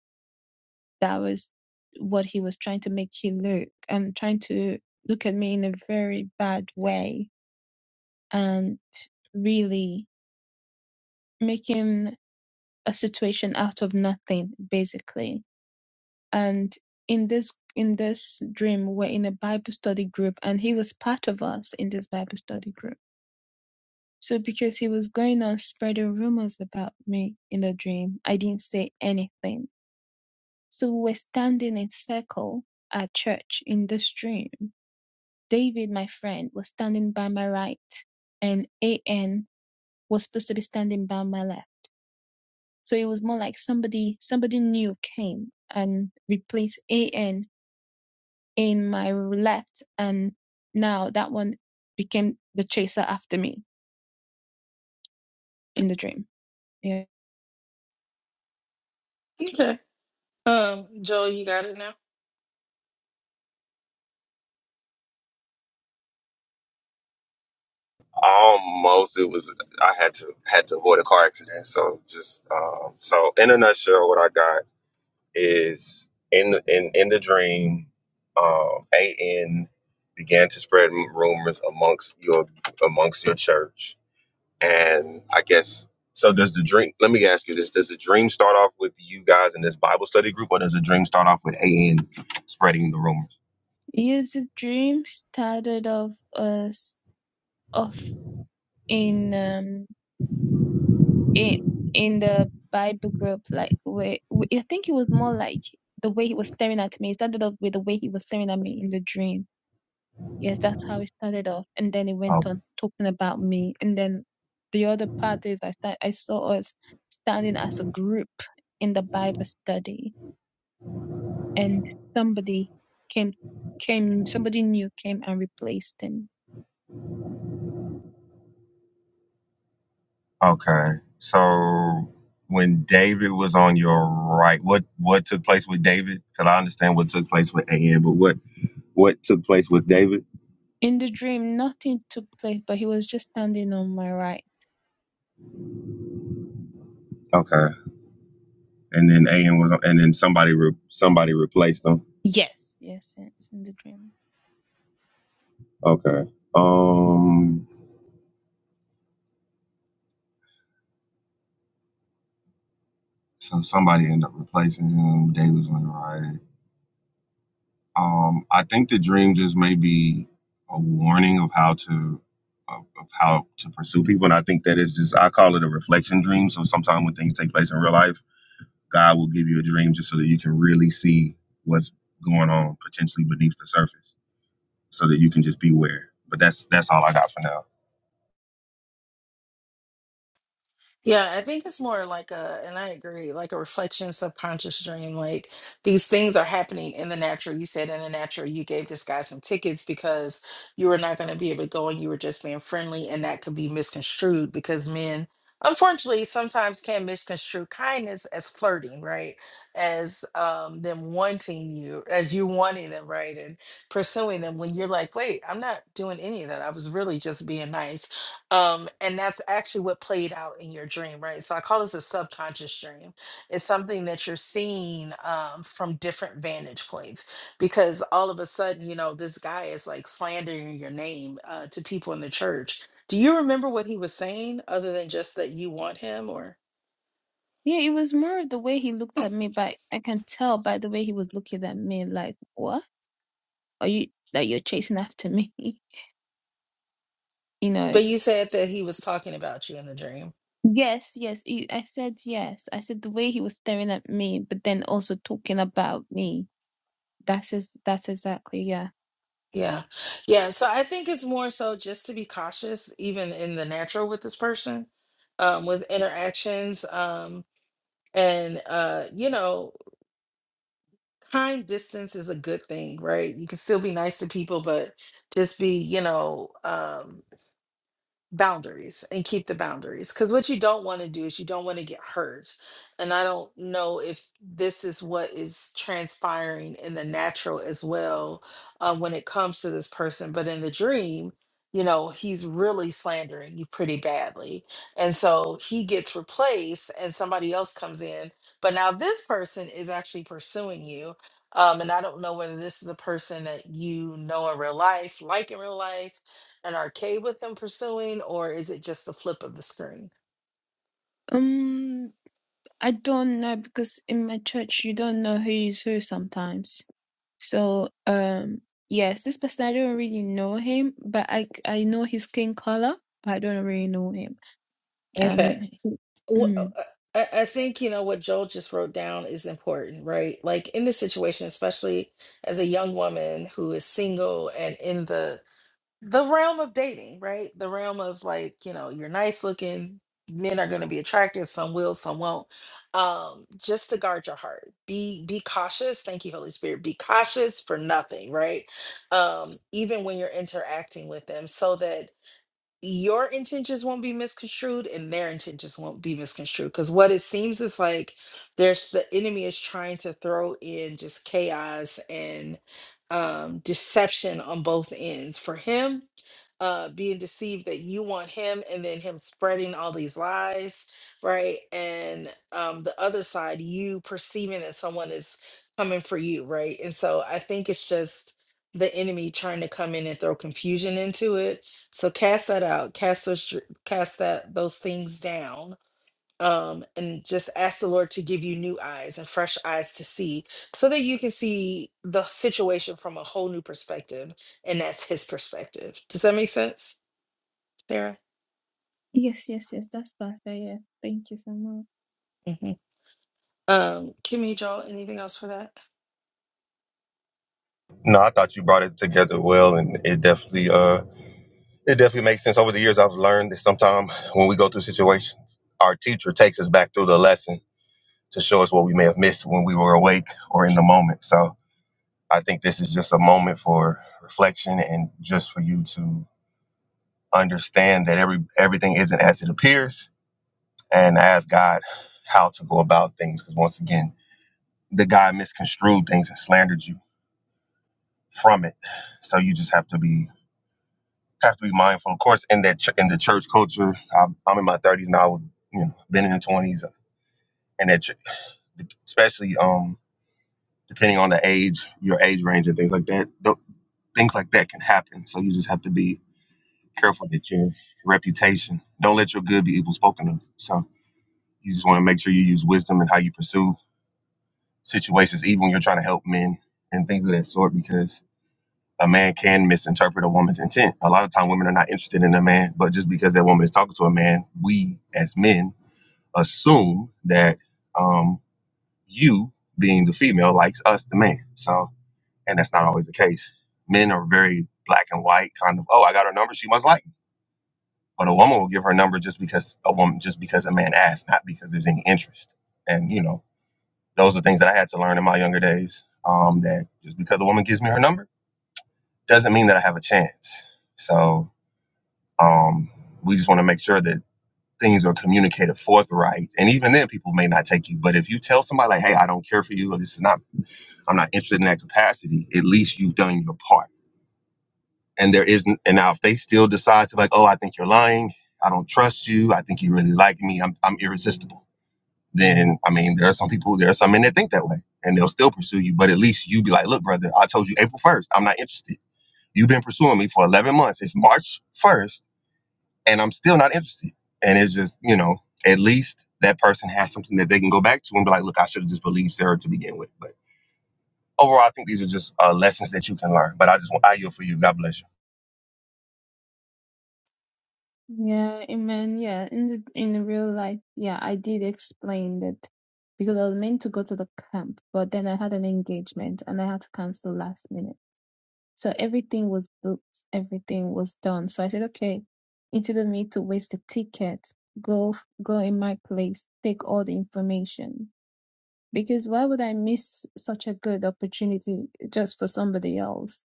[SPEAKER 8] that was what he was trying to make you look and trying to look at me in a very bad way and really making a situation out of nothing basically and in this in this dream we're in a bible study group and he was part of us in this bible study group so because he was going on spreading rumors about me in the dream i didn't say anything so we were standing in circle at church in this dream david my friend was standing by my right and an was supposed to be standing by my left so it was more like somebody somebody new came and replaced an in my left, and now that one became the chaser after me in the dream. Yeah.
[SPEAKER 1] Okay. Um, Joel, you got it now.
[SPEAKER 4] Almost, it was. I had to had to avoid a car accident. So just um, so in a nutshell, what I got is in the in in the dream, um, An began to spread rumors amongst your amongst your church, and I guess so. Does the dream? Let me ask you this: Does the dream start off with you guys in this Bible study group, or does the dream start off with An spreading the rumors?
[SPEAKER 8] Yes, the dream started off us off in um in in the Bible group, like where I think it was more like the way he was staring at me. It started off with the way he was staring at me in the dream Yes, that's how it started off, and then it went on talking about me. And then the other part is I th- I saw us standing as a group in the Bible study, and somebody came came somebody new came and replaced him.
[SPEAKER 4] Okay. So when David was on your right, what what took place with David? Because I understand what took place with An, but what what took place with David?
[SPEAKER 8] In the dream, nothing took place, but he was just standing on my right.
[SPEAKER 4] Okay. And then An was, and then somebody re, somebody replaced him.
[SPEAKER 8] Yes, yes, yes, in the dream.
[SPEAKER 4] Okay. Um. So somebody ended up replacing him. David was on your right. Um. I think the dream just may be a warning of how to. Of of how to pursue people, and I think that is just—I call it a reflection dream. So sometimes when things take place in real life, God will give you a dream just so that you can really see what's going on potentially beneath the surface, so that you can just beware. But that's that's all I got for now.
[SPEAKER 1] Yeah, I think it's more like a, and I agree, like a reflection, subconscious dream. Like these things are happening in the natural. You said in the natural, you gave this guy some tickets because you were not going to be able to go and you were just being friendly. And that could be misconstrued because men, unfortunately, sometimes can misconstrue kindness as flirting, right? As um, them wanting you, as you wanting them, right? And pursuing them when you're like, wait, I'm not doing any of that. I was really just being nice um, and that's actually what played out in your dream, right? So I call this a subconscious dream. It's something that you're seeing um, from different vantage points because all of a sudden, you know, this guy is like slandering your name uh, to people in the church. Do you remember what he was saying other than just that you want him or?
[SPEAKER 8] Yeah, it was more the way he looked at me, but I can tell by the way he was looking at me, like, what are you that you're chasing after me? You know,
[SPEAKER 1] But you said that he was talking about you in the dream.
[SPEAKER 8] Yes, yes. He, I said yes. I said the way he was staring at me, but then also talking about me. That's is that's exactly yeah.
[SPEAKER 1] Yeah. Yeah. So I think it's more so just to be cautious, even in the natural with this person, um, with interactions. Um, and uh you know kind distance is a good thing right you can still be nice to people but just be you know um boundaries and keep the boundaries because what you don't want to do is you don't want to get hurt and i don't know if this is what is transpiring in the natural as well uh, when it comes to this person but in the dream you know he's really slandering you pretty badly and so he gets replaced and somebody else comes in but now this person is actually pursuing you um, and i don't know whether this is a person that you know in real life like in real life an arcade with them pursuing, or is it just the flip of the screen?
[SPEAKER 8] Um, I don't know because in my church you don't know who is who sometimes. So um, yes, this person I don't really know him, but I I know his skin color, but I don't really know him. Um,
[SPEAKER 1] Okay.
[SPEAKER 8] he-
[SPEAKER 1] Well,
[SPEAKER 8] mm.
[SPEAKER 1] I, I think, you know, what Joel just wrote down is important, right? Like in this situation, especially as a young woman who is single and in the the realm of dating, right? The realm of like, you know, you're nice looking, men are going to be attracted, some will, some won't. Um, just to guard your heart. Be be cautious. Thank you, Holy Spirit. Be cautious for nothing, right? Um, even when you're interacting with them so that your intentions won't be misconstrued and their intentions won't be misconstrued because what it seems is like there's the enemy is trying to throw in just chaos and um deception on both ends for him uh being deceived that you want him and then him spreading all these lies right and um the other side you perceiving that someone is coming for you right and so i think it's just the enemy trying to come in and throw confusion into it so cast that out, cast those, dr- cast that those things down, um, and just ask the Lord to give you new eyes and fresh eyes to see, so that you can see the situation from a whole new perspective, and that's His perspective. Does that make sense, Sarah?
[SPEAKER 8] yes, yes, yes. That's perfect. Yeah. Thank you so much.
[SPEAKER 1] hmm Um, Kimmy, Joel, anything else for that?
[SPEAKER 4] No, I thought you brought it together well, and it definitely uh it definitely makes sense. Over the years, I've learned that sometimes when we go through situations, our teacher takes us back through the lesson to show us what we may have missed when we were awake or in the moment. So I think this is just a moment for reflection and just for you to understand that every everything isn't as it appears and ask God how to go about things. Because once again, the guy misconstrued things and slandered you from it. So you just have to be have to be mindful. Of course, in that ch- in the church culture, I'm, I'm in my 30s now. You know, been in the 20s, and that ch- especially um depending on the age, your age range, and things like that. th- things like that can happen. So you just have to be careful that your reputation. Don't let your good be evil spoken of. So you just want to make sure you use wisdom and how you pursue situations, even when you're trying to help men and things of that sort, because a man can misinterpret a woman's intent. A lot of time, women are not interested in a man, but just because that woman is talking to a man, we as men assume that um, you, being the female, likes us, the man. So, and that's not always the case. Men are very black and white, kind of. Oh, I got her number; she must like. Me. But a woman will give her number just because a woman, just because a man asked, not because there's any interest. And you know, those are things that I had to learn in my younger days. Um, that just because a woman gives me her number doesn't mean that I have a chance. So um, we just want to make sure that things are communicated forthright. And even then, people may not take you. But if you tell somebody like, "Hey, I don't care for you," or "This is not, I'm not interested in that capacity," at least you've done your part. And there isn't. And now, if they still decide to like, "Oh, I think you're lying," I don't trust you. I think you really like me. I'm, I'm irresistible then I mean, there are some people, there are some men that think that way, and they'll still pursue you. But at least you be like, look, brother, I told you April first, I'm not interested. You've been pursuing me for 11 months. It's March 1st, and I'm still not interested. And it's just, you know, at least that person has something that they can go back to and be like, look, I should have just believed Sarah to begin with. But overall, I think these are just uh, lessons that you can learn. But I just want I yield for you. God bless you.
[SPEAKER 8] Yeah, I mean, yeah, in the in the real life, yeah, I did explain that because I was meant to go to the camp, but then I had an engagement and I had to cancel last minute. So everything was booked, everything was done. So I said, okay, instead of me to waste the ticket, go f- go in my place, take all the information because why would I miss such a good opportunity just for somebody else?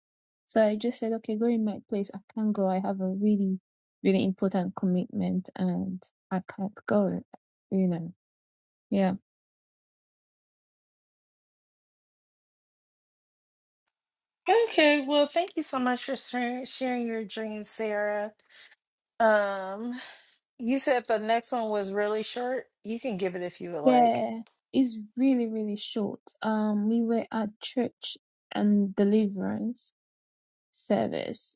[SPEAKER 8] So I just said, okay, go in my place. I can't go. I have a really, really important commitment and I can't go, you know. Yeah.
[SPEAKER 1] Okay, well, thank you so much for sharing, sharing your dreams, Sarah. Um, you said the next one was really short. You can give it if you would like.
[SPEAKER 8] Yeah. It's really, really short. Um, we were at church and deliverance service.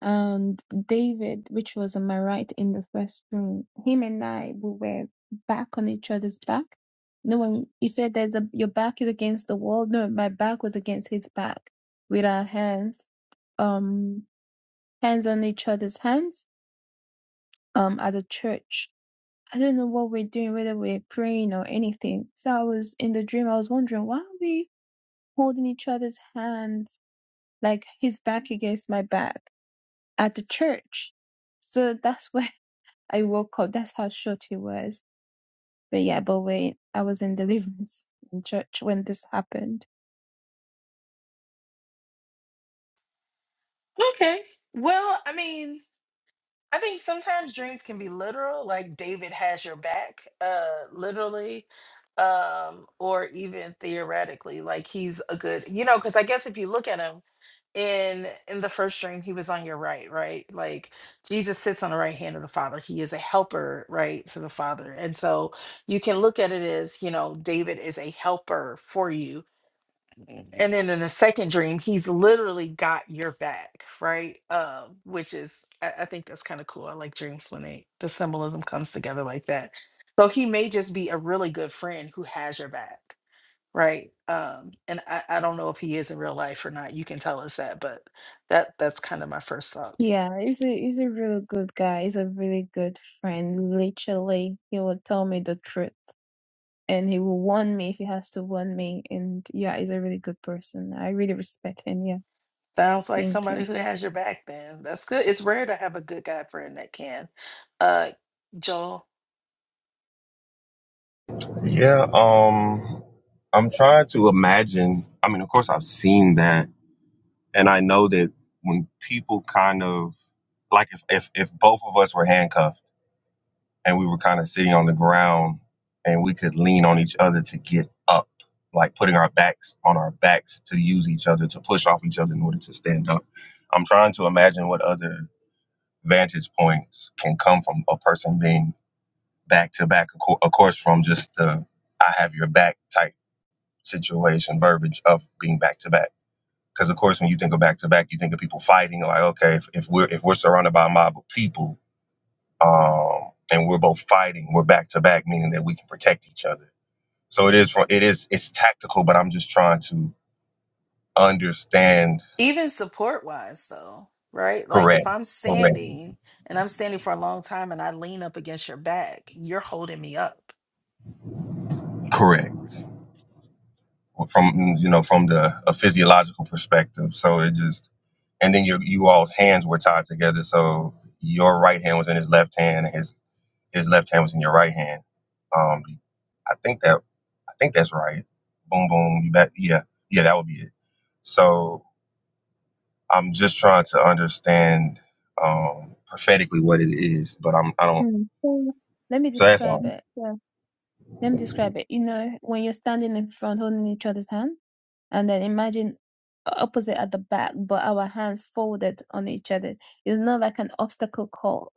[SPEAKER 8] and David, which was on my right in the first room, him and I we were back on each other's back. No one he said there's a your back is against the wall. No, my back was against his back with our hands, um hands on each other's hands, um at the church. I don't know what we're doing, whether we're praying or anything. So I was in the dream, I was wondering why are we holding each other's hands like his back against my back at the church? So that's where I woke up. That's how short it was. But yeah, but wait, I was in deliverance in church when this happened.
[SPEAKER 1] Okay. Well, I mean. I think sometimes dreams can be literal, like David has your back, uh, literally, um, or even theoretically, like he's a good, you know, because I guess if you look at him in in the first dream, he was on your right, right? Like Jesus sits on the right hand of the Father. He is a helper, right, to the Father. And so you can look at it as, you know, David is a helper for you and then in the second dream he's literally got your back right um which is i, I think that's kind of cool i like dreams when they the symbolism comes together like that so he may just be a really good friend who has your back right um and i, I don't know if he is in real life or not you can tell us that but that that's kind of my first thoughts
[SPEAKER 8] Yeah, he's a he's a really good guy. He's a really good friend. Literally, he will tell me the truth, and he will warn me if he has to warn me. And yeah, he's a really good person. I really respect him. Yeah,
[SPEAKER 1] Sounds like
[SPEAKER 8] thank
[SPEAKER 1] somebody
[SPEAKER 8] you.
[SPEAKER 1] who has your back then. That's good. It's rare to have a good guy friend that can. Uh Joel,
[SPEAKER 4] Yeah. Um. I'm trying to imagine. I mean, of course, I've seen that And I know that when people kind of like if if, if both of us were handcuffed and we were kind of sitting on the ground and we could lean on each other to get up, like putting our backs on our backs to use each other to push off each other in order to stand up. I'm trying to imagine what other vantage points can come from a person being back to back, of course, from just the I have your back type situation verbiage of being back to back. Because of course, when you think of back to back, you think of people fighting. Like, okay, if, if we're if we're surrounded by a mob of people, um, and we're both fighting, we're back to back, meaning that we can protect each other. So it is from it is it's tactical, but I'm just trying to understand.
[SPEAKER 1] even support wise though, right? Like if
[SPEAKER 4] Correct.
[SPEAKER 1] I'm
[SPEAKER 4] Correct.
[SPEAKER 1] standing and I'm standing for a long time and I lean up against your back, you're holding me up.
[SPEAKER 4] Correct. From you know from the a physiological perspective. So it just and then your you all's hands were tied together, so your right hand was in his left hand, and his his left hand was in your right hand. Um, I think that I think that's right. Boom, boom. You bet. Yeah, yeah, that would be it. So I'm just trying to understand um, prophetically what it is, but I'm I don't.
[SPEAKER 8] Mm. So, Let me
[SPEAKER 4] So that's all.
[SPEAKER 8] describe it. Yeah, let me describe it. You know, when you're standing in front, holding each other's hand and then imagine opposite at the back, but our hands folded on each other. It's not like an obstacle court.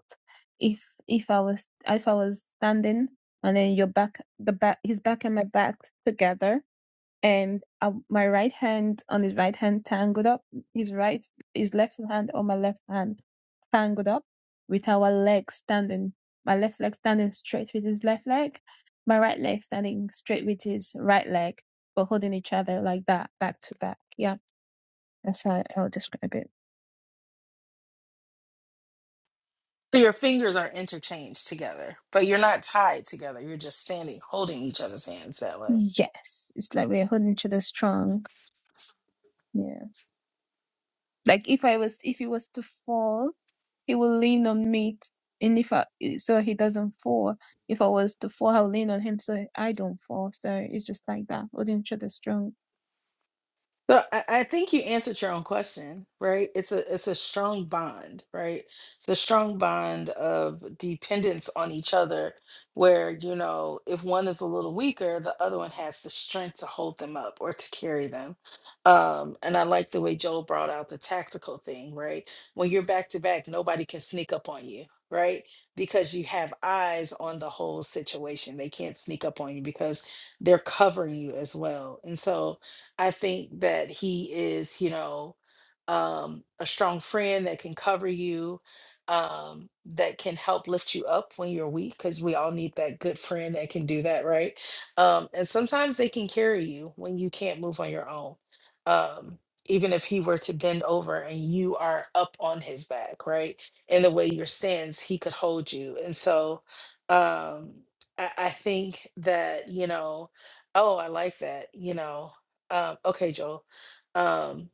[SPEAKER 8] If if I was if I was standing and then your back the back his back and my back together and uh, my right hand on his right hand tangled up, his right, his left hand on my left hand tangled up, with our legs standing, my left leg standing straight with his left leg, my right leg standing straight with his right leg, but holding each other like that, back to back. Yeah, that's how I'll describe it.
[SPEAKER 1] So your fingers are interchanged together, but you're not tied together. You're just standing holding each other's hands that way.
[SPEAKER 8] Yes, it's like we're holding each other strong. Yeah, like if I was, if he was to fall He will lean on me, t- and if I, so he doesn't fall. If I was to fall, I'll lean on him so I don't fall. So it's just like that. Holding each other strong.
[SPEAKER 1] So I, I think you answered your own question, right? It's a it's a strong bond, right? It's a strong bond of dependence on each other, where you know if one is a little weaker, the other one has the strength to hold them up or to carry them. Um, and I like the way Joel brought out the tactical thing, right? When you're back to back, nobody can sneak up on you, right? Because you have eyes on the whole situation. They can't sneak up on you because they're covering you as well. And so I think that he is, you know, um, a strong friend that can cover you, um, that can help lift you up when you're weak, because we all need that good friend that can do that, right? Um, and sometimes they can carry you when you can't move on your own. Um, even if he were to bend over and you are up on his back, right? In the way your stands, he could hold you. And so um, I, I think that, you know, oh, I like that, you know. Um, okay, Joel. Um,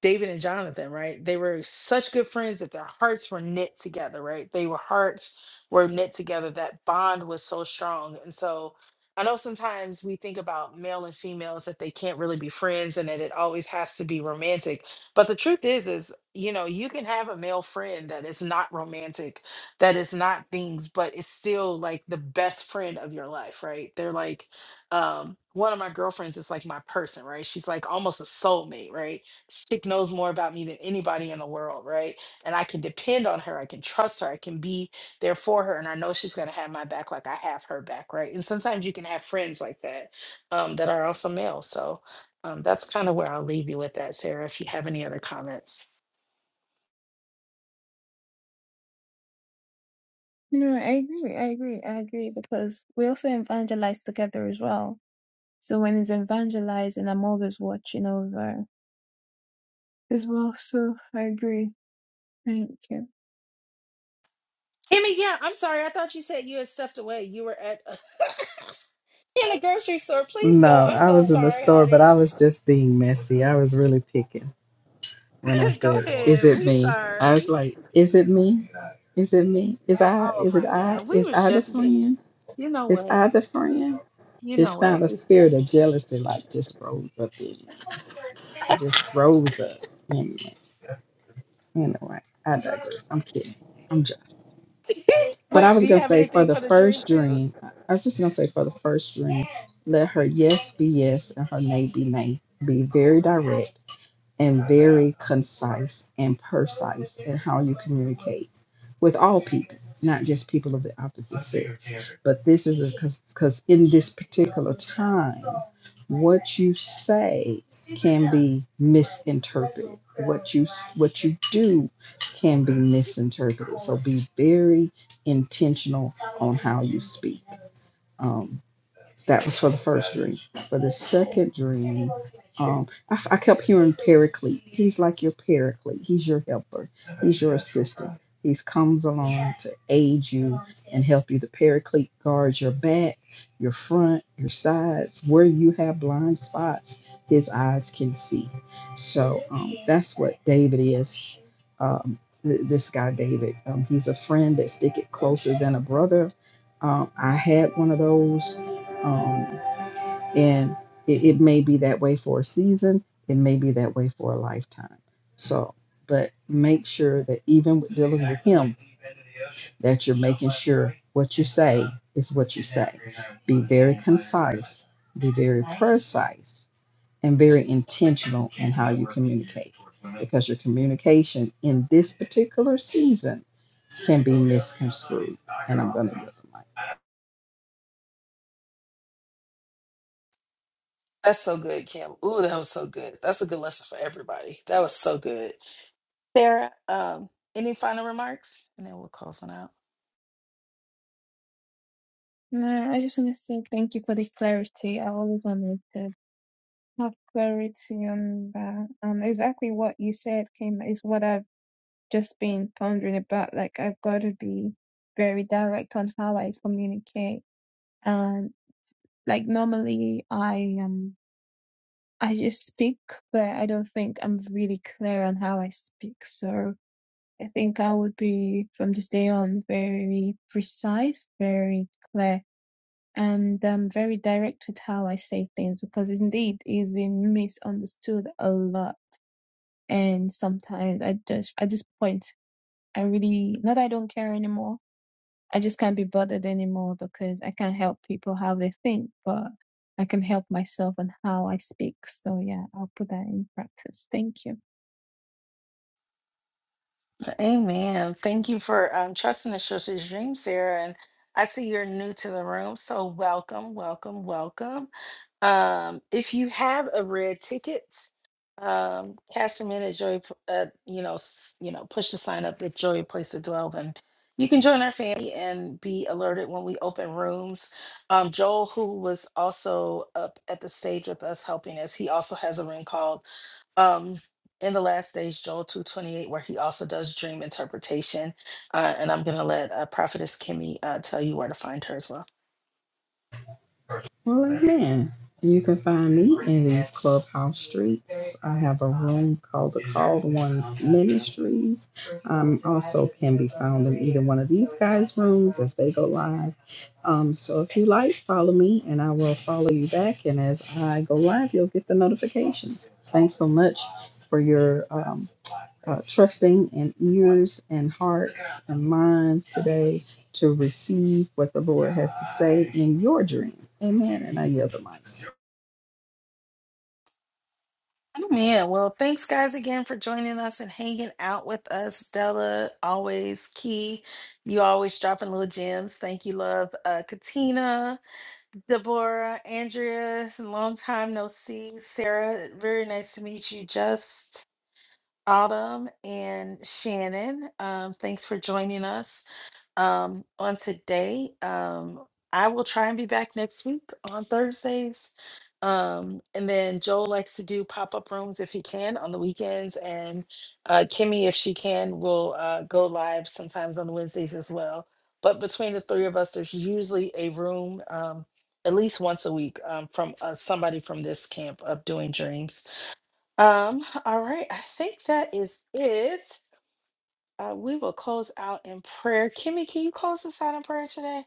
[SPEAKER 1] David and Jonathan, right? They were such good friends that their hearts were knit together, right? They were hearts were knit together. That bond was so strong. And so I know sometimes we think about male and females that they can't really be friends and that it always has to be romantic. But the truth is, is, you know, you can have a male friend that is not romantic, that is not things, but it's still like the best friend of your life, right? They're like, um, one of my girlfriends is like my person, right? She's like almost a soulmate, right? Stick knows more about me than anybody in the world, right? And I can depend on her. I can trust her. I can be there for her. And I know she's going to have my back like I have her back, right? And sometimes you can have friends like that um, that are also male. So um, that's kind of where I'll leave you with that, Sarah, if you have any other comments.
[SPEAKER 8] No, I agree. I agree. I agree because we also evangelize together as well. So when it's evangelizing, I'm always watching over as well. So I agree. Thank you.
[SPEAKER 1] Kimmy, yeah, I'm sorry. I thought you said you had stepped away. You were at in the grocery store. Please go.
[SPEAKER 2] No,
[SPEAKER 1] I'm
[SPEAKER 2] I
[SPEAKER 1] so
[SPEAKER 2] was in the
[SPEAKER 1] sorry,
[SPEAKER 2] store, but I
[SPEAKER 1] honey.
[SPEAKER 2] was just being messy. I was really picking. when I
[SPEAKER 1] go
[SPEAKER 2] said, "Is
[SPEAKER 1] ahead.
[SPEAKER 2] it
[SPEAKER 1] We
[SPEAKER 2] me?" I was
[SPEAKER 1] sorry.
[SPEAKER 2] like, "Is it me? Is it me? Is I?
[SPEAKER 1] Oh
[SPEAKER 2] Is it
[SPEAKER 1] my
[SPEAKER 2] I?
[SPEAKER 1] God. We
[SPEAKER 2] Is
[SPEAKER 1] was
[SPEAKER 2] I the
[SPEAKER 1] just being,
[SPEAKER 2] friend?
[SPEAKER 1] you know
[SPEAKER 2] Is
[SPEAKER 1] what?
[SPEAKER 2] I the friend?"
[SPEAKER 1] You know
[SPEAKER 2] It's not
[SPEAKER 1] what?
[SPEAKER 2] a
[SPEAKER 1] We
[SPEAKER 2] spirit of jealousy like just rose up in me. It just rose up in me. Anyway, I digress. I'm kidding. I'm jo- but I
[SPEAKER 1] wait. Do
[SPEAKER 2] was
[SPEAKER 1] you
[SPEAKER 2] gonna
[SPEAKER 1] have
[SPEAKER 2] say for
[SPEAKER 1] anything
[SPEAKER 2] the
[SPEAKER 1] for the dream
[SPEAKER 2] first
[SPEAKER 1] too?
[SPEAKER 2] dream, I was just gonna say for the first dream, let her yes be yes and her nay be nay. Be very direct and very concise and precise in how you communicate with all people of the opposite sex. But this is because it to say men in church very intentional um dream. I find your paraclete. He's your helper. He's your he comes along to aid you, help you. The paraclete guards your back, your front, your sides, where you have blind spots, his eyes can see. So. um, th- this guy David. Um, he's a friend that stick it closer than a brother. Um, I had one of those, um, and it, it may be that way for a season. It may be that way for a lifetime. So, but make sure that even with dealing with him, that you're making sure what you say is what you say. Be very concise. Be very precise and very intentional in how you communicate because your communication in this particular season can be misconstrued. And I'm going to get the mic.
[SPEAKER 1] That's so good, Kim. Ooh, that was so good. That's a good lesson for everybody. That was so good. Sarah, um, any final remarks? And then we'll close on out.
[SPEAKER 8] No, I just want to say thank you for the clarity. I always wanted to have clarity on that. Um, exactly what you said came is what I've just been pondering about like I've got to be very direct on how I communicate. And like normally I um I just speak, but I don't think I'm really clear on how I speak. So I think I would be from this day on very precise, very clear, and um very direct with how I say things because indeed it's been misunderstood a lot. And sometimes I just I just point. I really not that I don't care anymore I just can't be bothered anymore because I can't help people how they think, but I can help myself and how I speak. So yeah, I'll put that in practice. Thank you.
[SPEAKER 1] Amen. Thank you for um, trusting the church's dream, Sarah. And I see you're new to the room, so welcome, welcome, welcome. Um, if you have a red ticket, um, cash them in at Joy. P- Uh, you know, s- you know, push the sign up at Joy Place to Dwell, and you can join our family and be alerted when we open rooms. Um, Joel, who was also up at the stage with us helping us, he also has a room called um in the last days joel 228 where he also does dream interpretation uh, and i'm gonna let uh, prophetess kimmy uh, tell you where to find her as well
[SPEAKER 2] Well, again, you can find me in these clubhouse streets. I have a room called the Called One Trees. So if you like, follow me and I will follow you back. And as I go live, you'll get the note for your uh, trusting and ears and hearts and minds today to receive what the Lord has to say in your dream. Amen. And I yield the mic.
[SPEAKER 1] oh man well thanks guys again for joining us and hanging out with us della always key you always dropping little gems thank you love uh, katina deborah andrea long time no see sarah very nice to meet you just autumn and shannon um, thanks for joining us um, on today. Um, I will try and be back next week on Thursdays. Um, and then Joel likes to do pop up rooms if he can on the weekends. And uh, Kimmy, if she can, will uh, go live sometimes on Wednesdays as well. But between the three of us, there's usually a room um, at least once a week um, from uh, somebody from this camp of doing dreams. Um, all right, I think that is it. Uh, we will close out in prayer. Kimmy, can you close us out in prayer today?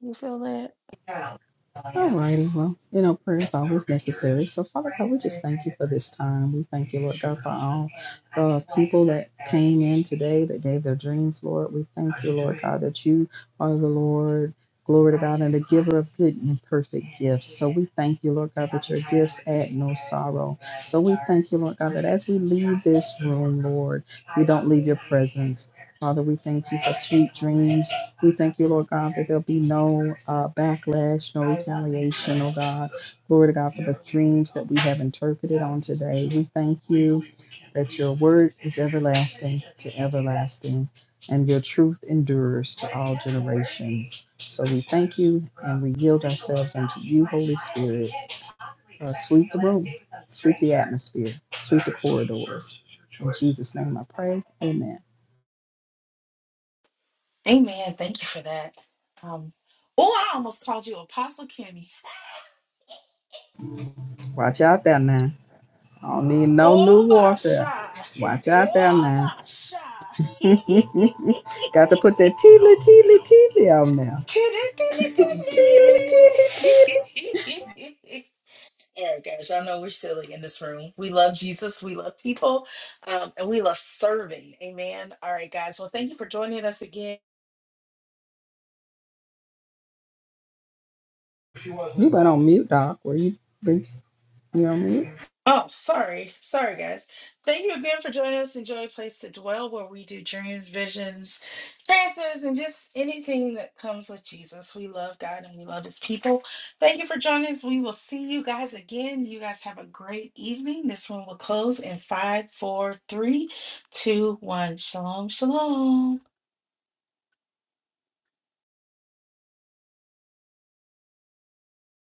[SPEAKER 1] You feel that?
[SPEAKER 2] All righty. Well, you know, prayer is always necessary. So, Father God, thank you for this time. We thank you, Lord God, today that gave their dreams, Lord. We thank you, Lord God, that you are the Lord. Glory to God and the giver of good and perfect gifts. So we thank you, Lord God, that your gifts add no sorrow, no Lord, presence. Father, we thank you for backlash, no God. Glory to God for the dreams that we have interpreted on today. We thank you. that your word is everlasting, everlasting, and your truth endures to all generations. So we thank you and we yield unto you, holy atmosphere, sweep the corridors. In Jesus' name I pray. Amen.
[SPEAKER 1] Amen. Thank you for that. Um, oh, I almost called you Apostle Kimmy.
[SPEAKER 2] Watch out there now. I don't need no new
[SPEAKER 1] Oh, my
[SPEAKER 2] warfare.
[SPEAKER 1] shy.
[SPEAKER 2] Watch out there
[SPEAKER 1] Oh,
[SPEAKER 2] now.
[SPEAKER 1] my shy.
[SPEAKER 2] Got to put that teely, teely, teely on now. Teely, teely, teely.
[SPEAKER 1] All right, guys, y'all know we're silly in this room. We love Jesus, we love people, um, and we love serving. Amen. All right, guys. Well, thank you for joining us again.
[SPEAKER 2] You went on mute, Doc. Were you, were you on mute?
[SPEAKER 1] Oh, sorry. Sorry, guys. Thank you again for joining us. Enjoy a place to dwell where we do dreams, visions, trances, and just anything that comes with Jesus. We love God and we love his people. Thank you for joining us. We will see you guys again. You guys have a great evening. This one will close in five, four, three, two, one. Shalom, shalom.